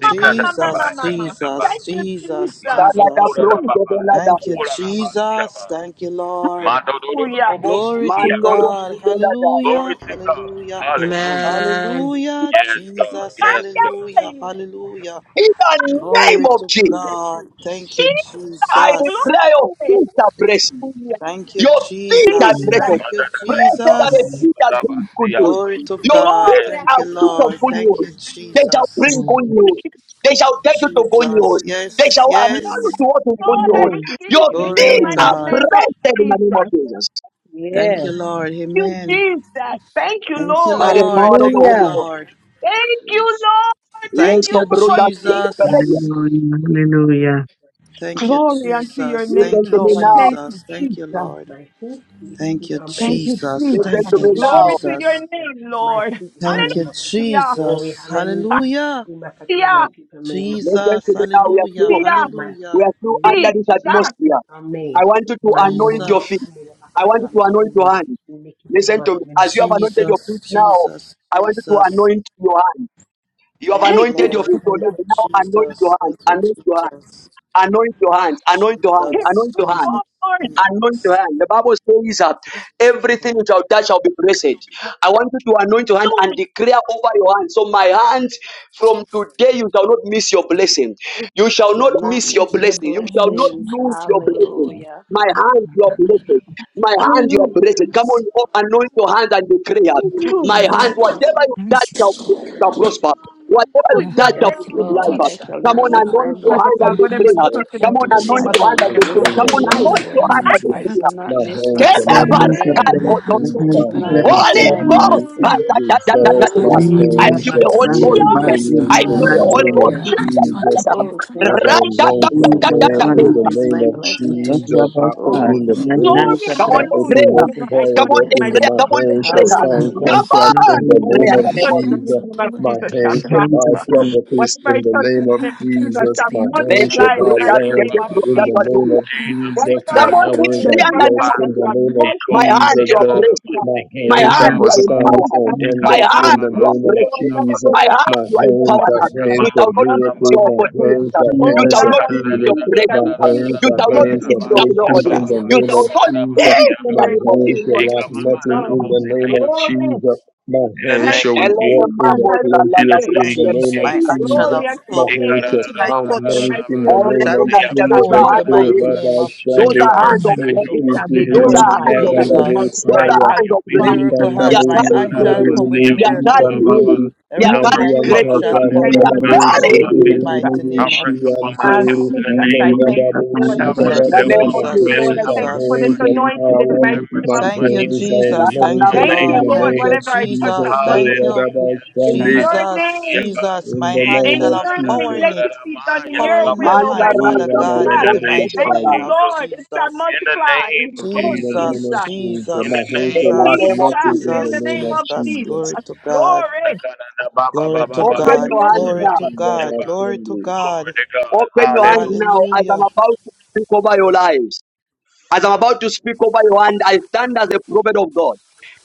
F: Jesus, Jesus,
H: Thank you,
F: Jesus,
H: Jesus.
A: Talaga
F: Jesus.
A: broske de la
F: Thank you,
A: daya.
F: Jesus. Thank you, Lord.
H: Hallelujah.
F: Glory to
A: Mando
F: God.
A: roski de la daya.
F: Hallelujah,
C: Glory to God.
F: hallelujah.
C: Hallelujah.
I: Amen.
F: Hallelujah,
H: Glory.
C: Yes, God.
F: Jesus,
C: Yes,
F: hallelujah, hallelujah.
A: In the name
F: Glory
A: of
F: to
A: Jesus,
F: God. Thank you,
H: Jesus.
A: I
F: Jesus.
A: declare your
H: Glory.
A: feet are blessed.
H: Hallelujah.
F: Thank you,
A: Your feet are
F: Jesus.
H: Jesus.
A: blessed.
F: Thank you,
A: Blessed are the
F: Jesus.
J: Hallelujah.
A: feet that
C: God.
A: bring good
C: Yes,
A: news.
F: Glory to
A: Your
F: God.
A: feet
H: Glory.
F: Thank
A: are
F: you,
A: feet of
F: Lord.
A: good
H: Hallelujah.
F: Thank
A: news.
F: you,
A: They shall bring
F: Jesus.
A: good
O: Amen.
H: Thank
A: news.
H: you,
A: They shall take you to good
F: Jesus.
A: news. They
F: Yes,
A: shall allow you
F: yes.
O: Amen.
A: to walk in good
H: Lord, I
A: news.
N: Amen.
A: Your
H: receive this
F: Glory
H: in the
F: to
A: feet
N: Amen.
A: are
H: mighty
F: God.
H: name of
A: blessed in the
H: Jesus.
A: name of
H: Thank
A: Jesus.
F: Thank you,
N: Yes.
O: Amen.
F: Lord.
H: you,
F: Amen.
H: Jesus. Thank you,
F: Thank you,
A: By
H: Lord.
A: the power
F: Lord.
A: of the
F: Thank you,
A: Holy
N: Hallelujah.
A: Ghost.
F: Lord.
H: Thank you,
O: Amen.
H: Lord. Thank
A: Let's
F: Thank
H: you,
A: go,
F: you,
H: Lord
A: brother.
H: Jesus.
F: Jesus.
J: Hallelujah. Hallelujah.
F: Thank you,
H: Glory unto your
F: Jesus.
H: name,
A: Listen
F: Thank
A: to
F: you,
A: me
H: Lord.
A: now.
H: Thank you,
F: Jesus. Thank you,
H: Jesus.
F: Lord.
M: My feet, these
F: Thank
M: feet
F: you,
M: are
H: Thank
M: made.
H: you,
F: Jesus.
A: Listen
F: Thank
H: Jesus.
A: to me
F: you,
M: Masikara
H: Glory
A: now.
H: to
M: makutumi
F: Jesus.
H: your
M: masa-
H: name,
M: My
H: Lord.
M: feet, mani
F: Thank you,
M: makatuna, my
H: Hallelujah.
M: glory,
F: Jesus.
H: Hallelujah.
M: hallelujah.
F: Hallelujah.
M: Imakatuna, My feet are made, mighty God,
A: Listen to
F: Jesus.
M: and uh,
A: me now. We are
F: Hallelujah.
A: still,
M: for
H: Hallelujah.
M: mighty
A: we
F: Hallelujah.
M: God,
A: are
M: for
A: still under this
M: messages, my
H: Jesus.
M: feet
A: atmosphere.
M: are made.
A: I want you to
M: Mani
A: anoint your
M: murumo
A: feet.
F: Jesus.
M: sandile
A: I want you
M: makatara
A: to anoint your
M: masuno,
A: hand.
M: nikitulu
A: Listen to me.
M: masmina.
A: As you have anointed your
F: Jesus.
A: feet now,
F: Jesus.
A: I want you to
F: Jesus.
A: anoint your hand. You have
F: Thank you,
H: Thank you,
A: anointed your
F: Lord.
A: feet
H: Jesus.
F: Thank
A: already.
H: Thank
F: you,
A: Now anoint your
F: Jesus.
A: hand.
F: Thank you,
A: Anoint your hand.
F: Jesus.
A: Anoint your hands. Anoint your hands.
H: you,
F: Jesus.
A: Anoint your
F: Jesus.
A: hands.
H: Lord.
F: Jesus.
A: Anoint your hand. The Bible says uh, everything which shall touch shall be blessed. I want you to anoint your hand and declare over your hand. So my hands from today you shall not miss your blessing. You shall not
B: Shall not
A: miss your
B: miss
L: not
B: your
A: blessing. You shall
L: being
A: not
L: shame.
B: blessings.
L: I'm
A: lose your blessing.
B: Hallelujah.
A: My hand, you are blessed. My hand, you are
H: Hallelujah.
A: blessed. Come on, oh, anoint your hand and declare. My
H: Hallelujah.
A: hand, whatever you touch
L: everything.
A: shall, shall prosper. Whatever you
L: My
H: Hallelujah.
A: touch
L: hands
A: shall
L: are
B: Yes,
H: Thank
L: to be
A: receive
H: you,
L: a
B: Lord.
A: life.
B: I
L: touch
H: Jesus.
B: shall
A: Come
L: helper.
B: not
A: on,
B: miss my
A: anoint your
H: Father
A: hand
L: My
A: and
H: God,
B: blessing.
H: whatever
L: hands
H: I
A: declare.
L: are to
O: Take
H: touch in
L: be
H: the
L: a
A: Come
O: my
A: on,
H: mighty
L: touch
O: hands
B: I
H: name
A: anoint
H: of
O: are
A: your
B: shall
A: hand and
B: not
H: Jesus
A: the
L: helper.
O: blessed
H: will
A: prayer.
B: miss
O: in the
H: give
A: Come on,
B: my
O: name
H: life.
L: My
A: anoint
O: of
A: your
L: hands
B: blessing.
A: hand
L: are
A: and
L: to
A: the
O: Jesus.
L: be a
B: I shall
A: prayer.
B: not
O: My
L: touch
B: miss
O: hands
B: my
O: shall
J: My
A: Kele
L: helper.
O: not
J: hands
O: miss
J: are
O: my
A: barakai
B: blessing.
J: blessed.
L: My
J: My
L: hands
O: blessings.
L: were
B: I
A: kototuko.
J: hands
O: My
L: deep
B: shall
J: are
L: by your
B: not
J: blessed.
O: hands
L: touch
B: miss
A: Holy
O: shall
J: In
B: my
L: shall
J: Jesus'
A: Ghost.
O: yield
L: prosper.
B: blessing.
J: name.
L: My
O: results.
B: In the
A: barakadadadadadada.
O: My
L: hands were
B: name
A: I
L: deep
B: of
J: Hallelujah.
L: by
O: hands
A: feel
L: your
O: shall
A: the Holy
L: touch
O: play
A: Ghost
B: Jesus.
L: shall
J: Bashan,
O: with
A: here.
H: Yes.
J: Basi.
L: prosper.
A: I
O: millions
A: feel
O: in
J: My
O: the
A: the
J: hands are
A: Holy
O: name
A: Ghost
O: of
J: blessed.
L: My
A: in
B: Hallelujah.
J: In
L: hands were deep
J: Jesus'
O: Jesus.
L: by
J: name.
L: your
B: Oh,
L: touch
A: here.
O: As
B: thank
O: I
L: shall
B: you,
O: launch
L: prosper.
O: my
J: Oh,
B: Jesus. I
J: Lord,
B: shall
O: hand
A: Radadadadadadada.
J: God,
O: in
J: we
B: not
O: the
J: give
B: miss
O: name
B: my
O: of
J: you
L: My hands
J: the
L: were
J: praise.
B: blessing.
L: deep by your
J: Hallelujah!
O: Jesus, I
L: touch shall
B: Oh,
O: open
J: Bashan.
O: the
J: My
B: thank
L: prosper.
B: you,
O: door.
J: hands
H: Glory,
J: are
A: Come
O: I
A: on, the
J: blessed. In
H: hallelujah.
O: open
B: Jesus.
A: prayer.
O: the
L: My
H: Whenever
J: Jesus'
H: I
L: hands
J: name.
A: Come
H: touch
A: on,
O: corridor
H: the
A: the
B: Yes,
L: were deep
O: in
H: mighty
L: by
O: the
A: prayer.
L: your
O: my
A: Come
B: Lord.
H: name of
A: on,
L: touch
A: the
L: shall
O: hand
H: Jesus
O: shall
A: prayer.
H: shall be
L: prosper.
O: stand
B: Hallelujah.
A: Come
O: contract
H: glorified.
A: on,
O: in
A: the
O: the
A: prayer
O: name
A: in
H: Whenever I
A: the
O: of
J: Hallelujah.
A: name
H: touch
A: of
H: the
A: Jesus.
O: Jesus.
L: Hands
H: mighty
L: were
H: name
L: deep
H: of
L: by
O: My
L: your
H: Jesus
L: touch
H: shall
J: My
O: hands
L: shall
O: shall
J: hands
O: buy
J: are
H: prosper.
L: prosper.
J: blessed.
O: properties
H: Whenever I
O: in the
H: touch
O: name
H: the
O: of
L: My
H: name of
L: hands
H: Jesus
L: were
O: Jesus.
L: deep
H: shall
L: by
O: My
L: your touch
A: Let
O: hands
L: shall
A: the
O: shall
H: multiply in
O: buy
H: the
L: prosper.
A: brothers
H: mighty
A: get
O: land
H: name
A: the
H: of
O: in
A: brothers
O: the
A: to
H: Jesus.
A: do
O: name
A: it.
O: of
L: My hands
O: Jesus.
L: were
H: Whenever
L: deep
O: My
L: by
A: Come
H: I
L: your
A: on,
H: touch
A: the
L: touch
H: in
O: hands
H: the
L: shall
O: are
A: prayer
H: name
A: in
H: of
A: the
L: prosper.
C: Jesus.
A: name
O: blessed
A: of
O: in
H: Jesus
A: Jesus.
O: the
H: shall
O: name
C: In
O: of
A: My
H: multiply in
A: hand
O: Jesus,
A: you
H: the
A: are
O: God.
H: mighty
A: blessed.
H: God.
O: My
A: My
J: My
O: hands are
A: hand you
H: Thank
O: for
J: hands
A: are
H: you,
J: are blessed.
O: signs
H: Jesus.
A: empowered.
O: and
J: My hands
A: My
J: are
O: wonders
H: I
J: blessed.
O: in
A: hand
H: thank
O: the
A: you are
H: you,
O: name of
H: Lord,
A: blessed.
H: whatever
O: Jesus.
A: My
H: I
A: hand
O: My
H: touch
A: you
H: in
A: are
H: the name
O: hands
H: of
A: empowered.
O: are
H: Jesus.
A: You
O: hands
A: shall
O: of
A: not miss your
O: miracles.
H: multiply.
O: My
A: opportunities.
O: hands are
J: Amen.
A: You
H: Oh
O: hands
A: shall
J: Amen.
O: of
H: God,
A: not
H: I
A: miss
O: healing.
A: your
H: receive it. I
O: My
A: blessings.
H: receive it
O: hands
A: You
H: in
O: are
H: the
A: shall not
H: mighty
O: hands
H: name
A: miss
O: of
H: of Jesus.
A: your
O: breakthrough
A: glory.
L: Shall
O: in
L: be
O: the
L: a
A: You
O: name
A: shall
O: of
L: blessing.
A: not
O: Jesus.
H: Receive it
A: miss in
H: in
A: the
O: My
H: your
C: the
A: name of
O: hands
A: Jesus.
H: name,
O: shall
H: Lord
O: lack
L: Thank
O: nothing
H: Jesus.
O: in the name of
H: Glory.
O: Jesus. My hands
H: Thank
C: name
O: shall
C: of
H: you,
A: Elena
O: walk
H: Jesus.
C: Jesus,
O: in the
H: I
A: Mamos, Allah,
C: in
H: receive
A: the
C: the
O: plenteous
L: you,
H: it.
A: Brother,
O: in
C: name
F: Thank
O: the
A: the
F: you.
C: of
O: name of
C: Jesus.
F: My
L: Jesus.
A: Brother,
F: angel
O: Jesus.
H: Glory
F: of
H: unto your
O: My
F: power.
C: Let
H: name.
C: your
O: hands
C: mercy,
O: shall
F: Everything
H: Anything I
F: I
O: count
H: touch in the
C: let
F: touch
O: money
H: mighty
O: in the
H: name of
C: your
O: name
F: shall
A: the
O: of
C: mercy
H: Jesus
A: Brother,
F: come
C: have
F: to
H: shall
F: goal
O: Jesus.
F: in
A: the
F: the
O: Oh,
A: Brother,
H: multiply.
F: mighty name
O: Rabbi
F: of
A: Those
O: Shandi,
A: are hands
F: Jesus.
A: of
H: It
A: greatness.
H: shall
C: mercy,
H: be
C: have
A: Those
O: Boshikiri,
A: are
C: mercy,
H: glorified.
A: hands
H: It
A: of
H: shall be
A: greatness.
C: have
F: Jesus.
A: Those
H: multiplied.
C: mercy
A: are
H: It
C: upon
O: Karababosaya,
H: shall
A: hands
H: be
C: your
A: of greatness.
C: people,
F: Miracle
C: Lord.
H: prospered.
A: They
F: hands.
A: are
C: Have
F: My
H: Thank
A: carrying
F: hand
O: Rikandabosu,
H: you,
F: shall
A: greatness.
F: come
H: Jesus.
C: mercy
F: with
O: Teribu,
A: They are
F: miracle.
A: carrying healing.
O: Shikantori,
A: They are
H: Thank
F: Everything
H: you,
F: I
A: carrying
H: Holy
C: upon
F: touch
C: my
O: Mandianta,
A: greatness.
F: shall
H: Spirit.
F: come
H: Thank
C: finances,
A: They
H: you
F: out
H: in
A: are
H: the
C: have
H: mighty
C: mercy upon
H: name
A: carrying
O: Karababosu,
F: gold
C: my
H: of
F: in the
A: healing.
C: business,
H: Jesus.
O: Teribu,
F: mighty
C: have
F: name of
C: mercy upon my
H: And
C: health
F: Jesus.
O: Shiantori,
C: in the
H: Jesus,
C: name
H: I
C: of
H: thank you,
C: Jesus.
O: Nairababu,
H: Lord. I
C: Have
H: thank
A: In The
C: mercy
F: Jesus,
H: you. I
A: name
C: upon
A: of
C: my
H: thank
O: Karababa,
H: you,
A: Jesus.
F: Jesus,
H: Lord.
C: family,
O: hands,
H: I
C: have
O: are
H: thank you
C: mercy
H: for
C: on
H: this
C: my
F: Jesus.
O: hands of
H: anointing
C: children,
H: in the
O: power.
C: have
H: mighty name
C: mercy
O: My
H: of
C: on my
F: Thank you,
C: nieces
H: Jesus.
O: hands
C: and
O: are
F: Jesus.
C: nephews in
F: Thank you,
C: the
O: anointed
H: Thank
O: in
C: name
H: you,
F: Lord.
O: the
C: of
A: Tananamastaya.
H: Lord.
F: Thank
O: name
F: you,
O: of
C: Jesus.
H: Whatever I touch, I
O: Jesus,
F: Jesus.
O: oh,
F: Thank
H: multiply.
F: you,
C: Hallelujah.
H: In
O: Radabashande,
H: your
F: Jesus,
H: name.
C: Yatikadadabasiyaba.
F: Jesus. My
O: in the
F: hand
O: name
H: in
F: shall
O: of
F: have
H: your name.
F: power in
H: Let
O: Jesus.
H: it
F: it.
H: be done in your
F: Power in my
H: will,
F: hand,
C: Ikunadadadabaradamaya-lalabusiaba.
H: Almighty
O: Oh,
F: Father
A: Mandarasa
H: Jesus.
F: God,
C: In
F: in
C: the
A: Prudo
F: the
C: name
F: mighty
C: of
H: Thank
A: Sedelaya.
H: you,
F: name
O: Radadadabashaya,
F: of
C: Jesus.
H: Lord. It shall
F: Jesus.
C: In the
H: multiply.
C: name of
H: Oh,
O: in the
C: Jesus.
O: name
F: Jesus,
O: of
H: Jesus.
O: Jesus.
C: In the
O: My
F: Jesus,
O: hands
A: In
C: name
O: shall
A: the
C: of
O: lack
A: name of
F: Jesus,
C: Jesus.
O: nothing
H: Jesus,
A: Jesus.
O: in
H: in
O: the
H: the
F: Jesus,
O: name
H: name
O: of
H: of
F: Jesus.
O: Jesus.
F: Glory
H: Jesus.
F: to God.
H: Glory.
F: Glory to
C: Takadadababababa.
A: Open
O: In
F: God.
A: your hands
F: Glory
H: Hallelujah.
A: now.
F: to God.
C: Shukuradamasiaba.
F: Glory to
O: Radabashande,
F: God.
C: Glory to God.
A: Open your hands
C: Hallelujah.
A: now as I'm
F: Hallelujah.
A: about to speak over your lives. As I'm about to speak over your hand, I stand as a prophet of God.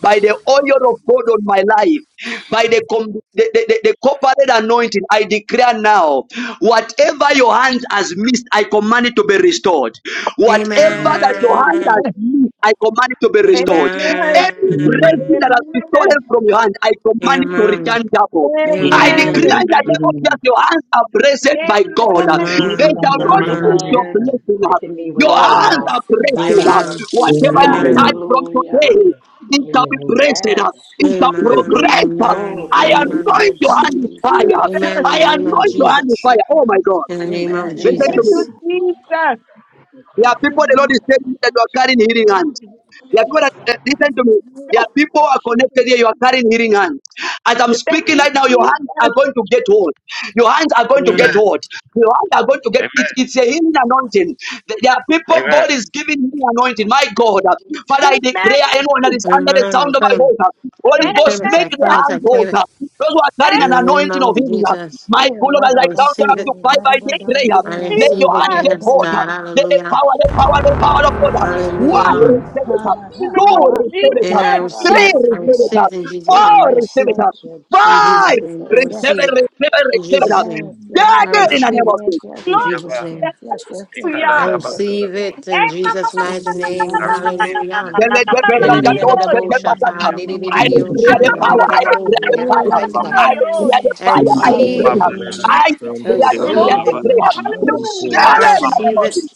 A: By the oil of God on my life, by the, com- the, the, the, the corporate anointing, I declare now whatever your hand has missed, I command it to be restored. Whatever that your
O: Amen,
K: Amen.
A: hand has
I: Amen.
H: Amen.
A: missed, I command it to be restored.
H: Amen.
A: Every
K: Mm.
I: Amen.
C: Amen.
O: amen,
A: blessing that has been stolen
K: And
A: from your hand,
K: there's
A: I command it to
I: Amen.
A: return
K: everything that
A: double.
K: I need.
A: I
I: Amen.
A: declare in
K: And
H: Amen.
A: the
K: there's everything that I need.
O: amen,
A: name of Jesus,
J: Amen.
A: your hands are
K: And there's everything
A: blessed
K: that
A: by
K: I need.
A: God.
M: Amen.
H: Amen.
J: Yes,
A: They
I: Amen.
K: And
O: amen,
A: shall
M: Whatever
K: progress. And there's
M: my
A: not
O: amen,
M: hand
J: Mama.
A: miss
M: are
I: Amen.
J: Yes,
A: your
M: made,
B: Amen.
A: blessing.
M: let them be with
A: Your
K: progress.
M: her
A: hands
B: Yes.
O: amen,
M: now.
A: are
K: And
M: By
A: blessed.
M: the
H: Thank
A: uh,
K: progress.
M: blood
I: Amen.
M: of
H: you,
M: Jesus, in
A: Whatever
M: the
J: Lord.
A: you
H: Jesus.
M: name of
I: Amen.
A: touch
M: Jesus,
A: from
M: let them be
B: Hallelujah.
M: with
A: today,
M: her.
A: it
M: In
A: shall
M: the
A: be
M: name of
A: blessed.
B: Yes.
A: uh,
M: Jesus.
A: It shall
I: Amen.
O: amen, amen.
H: Thank
A: progress. uh.
I: Amen.
B: Oh,
A: I
O: In the
B: thank
I: Amen.
A: anoint
B: you,
A: your
H: you,
A: hand with fire.
B: Jesus.
I: Amen.
H: Jesus.
I: In
K: And
I: the
A: I
I: name of
A: anoint
O: name
A: your
O: of
A: hand with
K: progress.
I: Jesus.
A: fire. Oh
O: Jesus,
A: my
K: And
A: God.
I: In the name
O: in
I: of
B: Amen.
O: the
K: progress.
A: Listen to
H: Thank
O: name
B: Amen.
A: me.
H: you,
K: There
I: Jesus.
K: are not
H: Jesus.
K: enough. If
A: There
K: you
A: are people
K: give
A: the
K: them
A: Lord
K: a
A: is telling me
K: hand,
A: that you are
K: it's
A: carrying
K: not
A: healing hands.
K: going to be a
A: There are people
K: spell.
A: that, uh, listen to me. There are people who are connected here. You are carrying healing hands. As I'm
H: Thank
A: speaking
H: you,
A: right now, your hands are
H: Jesus.
A: going to get hot. Your hands are going to get
C: Amen.
I: Amen.
A: hot. Your hands are going to get. It,
C: Amen.
A: it's a healing anointing. Th- There are people
C: Amen.
A: God is giving healing anointing. My God, uh, Father, I
H: Amen.
A: declare anyone that is under the
I: Amen.
A: sound
I: I
A: of my
I: claim.
A: voice, uh, Holy
I: I
A: Ghost,
I: claim it.
A: make
I: I
A: their
H: Amen.
I: claim it. I
A: hands
I: claim
A: hot.
I: it.
A: uh. Those who are carrying
H: Amen.
I: In
A: an
I: the name
A: anointing of
I: of
A: healing, uh,
I: Jesus.
B: Eh,
A: my God,
B: la
A: as
I: I
B: da
A: I
B: ba
A: count them
I: receive
A: up
B: so,
I: it.
A: to five,
B: la
A: I
B: da da
H: Thank
B: da
A: declare,
B: da da
H: you,
I: I
B: da da
A: let your
B: da
I: receive
B: da
I: it.
A: hand
B: da
H: Jesus.
A: get
B: da
I: Yes,
B: da
A: hot.
B: da
A: uh.
I: God.
B: da
A: Let the
I: Hallelujah.
A: power, the power, the power of God.
B: Hey
A: uh,
B: God,
A: one
B: hey
H: In
I: Hallelujah.
J: Amen.
B: God,
A: receive it.
B: la la
H: the name
B: la la
A: Two,
H: of
A: receive it
B: basura,
A: up.
I: And I
H: Jesus.
B: la la
I: receive
H: Lord,
A: Three,
I: it. I
A: receive it
B: basia.
I: receive
A: up.
I: it in Jesus'
B: Hey
I: name. I
A: Four,
B: God,
A: receive
I: receive
A: it
I: it
B: thank
A: up.
B: you,
I: in Jesus'
A: Five,
I: name. I
B: Jesus.
A: receive
B: Yes,
I: receive
A: it,
I: it
A: receive it,
I: in
A: receive it up.
I: Jesus' name.
B: yes, yes,
I: I
A: Take
B: yes,
O: of
A: it in
B: yes,
A: the
O: Jesus.
B: yes,
I: receive
A: name of
I: it
B: yes,
A: Jesus.
B: yes, yes,
I: in
H: Lord,
C: Dadabasiyaba.
I: Jesus'
B: yes,
I: name.
B: yes, yes, yes, yes,
L: Jesus, I
B: yes,
I: I
H: Hallelujah.
B: yes, yes,
L: receive.
B: yes,
I: receive
B: yes.
I: it in
H: Eh, ma, ma,
I: Jesus'
C: Ikadadabadadabosiaba.
H: ma,
I: mighty name.
C: I receive it in
O: in
C: the
I: Hallelujah.
H: ma, ma,
A: Then
O: the name of Jesus, in
H: ma,
O: the
A: let
C: name
O: name of
C: of
A: the
H: ma,
A: bread
H: ma,
I: di
H: ma,
C: Jesus.
A: that
I: di di
A: that
B: Amen. Amen.
H: yoni.
B: Amen.
A: the
B: Amen. Amen. Amen.
A: back
B: Amen.
I: shata di
B: Amen.
I: di di
A: I
I: di
B: Amen.
A: declare
H: Ah,
A: the
H: ma, ma,
A: power,
H: ma,
O: Jesus,
H: ma,
A: I
H: ma,
O: in
H: ma,
O: the
A: declare
O: name
A: the
O: of
H: ma, ma,
A: fire,
B: Amen.
H: ma,
I: Mighty
O: Jesus.
L: we
I: God.
H: ma,
A: I
L: are
B: Amen. Amen.
A: declare
H: yoni.
A: the
B: amen.
I: I
A: fire,
L: receiving
A: I
O: Yes,
A: declare,
I: receive,
O: yes,
J: Amen.
B: Hallelujah.
A: I
I: I
O: yes.
L: preventive
A: declare, declare,
B: Oh,
I: receive
H: Glory.
I: it.
B: thank
A: declare.
B: you,
A: Receive it
H: Hallelujah.
I: I
A: in the
B: Jesus.
A: name
I: receive
A: of Jesus.
I: it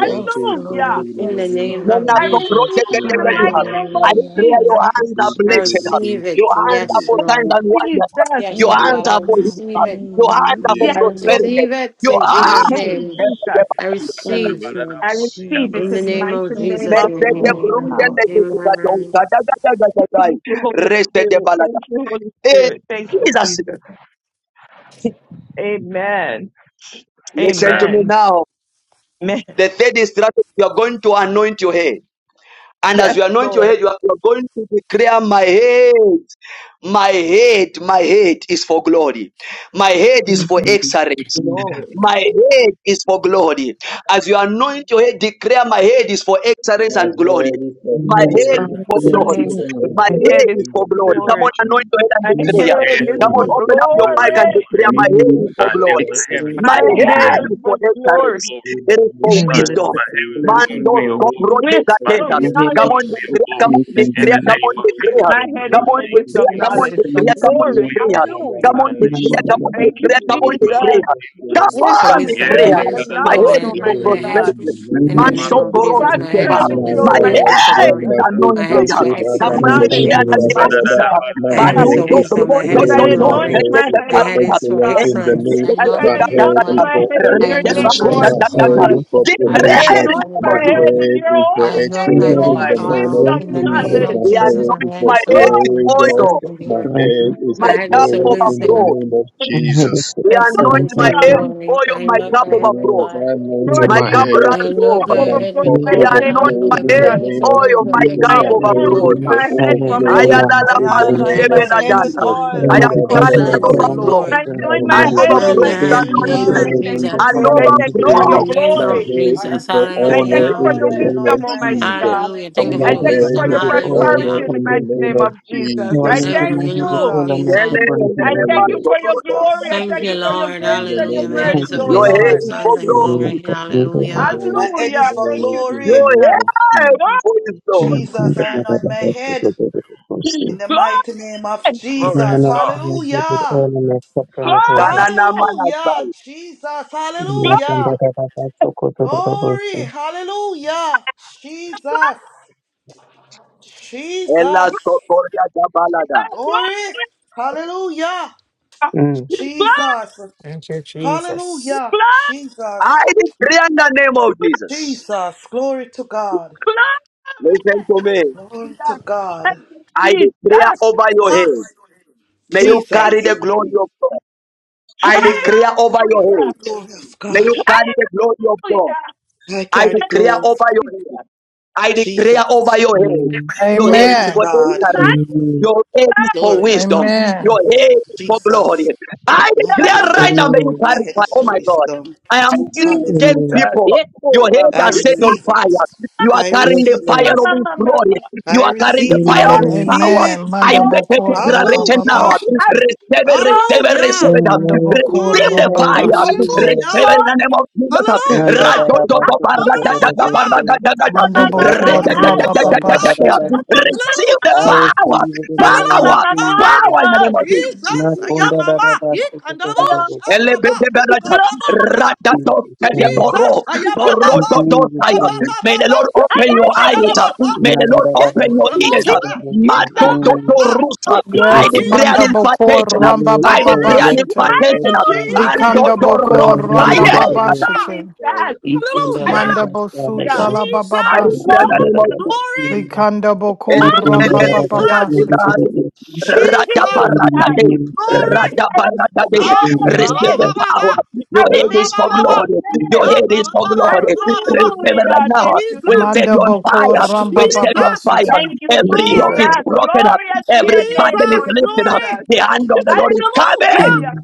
B: Yes, Lord.
I: in
B: Yes,
I: the name
B: Lord.
A: Mona
I: of
H: I
I: Jesus.
A: Proje
H: receive it in the
A: Gedegadiha.
H: mighty name of
A: I
B: Hallelujah.
A: declare your
B: Thank
H: Jesus.
B: you,
A: hands are
I: I
A: blessed.
B: Jesus.
I: receive it.
A: Your hands are
I: Yes,
A: for
H: Thank
A: signs
H: you,
I: Lord.
A: and wonders.
H: Jesus.
I: Yes,
A: Your
I: God,
A: hands
I: I
A: are for healing.
B: Amen.
I: receive it.
A: Your hands are for
H: Yes,
I: I
H: Lord.
B: Amen.
A: prosperity.
I: receive it
A: Your
I: in
A: hands
I: Jesus'
H: Thank
O: yes.
H: you,
I: name.
B: Hallelujah.
H: Jesus.
I: I
B: Thank
I: receive
B: you,
H: I receive it
I: in the
H: in
B: Jesus.
H: the
I: name of
H: mighty
B: Thank
H: name
O: yes.
I: Jesus.
A: Mese
H: of
B: you,
A: de
B: Lord.
H: Jesus.
A: brunde le kutuka
B: Hallelujah.
I: Amen.
A: tonka da da da da da
H: Thank you,
A: da.
H: Holy
A: Reste de
H: Spirit.
A: balada.
H: Thank you, Holy
A: Hey,
H: Spirit. Thank you,
A: Jesus,
H: Jesus. Amen.
A: listen to
C: Amen.
A: me
H: Amen.
A: now.
H: Amen.
A: The third is that you are going to anoint your head. And as
H: Yes,
A: you anoint your
H: Lord.
A: head, you are, you are going to declare my head. My head, my head is for glory. My head is for excellence.
J: excellence
H: Glory.
A: My head is for glory. As you anoint your head, declare my head is for
O: My
A: excellence and glory.
O: head is for
A: My head
H: My
O: glory,
A: is
O: my
A: for
O: head
H: head
A: glory.
O: is
J: and
L: excellence
O: for
L: and
J: glory.
A: My
H: my
O: excellence
A: head
H: head is
A: is
O: in
H: for
A: for
O: the
A: glory.
O: name of
A: Come
H: glory.
A: on, anoint
O: Jesus.
A: your head and
H: My
J: Amen.
H: head
C: My
A: declare.
O: My
C: head,
H: is
O: head
A: Come on,
H: for
O: is
A: open
O: for
A: up your
C: I
A: mic
O: glory,
A: and
C: know
O: my
H: glory.
C: my
A: declare
J: I
A: my
O: head
C: head.
O: is
J: hear
A: head
O: for
A: is
J: it
C: I
A: for
J: for
C: never,
A: glory.
C: my
O: excellence in
C: heaven,
O: the
J: excellence
A: My
H: My
O: name
J: and
O: of
C: my
H: head is
A: head
C: heaven
J: glory.
A: is
O: Jesus.
C: is
A: for
H: for
C: going to be a
H: glory.
A: excellence.
O: the
C: glory.
A: It is for
J: I
C: My,
J: hear it
O: glory
A: wisdom.
J: for
C: my heaven is
J: excellence
L: the
C: going to
J: and
A: Mando
C: be a
J: glory.
L: glory
C: glory.
A: cobro de
L: is
C: My
L: from
A: gatena.
C: head
H: Wisdom,
J: I
L: this
C: is
J: hear
L: Lord.
A: Come
C: going
J: it
A: on,
C: to
H: knowledge.
J: for
C: be a
A: declare,
L: My
A: come
C: glory.
J: excellence
A: on,
J: and
L: hands,
C: In
A: declare,
L: my
C: the
A: come
J: glory.
C: name
A: on,
C: of the
A: declare.
H: My head is
A: Come on,
H: for
C: name
L: hands,
C: of
A: declare,
H: wisdom,
L: my
J: For
C: Jesus,
A: come on,
H: knowledge, for
A: declare,
J: excellence
L: excellence,
A: come
J: and
A: on,
C: it's
H: glory.
C: for
J: glory.
C: your
L: my
A: declare.
C: glory.
L: hands,
A: Come
C: In
H: Hallelujah.
L: my
A: on,
C: the name
J: Manda
C: of
L: hands.
A: declare,
J: la
A: come
J: la
C: Jesus,
A: on,
H: Thank you,
A: declare, come on,
C: it
J: la.
H: Jesus.
A: declare.
C: belongs.
A: Come
L: So
I: So
A: on,
H: Wisdom,
C: Yes,
I: wisdom,
L: glory
I: my
A: Korea.
H: glory,
I: head is
H: and
I: for
A: My
L: is
I: glory.
A: head
H: knowledge,
I: I
L: for
A: is for
I: anoint
H: Almighty
I: my head
L: knowledge.
H: God.
O: in
A: prosperity.
O: the
J: I
O: name
I: in the
O: of
J: hear it
I: name
A: Mando
J: for
I: of
O: Jesus.
I: Jesus. My
J: excellence
C: my
I: head
J: and
A: Borosova.
I: is for
H: Prosperity,
J: glory.
A: My
I: wisdom. My head
O: Maharaba
I: is
H: Almighty
I: for
A: head
I: glory.
H: Jesus.
A: is
O: Shanda
I: My head
H: Wisdom,
A: anointed.
O: Kutu
J: It's
I: is for
J: for
A: Come on,
I: excellence
J: excellence
A: the
I: in the
J: and
H: knowledge,
A: Korea
O: Radabushi
I: name
A: and
I: of
A: the
J: glory.
H: Almighty
I: Jesus.
A: Okita.
O: Barababa.
H: God.
I: My
O: My
J: I
I: head
J: hear
I: is
A: Banu
I: for
J: it
O: head
A: do
J: for
O: is
A: do
O: for
I: wisdom. My head
A: do
H: As
J: excellence
I: is
A: do
I: for
H: I
O: glory,
J: and
A: do
O: my
H: anoint
I: glory.
J: glory.
A: take
O: head
H: my
A: the
O: is
I: My
H: head,
O: for
I: head
A: parta.
I: is
H: Almighty
I: for
O: excellence
H: God.
O: in the
J: Yes,
I: excellence. I
O: new,
H: As
J: God.
I: anoint
H: I
O: my
I: my
J: Yes,
I: head with
O: head
H: anoint
J: God.
O: is
I: oil.
H: my
O: for
H: head in
I: I
H: your
L: So
H: name,
I: anoint my
O: elevation,
I: head
H: Lord
O: my
J: Yes,
I: this
L: wisdom.
O: head
H: Jesus.
O: is
I: morning.
J: God.
O: for
J: Yes,
I: I
H: As
A: Declare
H: I
J: God.
I: anoint
A: it
O: promotion,
I: my
H: anoint
I: head
O: my
H: my
A: about
I: with
J: Yes,
A: you.
J: God.
H: head
I: oil.
H: in
O: head
H: your
O: is for
I: I
H: holy
I: anoint
J: I'm
H: name,
I: my
O: excellence
J: here
I: head
J: to
O: in
H: Lord.
I: with
O: the name of
I: oil
H: Wisdom,
J: excellence
I: in the
J: and
O: Jesus,
I: name
J: follow
H: knowledge.
I: of
O: my
A: We
I: Jesus.
O: head
I: My
O: is
A: anoint
I: head
O: for
A: my
I: is for
A: head
H: Lord,
O: glory,
I: wisdom,
A: with
O: God,
J: service
A: oil,
I: excellence,
J: to
I: and
O: my
I: glory.
J: excellence.
O: head is
A: my
I: My
O: for
I: head
A: cup
I: is for
O: glory in the
A: overflow.
I: wisdom,
O: name of
J: I'm here
O: Jesus.
J: to
A: We anoint
J: excellence
I: excellence,
A: my
J: and
I: and
A: head
H: hallelujah.
J: grace.
A: with
I: glory.
A: oil,
I: I
A: my
O: Yes,
I: anoint
A: cup
I: my head with
A: overflow.
I: oil.
O: I anointed
H: Lord
A: My
O: my
A: cup
H: Jesus,
J: Amen.
O: head
H: in
A: runs
I: And
H: the
I: load
A: over.
H: cup
I: my
O: and my
I: head
H: overflow in
I: with
H: the
O: cup
J: You
A: He
J: have
H: mighty
J: a
I: oil,
H: name of
A: anointed
O: overflows
A: my
J: capacity
I: hallelujah.
J: to
I: My
O: in
A: head
O: the
H: Jesus.
J: be
I: head
A: with
I: is
O: name
I: a
O: of
A: oil,
I: wisdom,
A: my
O: Jesus.
H: I
A: cup
J: experienced
O: My
I: excellence,
J: for
I: and
J: the
H: anoint
O: head is
A: overflows.
I: glory.
J: moment
O: to
H: my
J: I
H: head
J: have
H: from
I: In the
A: I
H: head
O: overflow
I: name
A: am
H: to
J: around
I: of
A: alala
J: the
O: in
I: Jesus,
F: I
O: the
H: toe.
I: my
J: point.
F: anoint
O: name
I: head
F: my
O: of
I: is
A: masukebela
I: a
F: head with
A: jana.
O: Jesus.
I: wisdom,
J: But
F: oil,
J: I'm
A: I
J: not
A: am
F: my cup
J: becoming
A: carrying
J: here
A: an
J: with
I: excellence,
J: all
O: Shandadadadabo,
I: and
J: of I
A: overflow,
F: overflow.
H: I
I: glory.
J: personal
H: anoint
A: an
F: I
J: over.
H: my head,
F: anoint
I: In
A: overflow
F: my
O: mandidididabo,
H: Almighty
J: You
A: of
F: head
I: the
J: only
F: with
I: he-
J: give me
H: Jesus,
I: name
H: and
A: anointing,
F: oil,
H: I
I: of
J: things
F: my
J: that
H: thank
O: yidididabo,
H: you,
F: cup
J: you
A: an
I: Jesus,
J: follow
H: Lord. I
J: me every
H: thank
F: overflow.
H: you
J: day
H: for
I: in
J: of
I: the
H: your
J: my
O: chikantoro.
A: overflow.
J: life.
I: name
O: My
I: of
H: glory.
O: head
F: I
O: is
I: Jesus,
O: for
F: anoint my
J: So,
H: I
F: head,
J: yeah.
H: thank
O: honor
H: you
I: hallelujah.
H: for
O: in
F: Lord,
O: the
H: your
F: I
O: name
H: wisdom,
O: of
F: anoint my
H: Almighty
F: head in
O: Jesus.
F: the
H: God.
F: mighty
I: Hallelujah.
J: Oh,
I: Thank you
J: and
F: name
I: for
O: My
H: I
J: I'm
I: the
F: of
J: just
H: thank you
J: trying to
O: head
H: for
I: wisdom,
J: hear
H: your
O: is
J: with
O: for
J: all of my
H: prosperity
O: honor
I: hallelujah.
H: in the
O: in the
H: mighty
J: supplement
O: name
H: name
J: over.
O: of
H: of Jesus.
F: Jesus.
J: No, I'm
H: I
J: not
O: Jesus.
I: In
F: Jesus,
J: just
I: the
H: thank
J: trying to hear
I: name
J: with
H: you.
J: all
I: of
J: of my
F: Jesus,
I: Jesus.
A: Ele,
J: it.
O: Thank
A: ele,
O: you,
H: I
A: ele,
J: over.
O: Holy
H: thank you
A: maso,
O: Ghost,
H: for your
A: brodo.
H: glory.
F: Jesus.
H: I
I: Thank
H: thank
I: you,
H: you for your
I: Lord,
H: grace
O: in the
H: and your
I: hallelujah.
O: name
I: My
O: of
I: head
H: mercy,
J: Thank
F: Thank
I: is
J: you,
I: a
F: you,
O: Jesus.
H: O
A: Your
J: Lord.
I: wisdom,
A: head
H: Lord.
A: is
J: Amen.
A: for
I: excellence, and
F: Jesus.
A: glory.
J: Amen.
I: glory,
J: God bless you.
O: The
I: hallelujah.
O: Holy
F: My
K: Jesus.
F: head
O: Spirit
F: is
H: Hallelujah.
F: for
H: Thank you,
O: in the
H: Jesus.
F: glory.
A: Your
O: name
H: Glory,
O: of
A: head
O: Jesus.
A: for his glory.
F: Jesus,
J: Ninakwenda
F: I anoint
J: barabara
F: my
J: ndogo
F: head.
J: ndogo
F: In
J: nyeusi
F: the
H: glory,
F: mighty name of
C: Glory to
F: Jesus.
C: God.
J: inayoangaziwa with
F: Hallelujah.
J: oil and extra
H: glory,
C: Hallelujah.
J: turnovers.
A: Kanana
F: Hallelujah.
A: manasai.
F: Jesus.
H: glory,
J: Ninakwenda
F: Hallelujah.
J: barabara ndogo ndogo
F: Glory.
J: nyeusi.
F: Hallelujah. Jesus.
A: Ela
F: Jesus.
A: sokoria jabalada.
F: Glory. Hallelujah.
J: Mm.
H: glory, glory,
F: Jesus.
P: Thank you, Jesus.
F: Hallelujah.
A: I
F: Jesus.
A: declare in the name of Jesus.
F: Jesus. Glory to God.
H: glory.
A: Listen to me.
F: Glory to
H: glory.
F: God.
H: Thank you,
A: I declare
H: Jesus.
A: over your
F: Ah,
A: head. May you
F: Jesus.
H: Thank
A: carry
H: you,
A: the glory
H: Jesus.
A: of God. I
F: Jesus.
A: declare over
F: I
A: your
F: carry
H: Hallelujah.
A: head.
F: the glory of
A: May
F: God.
A: you carry the glory of God.
H: Hallelujah.
F: I
A: I
F: carry the
A: declare
F: glory of
A: over your
H: Jesus.
A: head. I declare
F: Jesus.
A: over your head.
J: Amen.
A: Your head
F: Glory
A: is
F: to
A: for
O: Amen.
Q: Amen.
F: God.
H: My
A: entering.
J: Amen.
A: Your head is for
F: Glory
O: Amen.
F: to God.
A: wisdom. Your
Q: Amen.
A: head is for glory.
F: Jesus.
A: I
F: My head
A: declare
F: is for
A: right
F: the
A: now that
J: Amen.
A: you
F: glory. My head
A: clarify.
F: is
A: Oh
F: for
A: my
O: Amen.
F: this
A: God.
F: song.
A: I am
H: thank you,
A: seeing 10
F: Hallelujah.
J: Amen.
H: Jesus.
A: people. Your
J: Eko
A: head
F: I
A: are set on
J: rabandio.
F: receive it.
A: fire. You are
F: I
A: carrying
J: Yes,
A: the
F: receive
A: fire
J: Lord.
F: it.
A: of
H: Mama,
A: His
H: mama,
A: glory.
H: mama.
A: You
F: I
A: are carrying the
F: receive it.
A: fire
F: I
A: of His
J: Amen.
H: Glory,
F: receive
A: power.
F: it.
Q: Amen.
A: I
Q: Manda
A: make
H: glory.
A: a
H: I
Q: bokora
A: declaration
Q: baba
A: now.
F: Hallelujah.
Q: bashita.
H: give
A: Receive, it,
H: glory.
A: receive, it, receive
F: Hallelujah.
A: it.
J: Mm,
Q: Manda
J: I
A: Receive
F: Glory.
J: receive it,
A: the
Q: bokora
J: I
H: I
Q: baba
A: fire.
J: receive
Q: shita.
H: give
J: it.
A: Receive
F: Hallelujah.
A: it in the
H: glory.
A: name of Jesus.
J: Nanda da
F: Hallelujah.
J: da ba so ko to do do do
F: Hallelujah.
J: so.
A: Ra-do-do-do-ba-ra-ga-ga-ga-ba-ra-ga-ga-ga-ga.
Q: Manda
H: Mama, mama,
F: Jesus.
Q: bokora
H: mama.
J: Rakandio
Q: baba
J: sanda da
F: Hallelujah.
J: da
A: Re-ga-ga-ga-ga-ga-ga-ga.
J: ba
Q: bashita.
J: si.
A: Receive the
J: I
F: Hallelujah.
A: power,
J: receive it in the
H: Mama,
J: name
H: mama,
J: of
A: power,
F: Hallelujah.
J: Jesus.
A: power in the
H: mama,
A: name of Jesus.
F: Jesus.
J: Makunda
F: Ayamama.
J: raraba sokotororo.
F: Ikandalabosha.
A: Elebede-be-ra-ga.
H: Glory,
F: Yaba.
J: In Jesus' name.
A: Ra-ga-do-ke-de-bo-ro.
F: Jesus, ayaba
H: glory.
J: In
F: baba,
J: Jesus'
F: raba
A: Bo-ro-do-do-saya.
J: name.
F: baba
A: May the
F: baba,
A: Lord
H: Ay,
A: open
H: ay,
A: your
H: ay,
A: eyes.
H: ay,
F: ukandala
H: ay.
F: baba,
A: May the Lord
F: yet
J: Mandararaba
A: open your ears.
F: kandalamosa,
H: Jesus,
J: sokotororo.
F: he
J: Amen.
F: kandalamosa,
A: Ma-do-do-do-rusa.
J: Yes,
A: I
Q: Yes,
H: glory,
J: Lord.
A: declare an
Q: manda
F: Jesus,
A: impartation.
Q: bokora
J: Yes,
Q: baba
A: I
J: Lord.
Q: baba
A: declare
F: glory,
A: an
Q: shita.
J: Yes,
A: impartation.
J: Lord.
A: And do
F: Jesus,
Q: Likanda
A: do
H: hallelujah.
O: Amen.
A: ro-
Q: bokora
A: I
H: Thank
Q: baba
A: am.
H: you,
O: Keep
J: Mandararararararo.
F: hallelujah,
H: Jesus.
Q: bashita.
H: Hallelujah.
Q: Manda
F: hallelujah,
J: Ikundarararasaraya.
Q: bosuta la baba
L: Jesus,
A: I
F: Jesus,
A: declare in the
Q: bashita.
A: name of Jesus.
F: glory,
J: Makundarararasina.
Q: Likanda bokora baba
J: Ikundarararasirororo.
F: Jesus,
J: Ikundarararasaraya.
Q: bashita.
J: Ikundarararasina.
H: Glory,
F: Jesus,
H: Jesus.
A: Radabaradade.
F: glory,
H: I receive
F: ah,
A: Receive
H: Glory!
A: the
F: alaba baba,
A: power.
H: I
A: Your
F: raba
A: head
H: receive
A: is
F: baba
A: for
F: baba,
A: glory. Your
H: glory!
F: ah,
A: head is
F: baba
A: for
F: baba,
A: glory.
F: raba baba baba,
A: Receive it right
H: Hallelujah!
A: now.
H: Thank you,
A: We
F: Jesus,
A: set you
Q: Manda
A: on
H: Jesus.
A: fire.
Q: bokora
A: We
Q: baba
A: set you on
F: Jesus,
A: fire.
Q: bashite.
H: Thank you,
A: Every yoke
F: glory,
A: is
H: Jesus.
J: Makundarararasina.
A: broken up.
H: Glory to
A: Every
H: your name,
A: burden is
H: Lord
F: Jesus,
A: lifted up.
F: glory.
H: Jesus.
A: The
L: thank you,
A: hand
O: of
A: of
O: the
A: the Lord is
F: Hallelujah.
A: coming.
H: Hallelujah!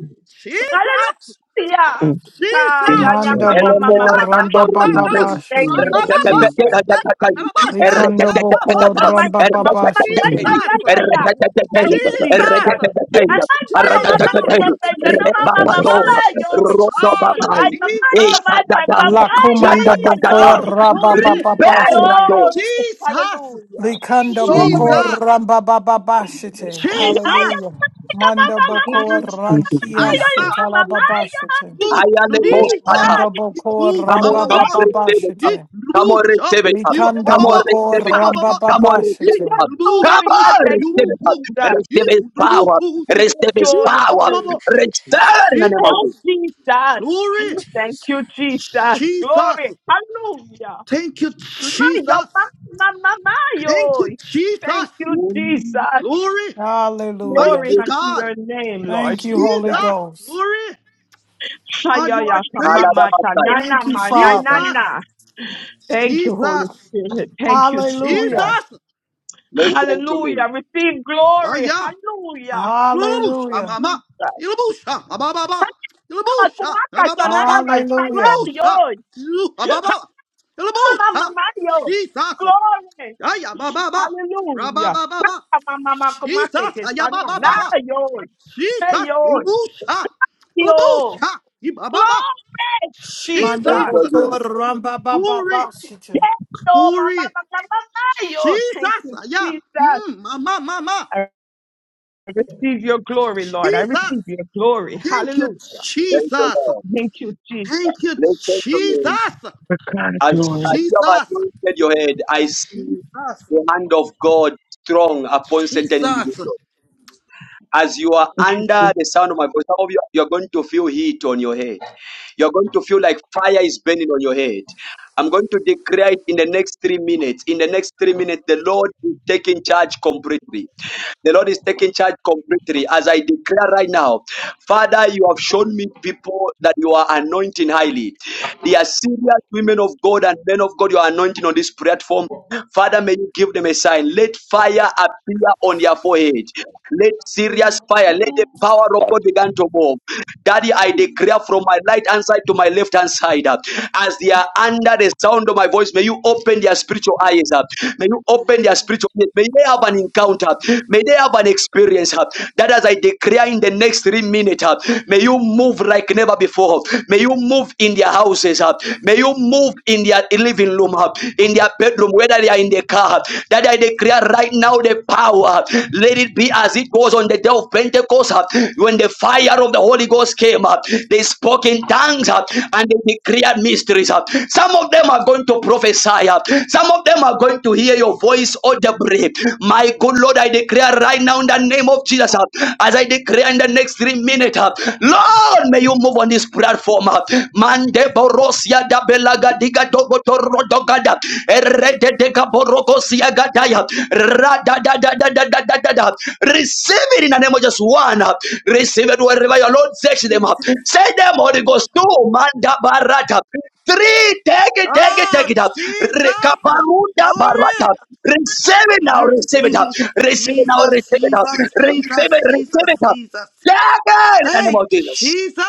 F: Jesus,
H: Hallelujah!
J: Mm.
H: Ah, yeah,
F: Jesus.
H: yeah,
Q: Manda
H: ma, ma, ma, ma,
Q: bokor
F: Ah,
H: ma, ma,
F: ya ba
H: ma.
Q: ramba
F: ba
Q: baba
F: ba.
J: Jesus,
H: Thank
F: Ra
Q: bashite.
H: you,
F: ba
J: Jesus,
F: ba ba.
J: Jesus.
H: Jesus.
F: Ya ta ba ba sha.
Q: Likanda
F: Ya ba ba
Q: bokor
F: ba.
H: And my,
Q: ramba
H: my,
Q: baba
H: my, my,
O: Amen.
Q: shite.
J: Mm,
H: yeah, yeah,
F: Jesus,
H: yeah, yeah. Thank you,
F: Jesus,
H: Jesus. And my mama, my mama, my
F: Jesus.
H: mama, my mama,
L: Jesus,
F: Glory.
H: my
L: Jesus,
H: mama,
L: Jesus,
F: Ah,
H: I'm not
F: Jesus,
H: command by
Q: La
H: papaya.
Q: comanda
H: Yo,
Q: bokor
F: Jesus.
Q: ramba
F: Glory.
Q: baba bashite.
A: Recuperado,
H: glory.
F: Jesus,
H: Hallelujah.
Q: Likanda bokor
H: Glory.
F: Jesus,
Q: ramba baba
O: Amen.
Q: bashite.
H: I
F: Jesus.
H: am
Q: Hallelujah.
H: not command
Q: Manda
F: Mm.
Q: bokor
J: Thank you,
Q: ranki
H: by
F: Ayaba,
J: Jesus.
Q: ashitala baba
H: papaya.
Q: shite.
F: Look, Nurbusa,
Q: Manda
H: Jesus.
Q: bokor
F: Ibu,
A: Come on,
F: Mama,
Q: ramba
A: come
F: Mama,
A: on,
Q: baba
A: receive it.
F: Eat,
Q: bashite.
A: Come on,
F: Nurbusa,
A: receive it.
F: Iba,
Q: Likanda
A: Come on,
F: Baba,
Q: bokor
A: receive it.
F: Baba,
Q: ramba
F: Baba,
A: Come on,
Q: baba
A: receive
F: Eat,
A: it.
Q: shite.
A: Come
F: Nurbus,
H: Glory.
F: Oh,
H: Hallelujah.
A: on,
H: Thank you,
A: receive
F: you, Oh,
A: it.
H: Jesus.
A: Receive
F: Eat,
A: his
F: Nurbus,
A: power.
F: Oh, you,
A: Receive his
H: Joy.
F: Iba,
A: power.
F: Baba, Baba,
L: Jesus,
A: Return in the
F: Eat
A: name of
H: Thank
A: Jesus.
F: us.
H: Jesus.
F: Glory,
H: Thank
L: Jesus,
H: you, Jesus. Glory.
F: Jesus.
H: Hallelujah.
F: Thank you,
H: My, your, my,
F: Jesus.
H: my, my, my,
F: Thank
H: yo.
F: you,
H: Thank
F: Jesus.
H: you,
A: Mm,
H: Jesus.
F: Glory,
A: thank
Q: Hallelujah.
H: Glory
F: mighty
A: you,
H: unto
F: God.
H: your name, Lord
Q: Thank you, Holy
H: Jesus.
F: Jesus,
Q: Ghost.
F: glory. God, you
H: Hayaya
F: are great.
H: kamama
A: Kaladabatai.
H: tanana
Q: Thank you, Father.
F: Jesus,
H: mananana. Thank you, Holy
F: Jesus,
H: Spirit. Thank you, Jesus.
Q: Hallelujah.
F: Jesus.
A: Listen to me.
H: Hallelujah. Receive glory.
F: Aya,
H: Hallelujah. Thank you,
F: Ilabusha,
Q: Hallelujah.
F: Mama,
H: Jesus.
F: Ilabusha, Ababa,
H: Tanana
F: Ilabusha,
H: kumaka tanana
F: Ababa,
H: manana
Q: Hallelujah.
F: Ilabusha,
H: yo.
F: Ababa,
H: Mama
F: Ilabusha,
H: mama yo.
F: Jesus,
H: Glory.
F: Aya, Baba,
H: Hallelujah.
F: Rababa,
H: Mama mama kumaka
F: Jesus,
H: ke
F: Aya,
H: tanana
F: Baba,
H: yo. Hey
F: Jesus,
H: yo.
F: Ilabusha,
H: Yo.
F: Ilabusha, Ibaba,
H: Glory.
Q: Manda
A: Thank
H: Jesus.
A: you,
F: Jesus,
Q: boko
A: Jesus.
Q: ramba ba ba
F: Glory,
Q: ba
H: Yes,
Q: shite.
H: oh, my, my,
F: Glory,
H: my, my, my, my, oh, thank
F: Jesus,
H: you,
F: Aya,
H: Jesus.
F: Mama, Mama,
H: I receive your glory, Lord. I
F: Jesus,
H: receive your glory.
F: thank you,
H: Hallelujah.
A: Thank you,
F: Jesus.
A: Lord.
H: Thank you, Jesus.
F: Thank you,
A: Listen to
F: Jesus.
A: me.
H: For God
A: As,
H: glory.
A: as you have
F: Jesus.
A: anointed your head, I see
F: Jesus.
A: the hand of God strong upon certain individuals.
F: Jesus.
A: As you are
H: Thank you,
A: under
H: Jesus.
A: the sound of my voice, some of you you're going to feel heat on your head. You're going to feel like fire is burning on your head. I'm going to declare it in the next three minutes. In the next three minutes, the Lord is taking charge completely. The Lord is taking charge completely. As I declare right now, Father, you have shown me people that you are anointing highly. They are serious women of God and men of God you are anointing on this platform Father, may you give them a sign. Let fire appear on their forehead. Let serious fire, let the power of God begin to move. Daddy, I declare from my right hand side to my left hand side, uh, as they are under the sound of my voice, may you open their spiritual eyes up. May you open their spiritual eyes. May they have an encounter. May they have an experience. uh, That as I declare in the next three minutes, uh, may you move like never before. May you move in their houses. uh, May you move in their living room, uh, in their bedroom, whether they are in the car, that I declare right now the power. Let it be as it was on the day of Pentecost uh, when the fire of the Holy Ghost came up. They spoke in tongues uh, and they declared mysteries. uh. Some of them are going to prophesy. uh. Some of them are going to hear your voice audibly. My good Lord, I declare right now in the name of Jesus, uh, as I declare in the next three minutes, uh, Lord, may you move on this platform. uh. Mande borosia da belaga diga dogo toro Receive it in the name of just one. Receive it wherever your Lord takes them up. Send them, Holy Ghost, two. Manda barata. Three, take it, take it,
F: Oh,
A: take it up.
F: Jesus.
A: Rekabarunda
F: Glory.
A: barata. Receive it now,
F: I
A: receive it
F: receive
A: up.
F: it.
A: Receive it now, receive
F: Jesus,
A: it up.
F: Jesus,
A: Receive it,
F: Jesus,
A: receive
F: Jesus,
A: it up.
F: Jesus.
A: Take it in the name
F: Hey,
A: of Jesus.
F: Jesus.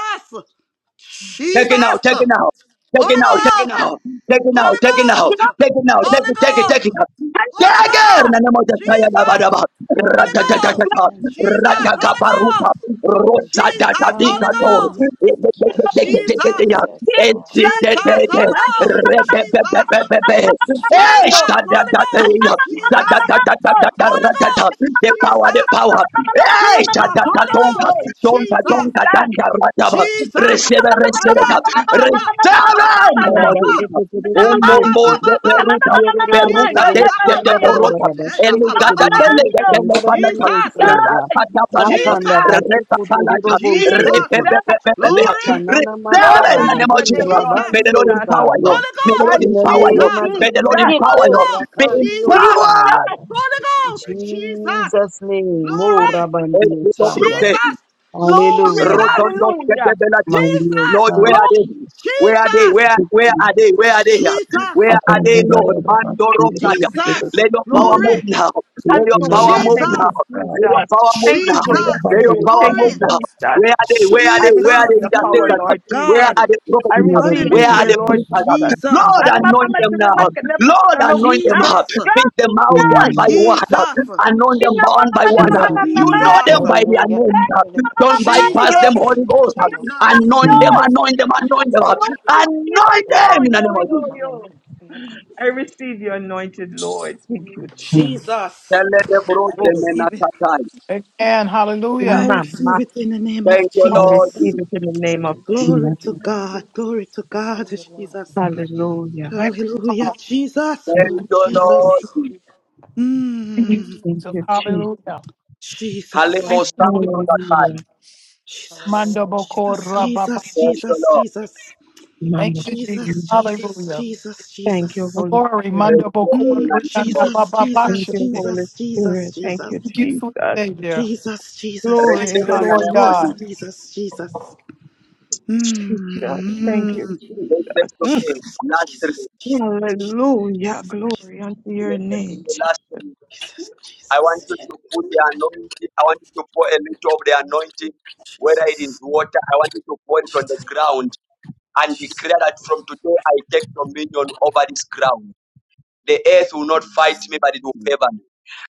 A: Take it now, take it
F: Jesus.
A: now. Take it
F: Holy
A: now, take it
H: Ah,
F: Ghost.
A: now. Take it now,
F: Holy
A: take it now.
H: you know,
F: Ghost.
A: Take it now, take
F: Holy
A: it, take it, take
F: Ghost.
A: it now.
F: Holy
A: Take it! In
H: hallelujah.
A: the
F: Ghost.
A: name of the Messiah, da, ba,
F: Jesus.
A: da, ba. ra
F: Holy
A: ta ta ta
B: Hallelujah.
F: Ghost.
B: Thank you,
F: Jesus.
A: da
B: Jesus.
F: Holy Ghost.
B: Hey, God.
F: Jesus. Holy
A: Ro-sa-da-da-di-ka-to.
B: Hallelujah.
F: Ghost.
B: Thank you,
A: de de de de ya
B: Jesus.
F: Jesus,
B: Yes,
A: e
B: Lord.
A: de
H: Jesus.
A: de de
F: Jesus,
A: de be
F: Holy Ghost,
B: Hey,
A: be be be
F: Jesus,
A: be be
B: Jesus.
A: eh
F: Jesus,
A: da da
F: Holy
A: da da
H: Hallelujah.
F: Ghost,
B: Yes, Lord.
A: da
B: Yes,
A: da
B: Lord.
F: Jesus,
A: da
F: Holy
A: da da
F: Ghost,
A: The power, the
F: Jesus,
A: power. Eh,
F: Jesus, Holy
A: sha-da-da-donka.
F: Ghost,
A: Tonka, tonka,
F: Jesus,
A: tonka, rataba.
F: Jesus.
A: Recebe, recebe,
F: Aya
A: cap.
F: baba ba raba
A: Recebe!
F: ba
A: in
F: ba
A: the name
F: ba
A: of
F: ba
A: Jesus.
F: ya
A: Oh,
F: ba
A: mo,
F: ba
H: Jesus.
J: Barabashekekerebebebeshi.
A: mo,
F: ba ba
A: de
F: ba
A: peruta.
F: Jesus
A: Peruta de
F: ba
J: Yorororororoboshe,
A: de
F: ba
A: de
F: ba ba
A: porota.
F: Eh, ya
A: El
F: ba ba
A: gata
F: ba ba
A: de le
J: andadadadadabashekekerebebeshi,
A: de le banata.
F: Jesus
J: andadadadadabasaya.
A: Rata da banata.
F: Jesus
H: Jesus,
A: Reta palata. Repe,
J: Bakandabashekotororoboshekepe.
F: Jesus
A: pe, pe,
H: Jesus,
A: pe, pe, pe. cap.
F: glory
A: Recebe
F: Holy
H: glory
A: in the
H: unto
J: Yekananamasaya,
A: name
F: Ghost
A: of
H: your
A: Jesus.
H: name, Lord
F: Jesus
A: May the Lord
H: Jesus.
A: empower you.
J: hurabandiyosaya.
F: Holy
A: May the
F: Ghost,
H: I
A: Lord
J: In the
A: empower
F: Jesus.
A: you.
J: name of
A: May the Lord
J: Jesus,
H: Jesus,
F: Holy
A: empower you.
F: Ghost,
A: Be
F: Jesus.
J: Yekorakandiyosaya.
H: Jesus,
F: Holy
J: In
F: Ghost, Jesus.
J: Jesus' name, oh
F: Glory, Jesus.
J: Rabandiosaya.
A: empowered.
H: glory,
F: Jesus.
J: Hallelujah.
A: Rotondo
H: hallelujah,
A: Shebelata.
J: Mighty O
A: Lord,
F: Jesus.
A: where
J: God,
A: are they?
H: glory,
A: Where are they?
F: Jesus.
A: Where
J: good
A: where are they? Where are they?
F: Jesus.
A: Where are they, Lord? Mando Rosaya.
F: Jesus.
A: Let your power move
H: Jesus.
F: Glory,
A: now.
J: Yes,
A: Let
J: you
A: your
J: know,
A: power
H: hallelujah.
A: move
F: Jesus.
H: Thank
A: now.
H: you,
A: Let your
H: Jesus.
A: power move
H: Thank you,
A: now.
H: Holy
F: Jesus.
A: Let your
H: Spirit.
A: power
H: Thank
F: Glory,
A: move
H: you,
A: now. Where are they?
H: Jesus.
A: Where are
H: I
A: they? Where are
H: receive
F: Jesus.
A: the
H: your power,
F: Glory to
H: Lord
A: intercessors?
H: Jesus.
A: Where
F: God.
A: are the
H: I
A: prophets?
H: receive
A: Where
H: it,
A: are
H: your
A: the
F: Hallelujah.
H: Lord
A: preachers?
H: Jesus.
F: Jesus.
A: Lord,
H: And my
A: anoint
H: mama
A: them now.
H: to
A: Lord,
H: the
A: anoint them. up.
F: Jesus.
H: market,
A: Pick them out
H: Ay,
A: one by
J: Mm.
A: one.
F: Jesus.
A: Anoint them one by one.
J: Thank you,
I: Yeah,
A: You know them
H: pinamamamamamamamay.
J: Jesus.
F: Jesus.
A: by their
I: hallelujah.
A: name.
H: Hey,
A: Don't
F: Jesus.
A: bypass
H: mamamamamayo.
A: them, Holy Ghost. Anoint
F: Jesus.
A: them,
J: Mm,
H: Yoy,
A: anoint them, anoint them.
H: yo,
F: Jesus.
H: Yes, yo,
A: Anoint
H: yo,
A: them in the
H: yo,
A: name of
H: yo,
A: Jesus.
H: yo. I receive your anointed Lord. Thank you, Jesus.
J: mm.
A: Tell
F: Jesus.
A: them, bro,
F: I
A: them
H: Lord.
A: in a
F: receive it.
A: tatai.
Q: Amen.
F: I
Q: Hallelujah.
F: receive
H: Mama,
F: it in the name of
A: Thank you,
H: I
A: Lord.
F: Jesus.
H: receive
A: Jesus.
H: it in the name of Jesus.
J: Mm,
F: Glory to God. Glory to God, Jesus.
H: Hallelujah.
Q: Thank you,
F: Hallelujah.
Q: Father.
F: Jesus.
H: Thank
A: Thank
F: Oh,
H: you,
A: you,
F: Jesus.
H: Jesus.
A: Lord. Jesus.
Q: Thank you,
F: Mm.
H: Thank
Q: Jesus.
H: you, Jesus.
Q: Hallelujah. Thank
F: Jesus.
Q: you,
A: Halimostan,
Q: Holy
A: bro,
H: Hallelujah.
F: Jesus.
Q: Manda boko
F: Jesus.
Q: ramba ba
F: Jesus.
Q: ba.
A: Thank you,
Q: shite.
F: Jesus.
A: Lord.
F: Jesus.
Q: Thank
H: Mama,
Q: you, Jesus.
F: Jesus, Jesus,
Q: Hallelujah.
F: Jesus,
H: thank you,
F: Jesus.
H: Holy
Q: Glory.
H: Spirit.
Q: Manda
A: Receive
Q: boko
A: it in
F: Mm,
A: the name of
Q: rianda
A: Jesus.
Q: ba
F: Jesus,
Q: ba ba
H: Thank
F: Jesus,
Q: shite.
H: you,
Q: Thank
H: Holy
F: Jesus, Jesus,
H: Spirit. Thank
F: Jesus.
H: you,
Q: you, sweet
H: Jesus.
Q: Savior.
F: Jesus, Jesus,
Q: Thank
H: Glory,
A: Receive
Q: you,
A: it
F: Jesus,
A: in the
Q: Lord
A: name of
F: Jesus,
H: hallelujah.
Q: God.
A: Jesus.
F: Jesus, Jesus.
H: Jesus. Thank you,
F: Mm.
A: Let them
H: Jesus.
A: to
H: Mm.
A: me. Last three.
H: Hallelujah. Glory unto your
A: Let them to me.
H: name. Jesus.
A: Last three.
F: Jesus,
A: I want
F: Jesus,
A: you to put the anointing. I want you to pour a little of the anointing, whether it is
F: Jesus.
A: water. I want you to pour it on the ground and declare that from today I take dominion over this ground. The earth will not fight me, but it will favor me.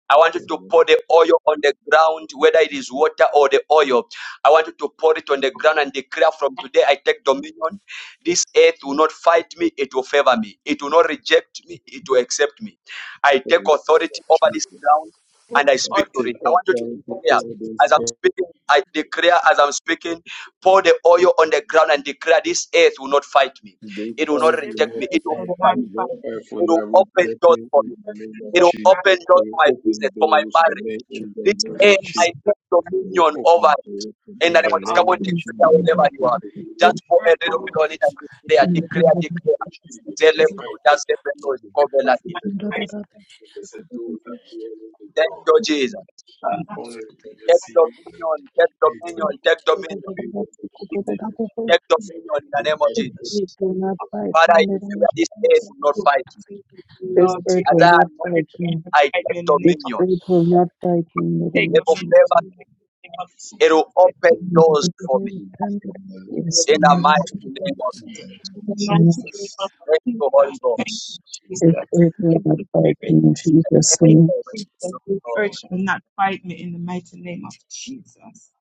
A: I want you to pour the oil on the ground, whether it is water or the oil. I want you to pour it on the ground and declare from today I take dominion. This earth will not fight me, it will favor me. It will not reject me, it will accept me. I take authority over this ground
H: who
A: and I speak
H: ought
A: to
O: Take
A: it. I want you to
H: to
O: authority
A: declare.
O: over this
A: As I'm
O: God.
A: speaking, I declare as I'm speaking, pour the oil on the ground and declare this earth will not fight me.
O: This
A: It will not
O: all
H: give
O: will
A: reject
O: not
A: me. It
H: earth
A: will
O: fight
H: will
A: favor
H: not
O: me.
A: me.
O: No
H: fight,
O: earth will
A: It will
O: not
A: open
O: reject
A: doors
O: me
A: for me.
O: in the name of
A: It
H: but
A: will
O: Jesus.
H: not
O: They
A: open doors
O: will
A: for my
O: open
A: business, for my
O: doors for
A: marriage.
O: me in the
A: This
O: name
A: air,
H: earth
O: of Jesus.
A: I take
O: We
A: dominion over
O: open
A: it.
O: doors
A: In
O: in
A: the name
H: give
O: the
A: of Jesus, come
H: up
O: name
A: on,
O: of
J: Mm,
A: declare
O: Jesus.
A: wherever
J: mm,
O: I
A: you
O: pray
A: are.
J: mm.
O: for you that
H: this
A: Just
O: you
A: for a
H: earth
A: little
H: to
A: bit on it and declare,
J: Mm,
H: the
A: declare, declare.
O: continue with this fact
A: Zelebruda
O: that
A: zebenos
O: every
A: koveladia.
O: doors and there's a door that you only to
A: Thank
O: God.
A: you, Jesus.
O: You only want to
A: Take
O: see that
A: dominion, take
O: Jesus
A: dominion,
O: is
A: take
O: part of the
A: dominion,
O: people of the name of
A: take
O: Jesus.
A: dominion in the
O: We
A: name of
O: pray
J: This
O: for the doors
A: Jesus.
J: earth will not
O: of
J: fight
A: Father,
O: the
A: I
J: me.
O: name
J: The
O: of
J: name
A: declare this air to
J: Jesus.
A: not
H: Lord
A: fight me.
H: Jesus,
J: This
H: Lord
J: earth
A: As
J: will
A: I
H: Jesus,
J: not
A: am not,
H: pray
J: fight
H: for
J: me.
H: me
A: I
H: right
A: take
H: in the
J: This
H: name of
A: dominion.
J: earth
H: Jesus.
J: will not fight me. In the
H: Take
A: It will
H: dominion in
J: Jesus.
A: favor
H: the
A: me.
H: mighty name of
A: It
H: Jesus.
A: will
H: I take
A: open
H: you
J: Amen.
A: doors
J: Thank you,
A: for me
J: Lord.
O: Jesus.
J: Thank you, so
A: in
J: Lord. Yes, in
A: the
J: the
O: Open
J: name of
A: mighty
O: the
A: name of
J: Jesus.
A: Jesus.
O: name
H: in
O: of
H: the mighty
J: Amen.
H: name
O: Jesus.
H: of
A: Thank you, Holy
H: Jesus. Thank you,
A: Ghost.
J: This
H: Jesus.
J: earth
H: Thank
J: will
H: you,
J: not fight
H: Lord.
J: me. In Jesus'
H: Thank
J: name.
A: Thank
H: you for
A: you,
H: this Urge
A: Lord.
H: will not fight me in the mighty name of Jesus.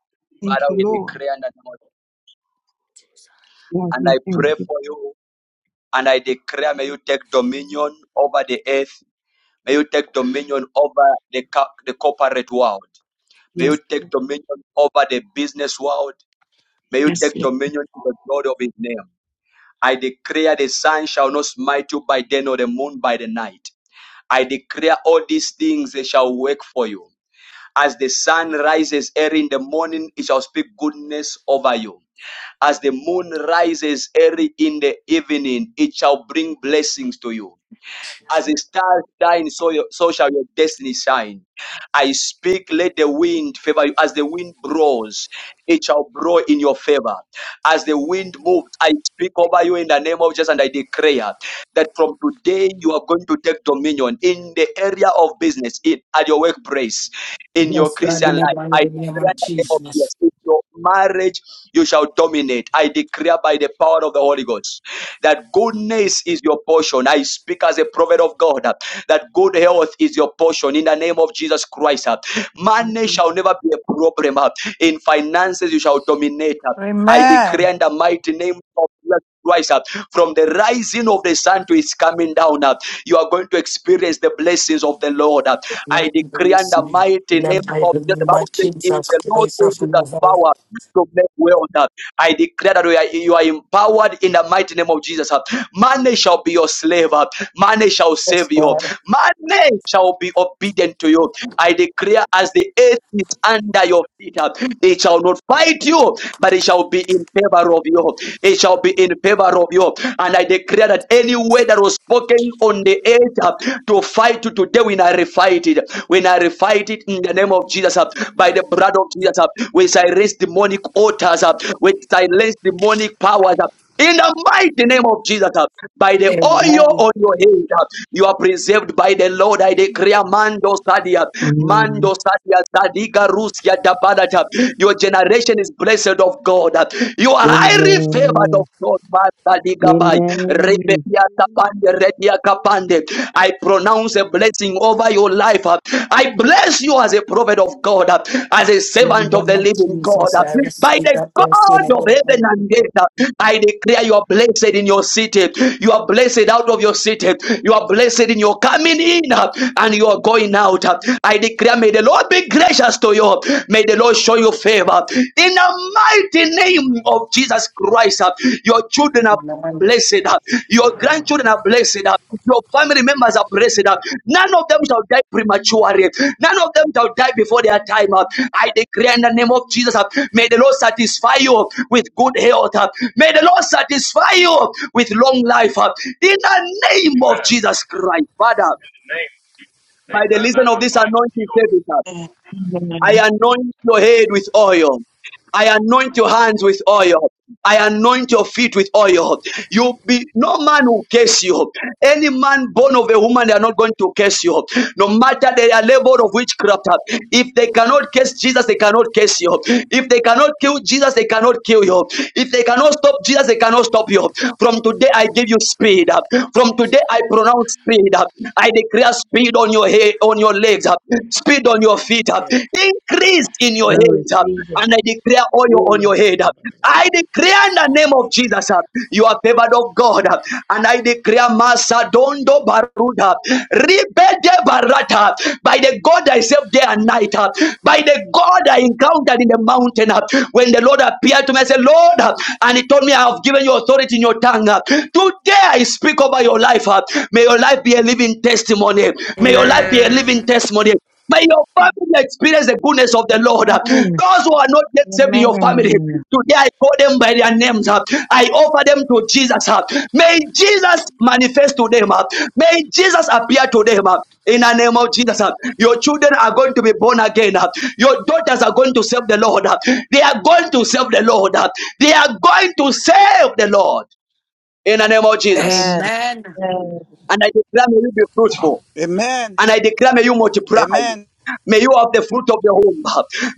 H: Thank
A: Father,
H: you,
A: we
H: Lord.
A: declare in the name of-
H: Lord,
A: and I
H: we thank
A: pray
H: you.
A: for you and I declare may you take dominion over the earth. May you take dominion over the, co- the corporate world. May you
H: Yes,
A: take
H: Lord.
A: dominion over the business world. May you
H: Yes,
A: take
H: Lord.
A: dominion to the glory of his name. I declare the sun shall not smite you by day nor the moon by the night. I declare all these things they shall work for you. As the sun rises early in the morning, it shall speak goodness over you. As the moon rises early in the evening, it shall bring blessings to you. As the stars shine, so, your, so shall your destiny shine. I speak, let the wind favor you. As the wind blows, it shall blow in your favor. As the wind moves, I speak over you in the name of Jesus and I declare that from today you are going to take dominion in the area of business, in, at your workplace, in your
R: Yes, God,
A: Christian
R: in the
A: life. I
R: mighty name
A: declare
R: of
A: in the name of Jesus,
R: Jesus.
A: in your marriage, you shall dominate. I declare by the power of the Holy Ghost that goodness is your portion. I speak as a prophet of God uh, that good health is your portion in the name of Jesus Christ. uh. Money
R: In
A: shall never be a problem. uh. In finances, you shall dominate. uh. I decree
Q: Amen.
A: in the mighty name of Jesus Christ, uh, from the rising of the sun to its coming down, uh, you are going to experience the blessings of the Lord. uh.
R: the
A: I decree in the mighty name of
R: mighty
A: Jesus. The
R: name
A: Bible
R: of
A: says, "In
R: Jesus
A: the Lord
R: Christ
A: who
R: of
A: gives us
R: Nazareth.
A: power to make wealth." I declare that we are, you are empowered in the mighty name of Jesus. Money shall be your slave. Money shall
R: Yes,
A: save you.
R: God.
A: Money shall be obedient to you. I declare as the earth is under your feet, uh, it shall not fight you, but it shall be in favor of you. It shall be in favor of you. And I declare that any word that was spoken on the earth uh, to fight you today, when I refight it, when I refight it in the name of Jesus, uh, by the blood of Jesus, uh, we silence demonic altars, uh, we silence demonic powers. uh, in the mighty name of Jesus, uh, by the oil
R: Amen.
A: on your head. You are preserved by the Lord. I declare Mando Sadia,
J: Amen.
A: Mando Sadia, Sadiga Rusia Dabalata. Your generation is blessed of God. You are highly favored of
J: Amen.
A: God. Masadiga Bai,
J: Amen.
A: Rebebia Tapande, Redia Kapande. I pronounce a blessing over your life. I bless you you as a prophet of God, uh, as a
R: In the
A: servant of
R: name
A: the
R: of
A: living God.
R: Jesus,
A: uh,
R: I
A: By
R: receive
A: the
R: that blessing
A: God
R: in
A: of
R: the
A: heaven
R: mighty name
A: and
R: of
A: earth, uh,
R: Jesus.
A: I declare you are blessed in your city. You are blessed out of your city. You are blessed in your coming in uh, and you are going out. uh. I declare, may the Lord be gracious to you. May the Lord show you favor. In the mighty name of Jesus Christ, uh, your children are
R: Amen.
A: blessed. Your grandchildren are blessed. Your family members are blessed. None of them shall die prematurely. None of them shall die before their time. I declare in the name of Jesus, may the Lord satisfy you with good health. May the Lord satisfy you with long life. In the name of
C: Amen.
A: Jesus Christ, Father,
C: In the name
A: by
C: they
A: the
C: kind
A: reason of this
C: of
A: anointing,
C: Jesus.
A: David. I
H: Amen.
A: anoint your head with oil. I anoint your hands with oil. I anoint your feet with oil. You be no man will curse you. Any man born of a woman, they are not going to curse you. No matter they are labeled of witchcraft. If they cannot curse Jesus, they cannot curse you. If they cannot kill Jesus, they cannot kill you. If they cannot stop Jesus, they cannot stop you. From today, I give you speed.
L: thank you,
A: From
L: Jesus,
A: today, I pronounce speed. I declare speed on your head, on your legs, speed land on your feet, uh,
J: Yes,
A: increase in your
J: I
A: head, uh,
J: receive it.
A: and I declare
J: Yeah,
A: oil on
J: yeah,
A: your
J: ba,
A: head. uh.
J: ba, ba, ba.
A: I declare in the name of Jesus, uh, you are favored of God, uh, and I declare Masa Dondo Baruda, Ribede Barata, by the God I serve day and night, uh, by the God I encountered in the mountain, uh, when the Lord appeared to me, I said, Lord, uh, and He told me, I have given you authority in your tongue. uh. Today I speak over your life. uh. May your life be a living testimony. May your life be a living testimony. May your family experience the goodness of the Lord.
N: Amen.
A: Those who are not yet saved in your family,
N: Amen.
A: today I call them by their names. I offer them to Jesus. May Jesus manifest to them. May Jesus appear to them. In the name of Jesus, your children are going to be born again. Your daughters are going to serve the Lord. They are going to serve the Lord. They are going to serve the Lord. In the name of Jesus.
H: Amen.
R: Amen.
A: And I declare may you be fruitful.
F: Amen.
A: And I declare, may you multiply.
F: Amen.
A: May you have the fruit of the womb.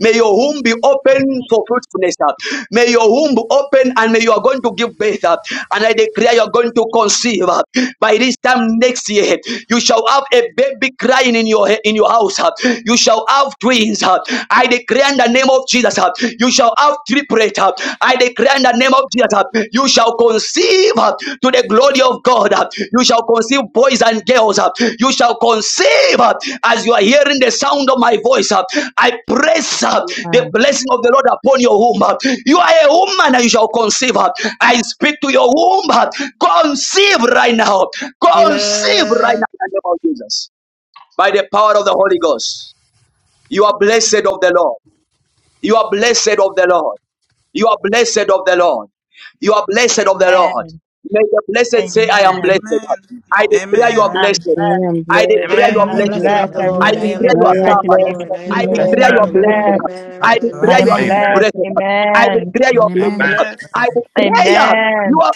A: May your womb be open for fruitfulness. May your womb open and may you are going to give birth. And I declare you are going to conceive. By this time next year, you shall have a baby crying in your in your house. You shall have twins. I declare in the name of Jesus, you shall have triplet. I declare in the name of Jesus. You shall conceive uh, to the glory of God. uh, You shall conceive boys and girls. uh, You shall conceive uh, as you are hearing the sound of my voice. uh, I press uh,
N: Yeah.
A: the blessing of the Lord upon your womb. uh, You are a woman and you shall conceive. uh, I speak to your womb. uh, Conceive right now.
I: Amen.
A: Conceive right now in the name of Jesus. By the power of the Holy Ghost. You are blessed of the Lord. You are blessed of the Lord. You are blessed of the Lord. You are blessed of the
H: Amen.
A: Lord. May the blessed say, I
J: Mm.
A: am
H: Amen.
A: blessed. I declare you are
H: I'm
A: blessed.
R: Amen.
J: I
H: blessed.
J: am
A: I
J: blessed.
I: I
A: declare you
L: thank you.
A: are
I: am
H: I'm
I: the
L: Amen,
R: Amen.
I: blessed
A: blessed.
H: blessed.
I: of
R: I
I: the
H: I
R: am
A: I
I: Lord. I
L: amen,
R: blessed
H: receive
I: am
R: and
A: declare
I: the
H: it
R: I
A: you
J: I
H: in the
R: live.
I: blessed
A: are
J: am
I: of
H: mighty
I: the
A: covered.
H: name
J: blessed
H: of
I: Lord.
J: of
I: I am
J: the
A: I
R: Amen.
H: Jesus.
L: amen,
I: the
A: declare
H: I
A: you
I: of
H: am
J: Lord.
A: are
I: the Lord.
L: amen,
A: blessed.
H: blessed.
R: I'm
A: I
I: Amen.
H: I
A: declare you
H: am
C: Amen.
R: blessed.
C: Amen.
A: are
L: amen.
H: blessed.
A: blessed. I
H: Amen.
A: declare you are
C: Amen.
L: Amen.
R: Amen.
A: blessed. I
R: Amen.
A: declare you
H: Amen.
A: are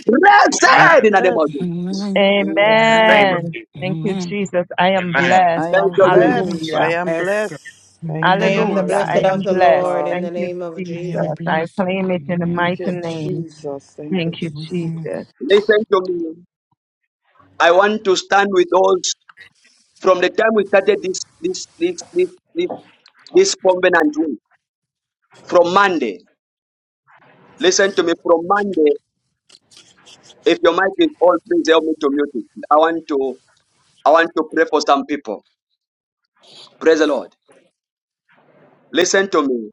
C: Amen.
A: blessed in the name of Jesus.
L: Amen.
C: In the
F: Amen.
C: name of
R: Amen.
H: Amen. Thank you,
L: Amen.
H: Jesus. I am
C: Jesus.
H: blessed.
F: I
A: Thank
F: am
A: you,
R: I
A: Jesus.
L: Amen.
F: blessed.
H: Hallelujah.
F: I am
R: bless.
F: blessed.
L: I
F: Thank
I: I
F: you,
L: am
I: am the
F: Lord.
L: blessed.
H: Hallelujah.
L: I
I: blessed
H: I am
F: Glory
I: of
L: am
I: the
F: to
H: blessed.
L: blessed.
I: Lord
F: God.
I: in the
H: Thank you,
I: name of
L: I
H: Jesus.
L: am
I: Jesus.
H: I
L: blessed.
H: claim it in the
L: Amen.
F: Thank
H: mighty
F: you,
H: name.
F: Jesus. Thank you,
H: Thank you,
F: Jesus.
L: Amen.
H: Jesus.
A: Listen to me. I want to stand with those from the time we started this this this this this, this covenant week, from Monday. Listen to me from Monday. If your mic is on, please help me to mute it. I want to I want to pray for some people. Praise the Lord. Listen to me.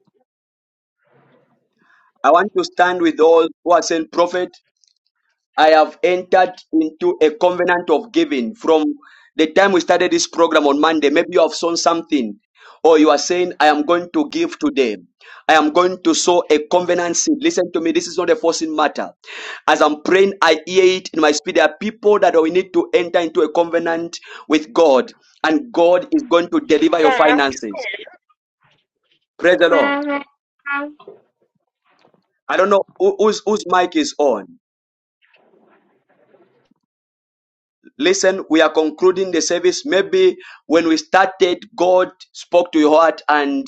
A: I want to stand with all who are saying prophet. I have entered into a covenant of giving from the time we started this program on Monday. Maybe you have sown something, or you are saying, I am going to give today. I am going to sow a covenant seed. Listen to me, this is not a forcing matter. As I'm praying, I hear it in my spirit. There are people that we need to enter into a covenant with God, and God is going to deliver your finances. Praise the Lord.
C: Amen.
A: I don't know who, whose, whose mic is on. Listen, we are concluding the service. Maybe when we started, God spoke to your heart and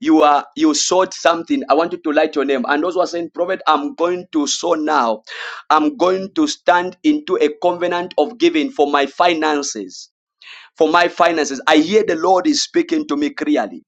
A: you are you sought something. I want you to light your name. And those who are saying, Prophet, I'm going to sow now. I'm going to stand into a covenant of giving for my finances. For my finances. I hear the Lord is speaking to me clearly.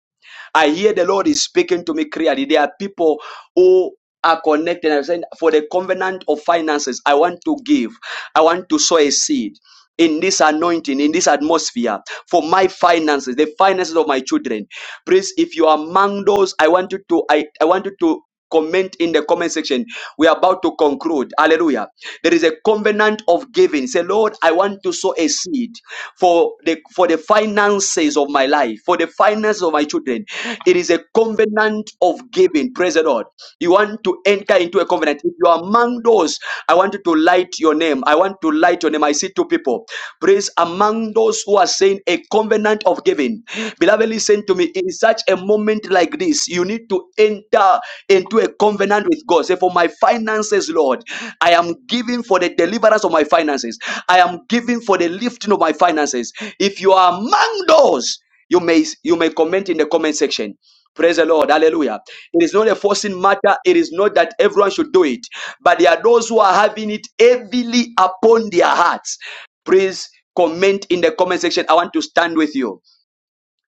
A: I hear the Lord is speaking to me clearly. There are people who are connected and saying, for the covenant of finances, I want to give. I want to sow a seed in this anointing, in this atmosphere for my finances, the finances of my children. Please, if you are among those, I want you to, I, I want you to Comment in the comment section. We are about to conclude. Hallelujah. There is a covenant of giving. Say, Lord, I want to sow a seed for the for the finances of my life, for the finances of my children. It is a covenant of giving. Praise the Lord. You want to enter into a covenant. If you are among those, I want you to light your name. I want to light your name. I see two people. Praise among those who are saying a covenant of giving. Beloved, listen to me. In such a moment moment like this, you need to enter into a covenant with God. Say, For my finances, Lord, I am giving for the deliverance of my finances. I am giving for the lifting of my finances. If you are among those, you may you may comment in the comment section. Praise the Lord. Hallelujah. It is not a forcing matter. It is not that everyone should do it. But there are those who are having it heavily upon their hearts. Please comment in the comment section. I want to stand with you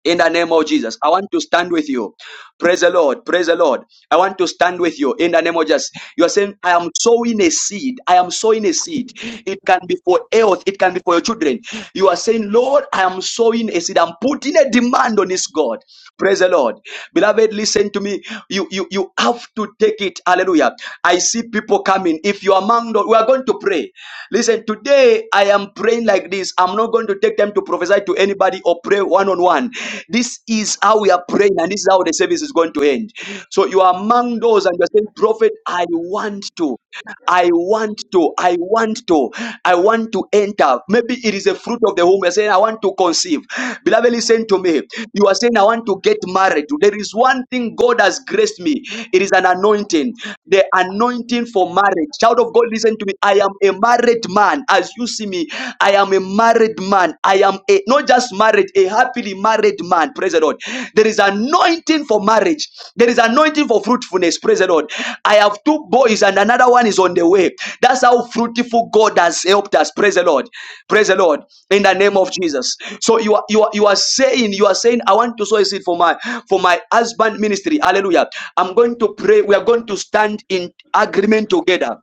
A: in the name of Jesus. I want to stand with you. Praise the Lord. Praise the Lord. I want to stand with you in the name of Jesus. You are saying, I am sowing a seed. I am sowing a seed. It can be for health. It can be for your children. You are saying, Lord, I am sowing a seed. I'm putting a demand on this God. Praise the Lord. Beloved, listen to me. You, you, you have to take it. Hallelujah. I see people coming. If you are among, the- we are going to pray. Listen, today I am praying like this. I'm not going to take take time to prophesy to anybody or pray one on one. This is how we are praying, and this is how the service is going to end. So you are among those, and you're saying, Prophet, I want to, I want to, I want to, I want to enter. Maybe it is a fruit of the womb. You're saying, I want to conceive. Beloved, listen to me. You are saying, I want to get married. There is one thing God has graced me. It is an anointing. The anointing for marriage. Child of God, listen to me. I am a married man as you see me. I am a married man. I am a not just married, a happily married man. Praise the Lord. There is anointing for marriage. There is anointing for fruitfulness. Praise the Lord. I have two boys and another one is on the way. That's how fruitful God has helped us. Praise the Lord. Praise the Lord. In the name of Jesus. So you are you are you are saying you are saying I want to sow a seed for my for my husband ministry. Hallelujah. I'm going to pray. We are going to stand in agreement together.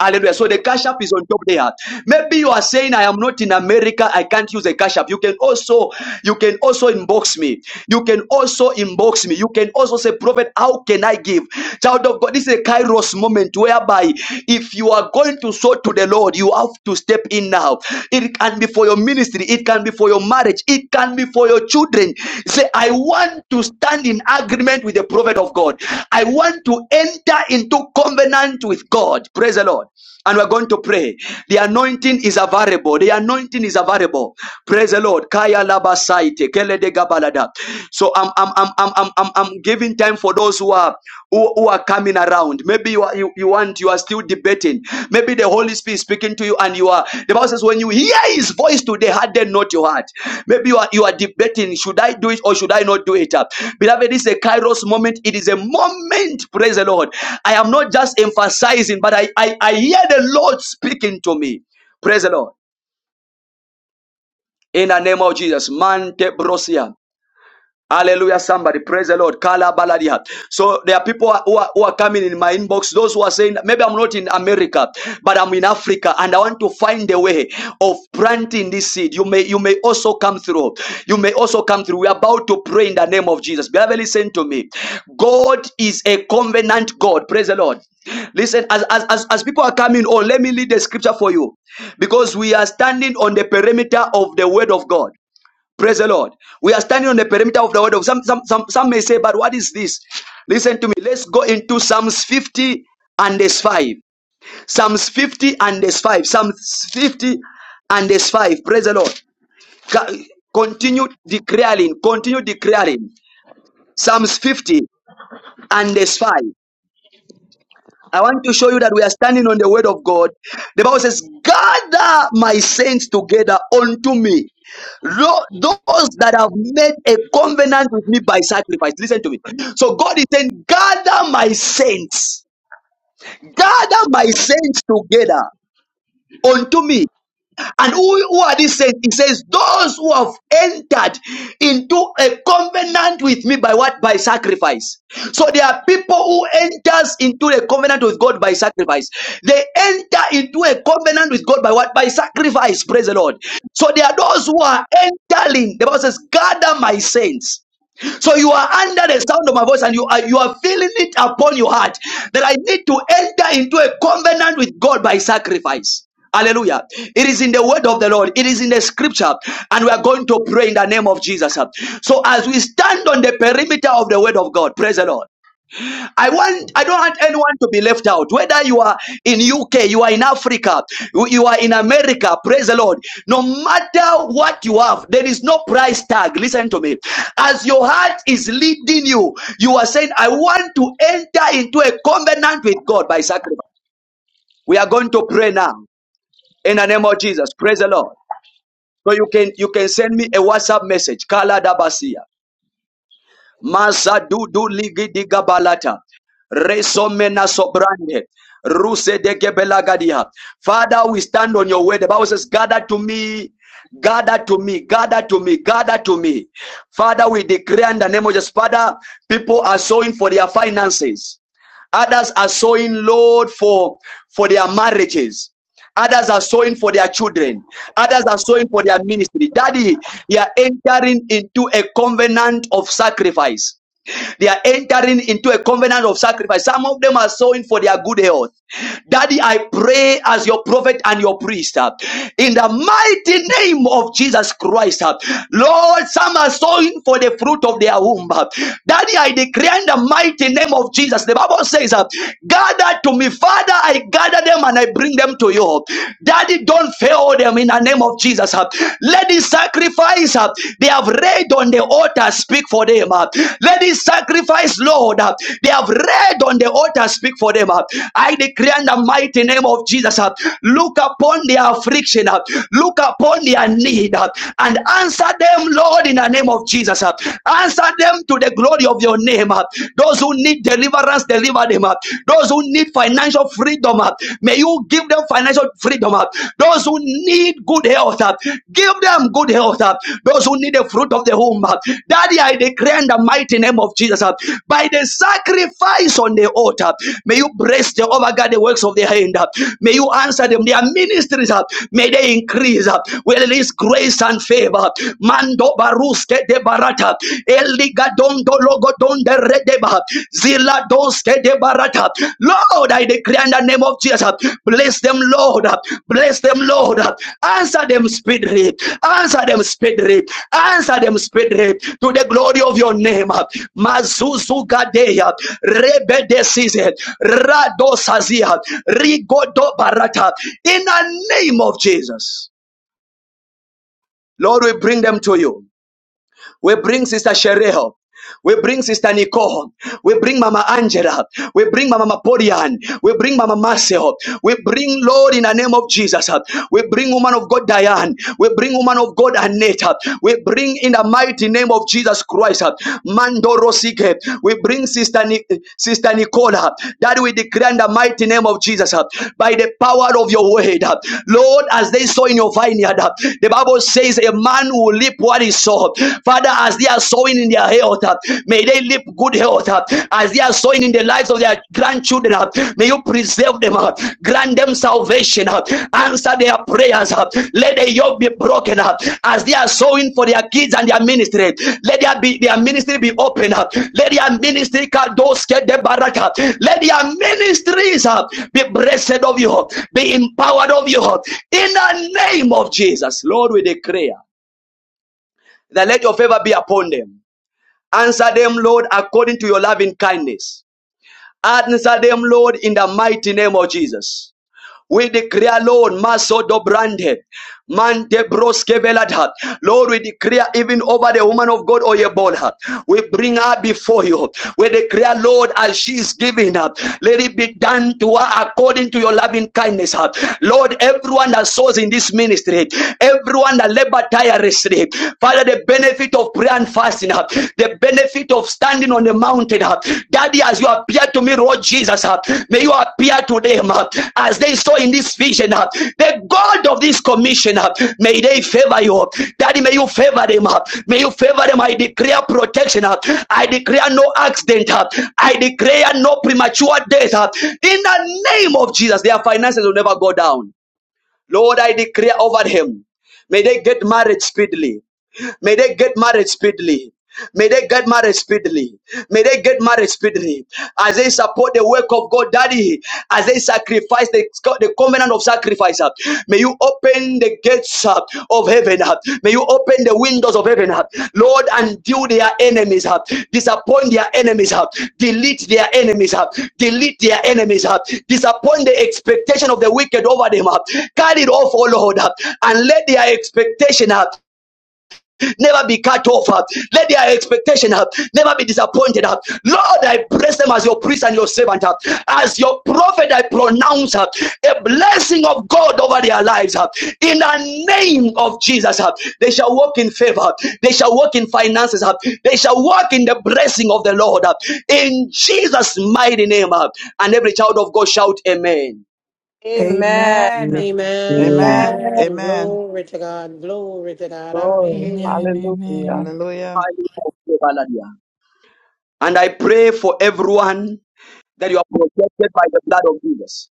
A: Hallelujah. So the cash app is on top there. Maybe you are saying, I am not in America, I can't use a cash app. You can also, you can also inbox me. You can also inbox me. You can also say, Prophet, how can I give? Child of God, this is a kairos moment whereby if you are going to sow to the Lord, you have to step in now. It can be for your ministry, it can be for your marriage marriage, it can be for your children. Say, I want to stand in agreement with the prophet of God. I want to enter into covenant with God. Praise the Lord. And we're going to pray. The anointing is available. The anointing is available. Praise the Lord. Kaya laba kele de gabalada. So I'm, I'm, I'm, I'm, I'm I'm giving time for those who are who, who are coming around. Maybe you are you, you want you are still debating. Maybe the Holy Spirit is speaking to you, and you are the Bible says when you hear His voice today, harden not your heart. Maybe you are you are debating: should I do it or should I not do it? Uh, Beloved, this is a Kairos moment. It is a moment. Praise the Lord. I am not just emphasizing, but I I, I hear the Lord speaking to me. Praise the Lord. In the name of Jesus, Mante Brosia. Hallelujah, somebody. Praise the Lord. Kala baladia. So there are people who are, who are coming in my inbox. Those who are saying, maybe I'm not in America, but I'm in Africa and I want to find a way of planting this seed. You may, you may also come through. You may also come through. We're about to pray in the name of Jesus. Beloved, listen to me. God is a covenant God. Praise the Lord. Listen, as, as, as, as people are coming on, let me read the scripture for you because we are standing on the perimeter of the word of God. Praise the Lord. We are standing on the perimeter of the word of some some some, some may say, but what is this? Listen to me. Let's go into Psalms 50 and verse 5. Psalms 50 and verse 5. Psalms 50 and verse 5. Praise the Lord. Ca- Continue declaring. Continue declaring. Psalms 50 and verse 5. I want to show you that we are standing on the word of God. The Bible says, Gather my saints together unto me. Those that have made a covenant with me by sacrifice. Listen to me. So God is saying, Gather my saints. Gather my saints together unto me and who, who are these saints? He says, those who have entered into a covenant with me by what? By sacrifice. So there are people who enters into a covenant with God by sacrifice. They enter into a covenant with God by what? By sacrifice. Praise the Lord. So there are those who are entering. The Bible says, gather my saints. So you are under the sound of my voice and you are you are feeling it upon your heart that I need to enter into a covenant with God by sacrifice. Hallelujah. It is in the word of the Lord. It is in the scripture. And we are going to pray in the name of Jesus. So as we stand on the perimeter of the word of God, praise the Lord. I want I don't want anyone to be left out. Whether you are in UK, you are in Africa, you you are in America, praise the Lord. No matter what you have, there is no price tag. Listen to me. As your heart is leading you, you are saying, I want to enter into a covenant with God by sacrifice. We are going to pray now in the name of Jesus. Praise the Lord. So you can you can send me a WhatsApp message. Kala Dabasia. Mazadudu ligidiga balata. Resomena sobrande. Ruse de gebelagadia. Father, we stand on your word. The Bible says, gather to me, gather to me, gather to me, gather to me. Father, we declare in the name of Jesus. Father, people are sowing for their finances. Others are sowing, Lord, for, for their marriages. Others are sowing for their children. Others are sowing for their ministry. Daddy, you are entering into a covenant of sacrifice. They are entering into a covenant of sacrifice. Some of them are sowing for their good health. Daddy, I pray as your prophet and your priest uh, in the mighty name of Jesus Christ. uh, Lord, some are sowing for the fruit of their womb. uh. Daddy, I declare in the mighty name of Jesus. The Bible says, uh, Gather to me, Father, I gather them and I bring them to you. Daddy, don't fail them in the name of Jesus. uh. Let the sacrifice uh, they have read on the altar speak for them. uh. Let the sacrifice, Lord, uh, they have read on the altar speak for them. uh. I declare in the mighty name of Jesus, uh, look upon their affliction, uh, look upon their need, uh, and answer them, Lord, in the name of Jesus. uh. Answer them to the glory of your name. uh. Those who need deliverance, deliver them. uh. Those who need financial financial freedom. uh, May you give them financial freedom. uh. Those who need good health, uh, give them good health. uh. Those who need the fruit of the womb, uh. Daddy, I declare in the mighty name of Jesus, uh, by the sacrifice on the altar, may you bless Jehovah overguard the works of their hand. uh. May you answer them. Their ministries, uh, may they increase. uh. We release grace and favor. ah. Mando baruske de barata. Eli Gadondo logo donde redeba. Zila doske de barata. Lord, I declare in the name of Jesus. Bless them, Lord. Bless them, Lord. Answer them speedily. Answer them speedily. Answer them speedily. To the glory of your name. Mazuzu gadeya. Rebe decise. Rado sazia. Rigodo barata. In the name of Jesus. Lord, we bring them to you. We bring Sister Shereho. We bring Sister Nicole. We bring Mama Angela. We bring Mama Mapodian. We bring Mama Marcel. We bring Lord in the name of Jesus. We bring woman of God Diane. We bring woman of God Aneta. We bring in the mighty name of Jesus Christ. Mando Rosike. We bring Sister Ni- Sister Nicola. That we declare in the mighty name of Jesus by the power of your word. Lord, as they sow in your vineyard, the Bible says a man will reap what he sow. Father, as they are sowing in their health, uh, may they live good health. uh, As they are sowing in the lives of their grandchildren, uh, may you preserve them. uh, Grant them salvation. uh, Answer their prayers. uh, Let the yoke be broken uh, As they are sowing for their kids and their ministry, let their, be, their ministry be open uh, Let their ministry kadosh ke de baraka. Let their ministries uh, be blessed of you, be empowered of you. In the name of Jesus, Lord, we declare that let your favor be upon them. Answer them, Lord, according to your loving kindness. Answer them, Lord, in the mighty name of Jesus. We declare, Lord, Maso Dobrande, Mante Broske Velada. Lord, we declare even over the woman of God, Oyebola. We bring her before you. We declare, Lord, as she is giving up, let it be done to her according to your loving kindness. huh. Lord, everyone that sows in this ministry, everyone that labor tirelessly, Father, the benefit of prayer and fasting, the the benefit of standing on the mountain. uh, Daddy, as you appear to me, Lord Jesus, uh, may you appear to them uh, as they saw in this vision. uh, The God of this commission, uh, may they favor you. Daddy, may you favor them. uh, May you favor them. I declare protection. uh, I declare no accident. uh, I declare no premature death. uh, In the name of Jesus, their finances will never go down. Lord, I declare over him. May they get married speedily. May they get married speedily. May they get married speedily. May they get married speedily. As they support the work of God, Daddy, as they sacrifice the, the covenant of sacrifice, uh, may you open the gates uh, of heaven. uh, May you open the windows of heaven. uh, Lord, until their enemies, uh, disappoint their enemies, uh, delete their enemies, uh, delete their enemies, uh, disappoint the expectation of the wicked over them. uh, Cut it off, O Lord, uh, and let their expectation up never be cut off. uh, Let their expectation uh, never be disappointed. uh. Lord, I bless them as your priest and your servant. uh. As your prophet, I pronounce uh, a blessing of God over their lives. uh. In the name of Jesus, uh, they shall walk in favor. huh? They shall walk in finances. uh. They shall walk in the blessing of the Lord. uh. In Jesus' mighty name. uh. And every child of God shout, Amen.
H: Amen.
J: Amen.
R: Amen.
J: Amen.
F: Amen.
H: Amen.
I: Amen.
F: Amen.
I: Glory to God. Glory to God.
H: Glory.
I: Hallelujah.
L: Amen.
H: Hallelujah.
L: Amen.
F: Hallelujah.
A: And I pray for everyone that you are protected by the blood of Jesus.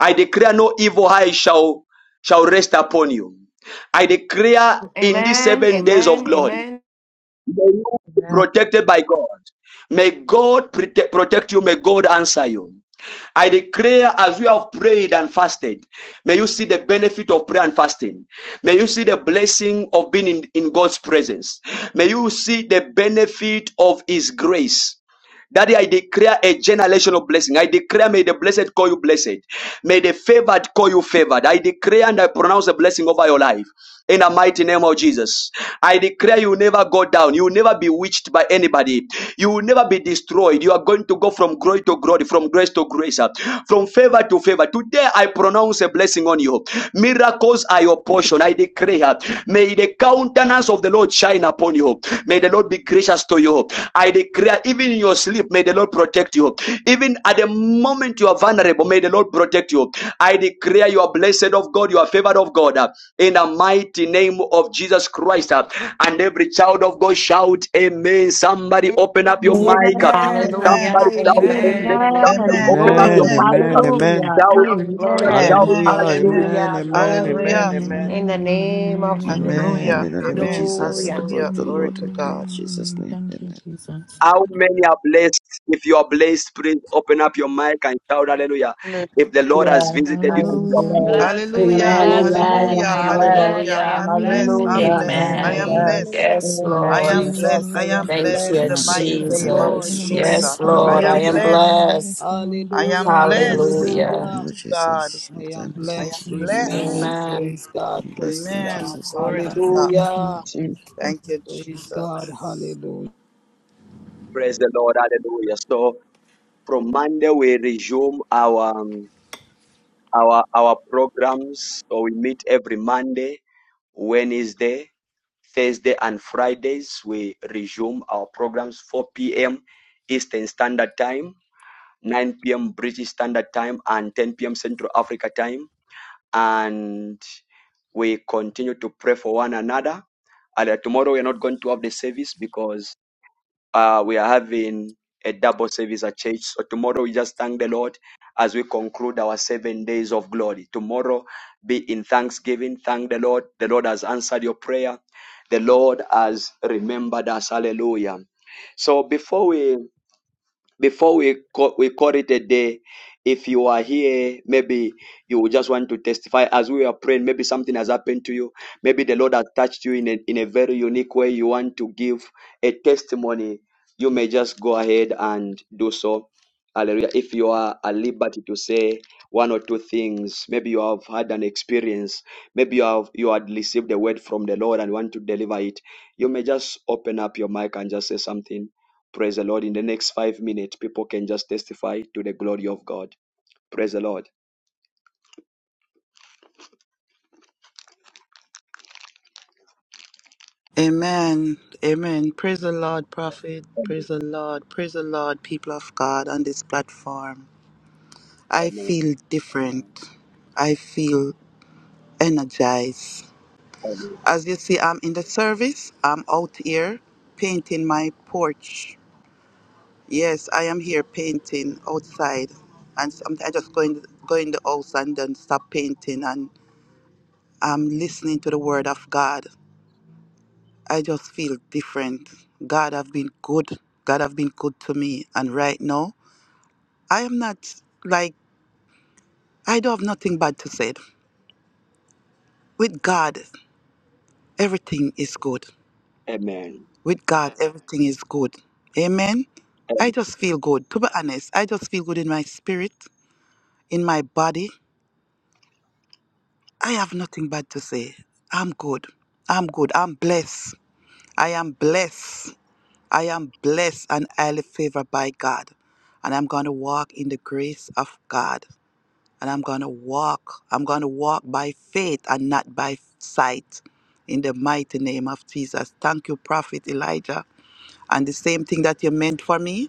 A: I declare no evil eye shall shall rest upon you. I declare in these
I: Amen.
A: seven days of
I: Amen.
A: glory,
I: Amen.
A: may you be
H: Amen.
A: protected by God. May God prote- protect you. May God answer you. I declare as you have prayed and fasted, may you see the benefit of prayer and fasting. May you see the blessing of being in, in God's presence. May you see the benefit of His grace. Daddy, I declare a generational blessing. I declare, may the blessed call you blessed. May the favored call you favored. I declare and I pronounce a blessing over your life. In the mighty name of Jesus, I declare you will never go down. You will never be witched by anybody. You will never be destroyed. You are going to go from glory to glory, from grace to grace, uh, from favor to favor. Today, I pronounce a blessing on you. Miracles are your portion. I declare, may the countenance of the Lord shine upon you. May the Lord be gracious to you. I declare, even in your sleep, may the Lord protect you. Even at the moment you are vulnerable, may the Lord protect you. I declare you are blessed of God, you are favored of God. uh, In the mighty name of Jesus Christ. uh, And every child of God shout, Amen. Somebody open up your mic. uh,
R: Amen and
H: Amen.
F: Amen.
I: Hallelujah.
A: Somebody shout, Amen.
R: amen.
I: Amen and amen.
A: Somebody
H: Amen.
F: Amen.
A: open up your
S: Amen,
H: Glory.
F: Amen.
A: mic. uh,
S: amen, amen.
H: Hallelujah.
A: Shout,
I: Glory, glory.
A: Jesus, shout,
H: Amen.
F: Amen.
A: as
S: Hallelujah.
A: you
F: Amen.
S: Amen,
I: Hallelujah.
S: amen,
L: Amen. Amen.
I: Glory.
S: amen,
F: Hallelujah.
L: Amen.
S: amen.
L: Amen.
T: Amen.
I: In the name of
S: Amen.
F: Hallelujah.
L: Amen.
S: In the name of
F: Amen.
S: Jesus, the
L: Amen.
I: hallelujah.
S: glory
F: Hallelujah.
S: of the
F: Glory
S: Lord
F: to
L: Amen.
S: will be in
F: God.
L: Amen.
S: Jesus'
L: Amen.
S: name.
L: Thank you,
S: Amen.
L: Jesus.
A: How many are blessed? If you are blessed, please open up your mic and shout hallelujah. If the Lord has
H: Hallelujah.
A: visited
H: I
A: you, if
H: am
A: you are
L: Hallelujah.
H: blessed.
A: blessed,
I: Blessed. I am
F: Hallelujah.
B: Amen,
I: blessed.
H: Hallelujah.
L: Hallelujah.
H: I
B: amen,
I: I
F: Hallelujah.
H: am
I: am
H: blessed.
I: blessed.
F: Hallelujah.
I: I
B: hallelujah,
I: am blessed in
H: Hallelujah.
L: Hallelujah.
H: I
S: Amen.
I: Jesus'
H: am
F: I-
B: amen.
S: Amen.
I: name.
H: blessed.
B: Yes, Lord.
H: Amen.
U: Jesus, I
L: Hallelujah.
U: am
B: Thank
S: Bless the
U: blessed.
B: you,
S: night of prayer
U: Praise
S: in
U: the
S: the name of
L: I
U: Lord.
B: Jesus.
L: am
U: Glory.
S: Jesus,
B: Yes,
L: blessed.
S: the
L: I
S: glory
L: am
B: Lord,
S: of
B: I
S: the
B: am
L: blessed. I
S: Lord.
U: Hallelujah.
L: am blessed.
B: blessed.
L: I am blessed.
U: Hallelujah.
S: Great
L: Hallelujah.
S: time in
B: Hallelujah.
S: the name
U: Hallelujah.
S: of Jesus. No
U: I am
S: time
L: Thank you,
S: is too
U: blessed.
L: Jesus.
U: Amen.
B: Amen.
U: Praise God.
S: late. Bless
U: Praise
S: you in
U: God.
S: Jesus'
H: Thank
S: name. Amen.
H: you,
U: Hallelujah.
H: Jesus.
U: Praise God. Hallelujah.
A: praise the Lord, hallelujah. So from Monday we resume our um, our our programs. So we meet every Monday, Wednesday, Thursday, and Fridays. We resume our programs 4 p.m. Eastern Standard Time, 9 p.m. British Standard Time, and 10 p.m. Central Africa Time. And we continue to pray for one another. And uh, tomorrow we are not going to have the service because uh, we are having a double service at church. So tomorrow we just thank the Lord as we conclude our seven days of glory. Tomorrow be in thanksgiving. Thank the Lord. The Lord has answered your prayer. The Lord has remembered us. Hallelujah. So before we before we call, we call it a day if you are here maybe you will just want to testify as we are praying maybe something has happened to you maybe the lord has touched you in a, in a very unique way you want to give a testimony you may just go ahead and do so hallelujah if you are at liberty to say one or two things maybe you have had an experience maybe you have you had received a word from the lord and want to deliver it you may just open up your mic and just say something Praise the Lord. In the next five minutes, people can just testify to the glory of God. Praise the Lord.
F: Amen. Amen. Praise the Lord, prophet. Praise the Lord. Praise the Lord, people of God on this platform. I
A: Amen.
F: feel different. I feel energized.
A: Amen.
F: As you see, I'm in the service. I'm out here painting my porch. Yes, I am here painting outside. And some- I just go in, go in the house and then stop painting. And I'm listening to the word of God. I just feel different. God have been good. God have been good to me. And right now, I am not like I don't have nothing bad to say. With God, everything is good.
A: Amen.
F: With God, everything is good. Amen. I just feel good. To be honest, I just feel good in my spirit, in my body. I have nothing bad to say. I'm good. I'm good. I'm blessed. I am blessed. I am blessed and highly favored by God. And I'm going to walk in the grace of God. And I'm going to walk. I'm going to walk by faith and not by sight. In the mighty name of Jesus. Thank you, Prophet Elijah. And the same thing that you meant for me,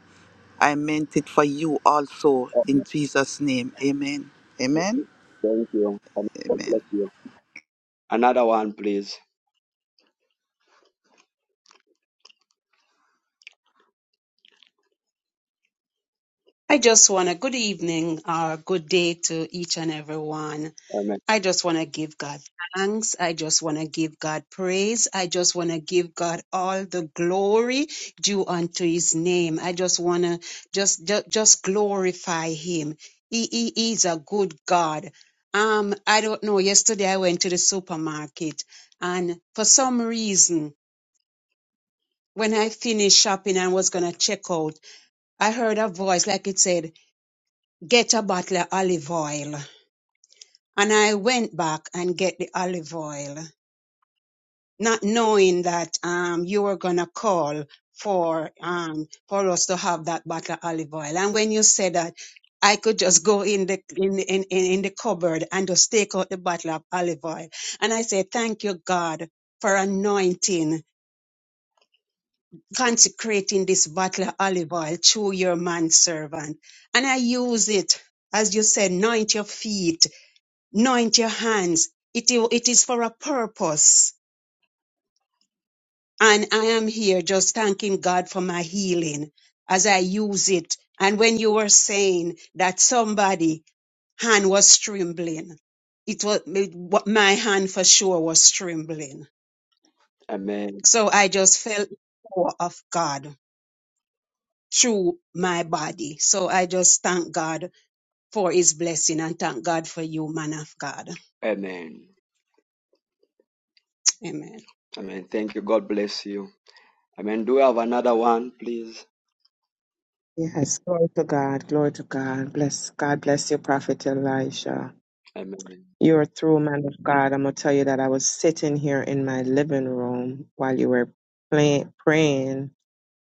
F: I meant it for you also. In
A: Amen.
F: Jesus' name. Amen. Amen.
A: Thank you. Amen. God bless
F: Amen.
A: you. Another one, please.
V: I just want a good evening or good day to each and everyone.
A: Amen.
V: I just want to give God thanks. I just want to give God praise. I just want to give God all the glory due unto his name. I just want to just, just just glorify him. He, he he is a good God. Um I don't know yesterday I went to the supermarket and for some reason When I finished shopping and was gonna check out, I heard a voice like it said, get a bottle of olive oil. And I went back and get the olive oil, not knowing that um you were gonna call for um for us to have that bottle of olive oil. And when you said that, I could just go in the in, in, in in the cupboard and just take out the bottle of olive oil. And I said, Thank you, God, for anointing consecrating this bottle of olive oil through your manservant. And I use it, as you said, anoint your feet, anoint your hands. It, i- it is for a purpose. And I am here just thanking God for my healing as I use it. And when you were saying that somebody hand was trembling, it was my hand for sure was trembling.
A: Amen.
V: So I just felt the power of God. through my body. So I just thank God for his blessing and thank God for you, man of God.
A: Amen.
V: Amen.
A: Amen. Thank you. God bless you. Amen. Do we have another one, please?
H: Yes, glory to God, glory to God. Bless God, bless you, Prophet Elijah.
A: Amen.
H: You're through, man of God. I'm gonna tell you that I was sitting here in my living room while you were play, praying,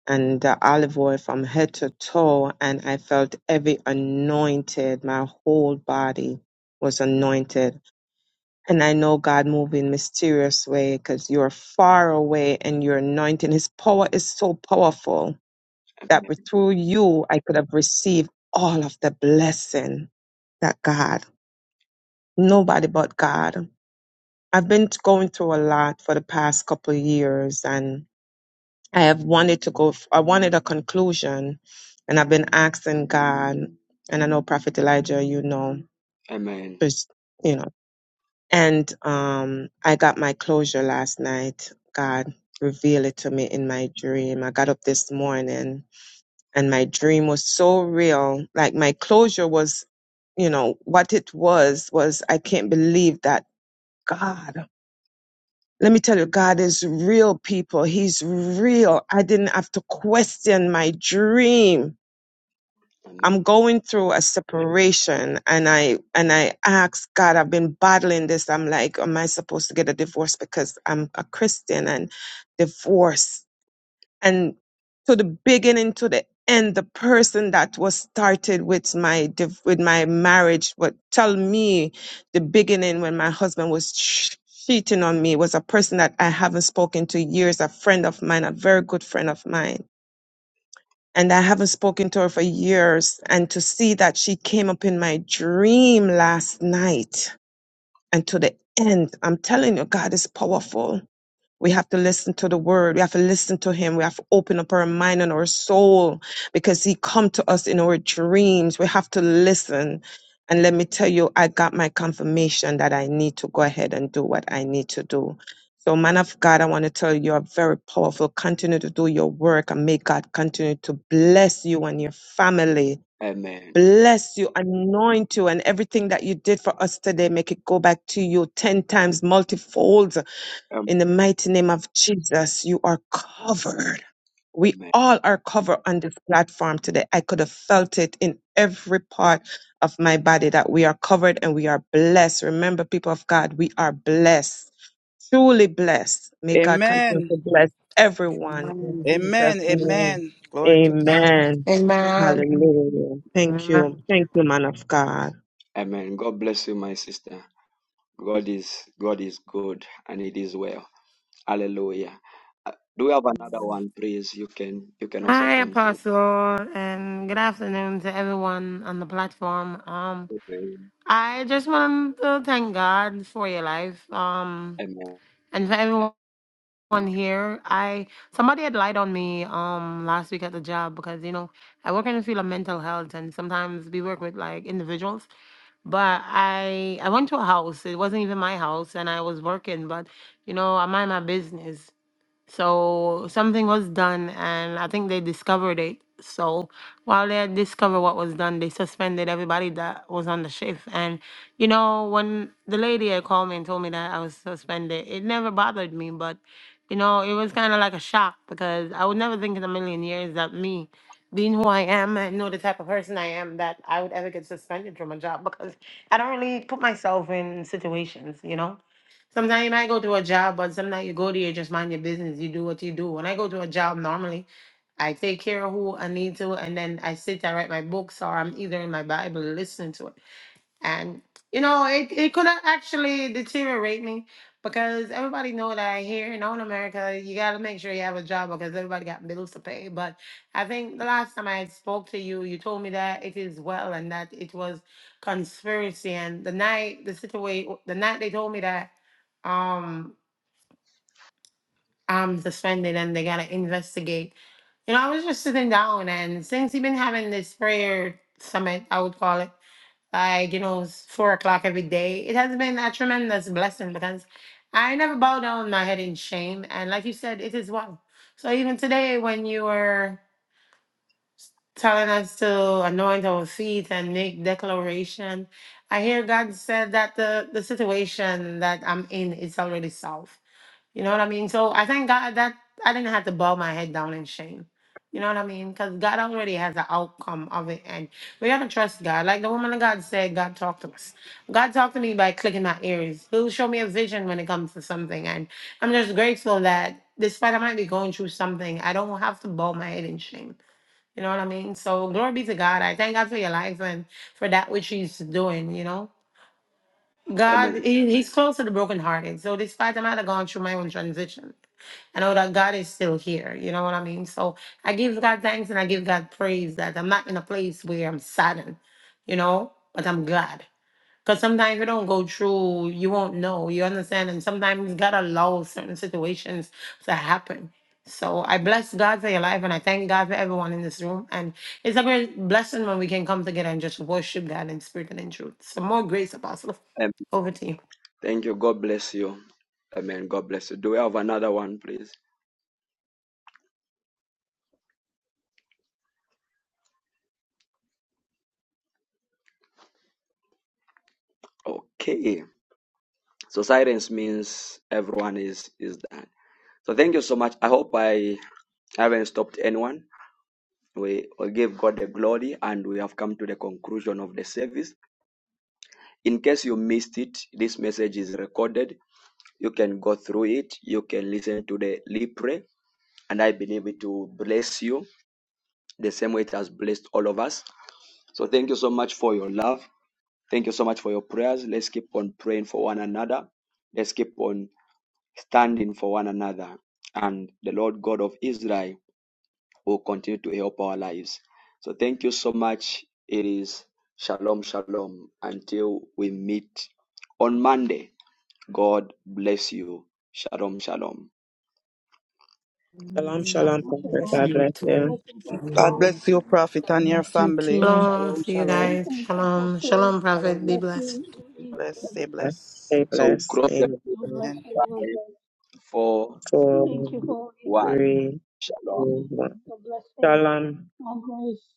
H: and the olive oil from head to toe, and I felt every anointed. My whole body was anointed, and I know God moved in mysterious way because you're far away, and your anointing, His power is so powerful that through you I could have received all of the blessing that God, nobody but God. I've been going through a lot for the past couple of years and I have wanted to go, I wanted a conclusion and I've been asking God, and I know Prophet Elijah, you know,
A: Amen.
H: just, you know, and um, I got my closure last night. God revealed it to me in my dream. I got up this morning and my dream was so real. Like my closure was, you know, what it was, was I can't believe that God, let me tell you, God is real people. He's real. I didn't have to question my dream.
A: Amen.
H: I'm going through a separation and I, and I asked God, I've been battling this. I'm like, am I supposed to get a divorce because I'm a Christian and divorce? and to the beginning to the end the person that was started with my div- with my marriage would tell me the beginning when my husband was ch- cheating on me was a person that i haven't spoken to years a friend of mine a very good friend of mine and i haven't spoken to her for years and to see that she came up in my dream last night and to the end i'm telling you god is powerful we have to listen to the word. We have to listen to him. We have to open up our mind and our soul because he come to us in our dreams. We have to listen. And let me tell you, I got my confirmation that I need to go ahead and do what I need to do. So, man of God, I want to tell you, you're very powerful. Continue to do your work and may God continue to bless you and your family.
A: Amen.
H: Bless you, anoint you, and everything that you did for us today, make it go back to you 10 times multifold
A: Amen.
H: in the mighty name of Jesus, you are covered. We
A: Amen.
H: all are covered on this platform today. I could have felt it in every part of my body that we are covered and we are blessed. Remember, people of God, we are blessed, truly blessed. May God continue
F: Amen.
H: to bless everyone in
R: Amen.
H: Jesus'
F: Amen.
R: Amen.
H: name.
F: Amen. Glory to God.
H: Amen.
I: Amen.
H: Hallelujah. Thank you.
I: Amen.
H: Thank you, man of God.
A: Amen. God bless you, my sister. God is God is good and it is well. Hallelujah. Uh, Do we have another
R: Amen.
A: one, please? You can you can also
I: Hi,
A: come through.
I: Apostle, and good afternoon to everyone on the platform. Um,
A: Amen.
I: I just want to thank God for your life. Um,
A: Amen.
I: and for everyone. on here. I somebody had lied on me um last week at the job because you know I work in the field of mental health and sometimes we work with like individuals. But I I went to a house. It wasn't even my house, and I was working. But you know I mind my business. So something was done, and I think they discovered it. So while they had discovered what was done, they suspended everybody that was on the shift. And you know, when the lady had called me and told me that I was suspended, it never bothered me. But you know, it was kind of like a shock because I would never think in a million years that me, being who I am and know the type of person I am, that I would ever get suspended from a job because I don't really put myself in situations, you know. Sometimes you might go to a job, but sometimes you go there, you just mind your business. You do what you do. When I go to a job normally, I take care of who I need to, and then I sit, I write my books, or I'm either in my Bible listening to it and you know it, it could have actually deteriorate me because everybody know that here in all america you got to make sure you have a job because everybody got bills to pay but i think the last time i spoke to you you told me that it is well and that it was conspiracy and the night the situation the night they told me that um i'm suspended and they gotta investigate you know i was just sitting down and since you've been having this prayer summit i would call it like you know it's four o'clock every day it has been a tremendous blessing because i never bow down my head in shame and like you said it is one so even today when you were telling us to anoint our feet and make declaration i hear god said that the the situation that i'm in is already solved you know what I mean? So I thank God that I didn't have to bow my head down in shame. You know what I mean? Because God already has the outcome of it. And we got to trust God. Like the woman of God said, God talked to us. God talked to me by clicking my ears. He'll show me a vision when it comes to something. And I'm just grateful that despite I might be going through something, I don't have to bow my head in shame. You know what I mean? So glory be to God. I thank God for your life and for that which He's doing, you know? God,
A: Amen.
I: he, He's close to the brokenhearted. So despite I might have gone through my own transition, I know that God is still here. You know what I mean? So I give God thanks and I give God praise that I'm not in a place where I'm saddened, you know, but I'm glad. Because sometimes you don't go through, you won't know. You understand? And sometimes God allows certain situations to happen. So I bless God for your life and I thank God for everyone in this room. And it's a great blessing when we can come together and just worship God in spirit and in truth. So more grace, Apostle.
A: Amen.
I: Over to you.
A: Thank you. God bless you. Amen. God bless you. Do we have another one, please? Okay. So silence means everyone is is done. So thank you so much. I hope I haven't stopped anyone. We, we give God the glory and we have come to the conclusion of the service. In case you missed it, this message is recorded. You can go through it. You can listen to the Lipre and I believe it will bless you the same way it has blessed all of us. So thank you so much for your love. Thank you so much for your prayers. Let's keep on praying for one another. Let's keep on standing for one another. And the Lord God of Israel will continue to help our lives. So thank you so much. It is shalom, shalom. Until we meet on Monday, God bless you. Shalom, shalom.
H: Shalom, shalom,
K: Shalom,
R: God
H: Prophet.
R: Bless
K: shalom.
H: God
R: you
H: bless
R: too.
H: you.
K: Blessings,
F: God
R: Shalom.
K: everyone.
F: bless you,
K: and
F: Prophet,
K: God
L: I
F: and your
K: bless.
L: miss you
F: family.
L: too.
I: Shalom.
F: Shalom.
I: See you
F: Shalom.
I: guys.
K: Blessings,
I: Shalom.
K: Apostle.
I: Shalom,
K: God
I: Prophet. Be
F: Shalom.
K: bless
I: blessed.
K: you,
F: Be
K: Uli.
H: everyone.
F: blessed. Stay
K: God
F: blessed.
H: Stay
A: So we
H: blessed.
A: cross the
H: Amen.
K: bless
F: Amen.
K: you, Roger.
A: four,
H: Four,
A: three,
K: Thank you for
A: two,
K: all you do.
A: one.
H: three,
A: shalom
H: two, one.
K: Amen. God bless you.
H: Shalom.
K: God bless.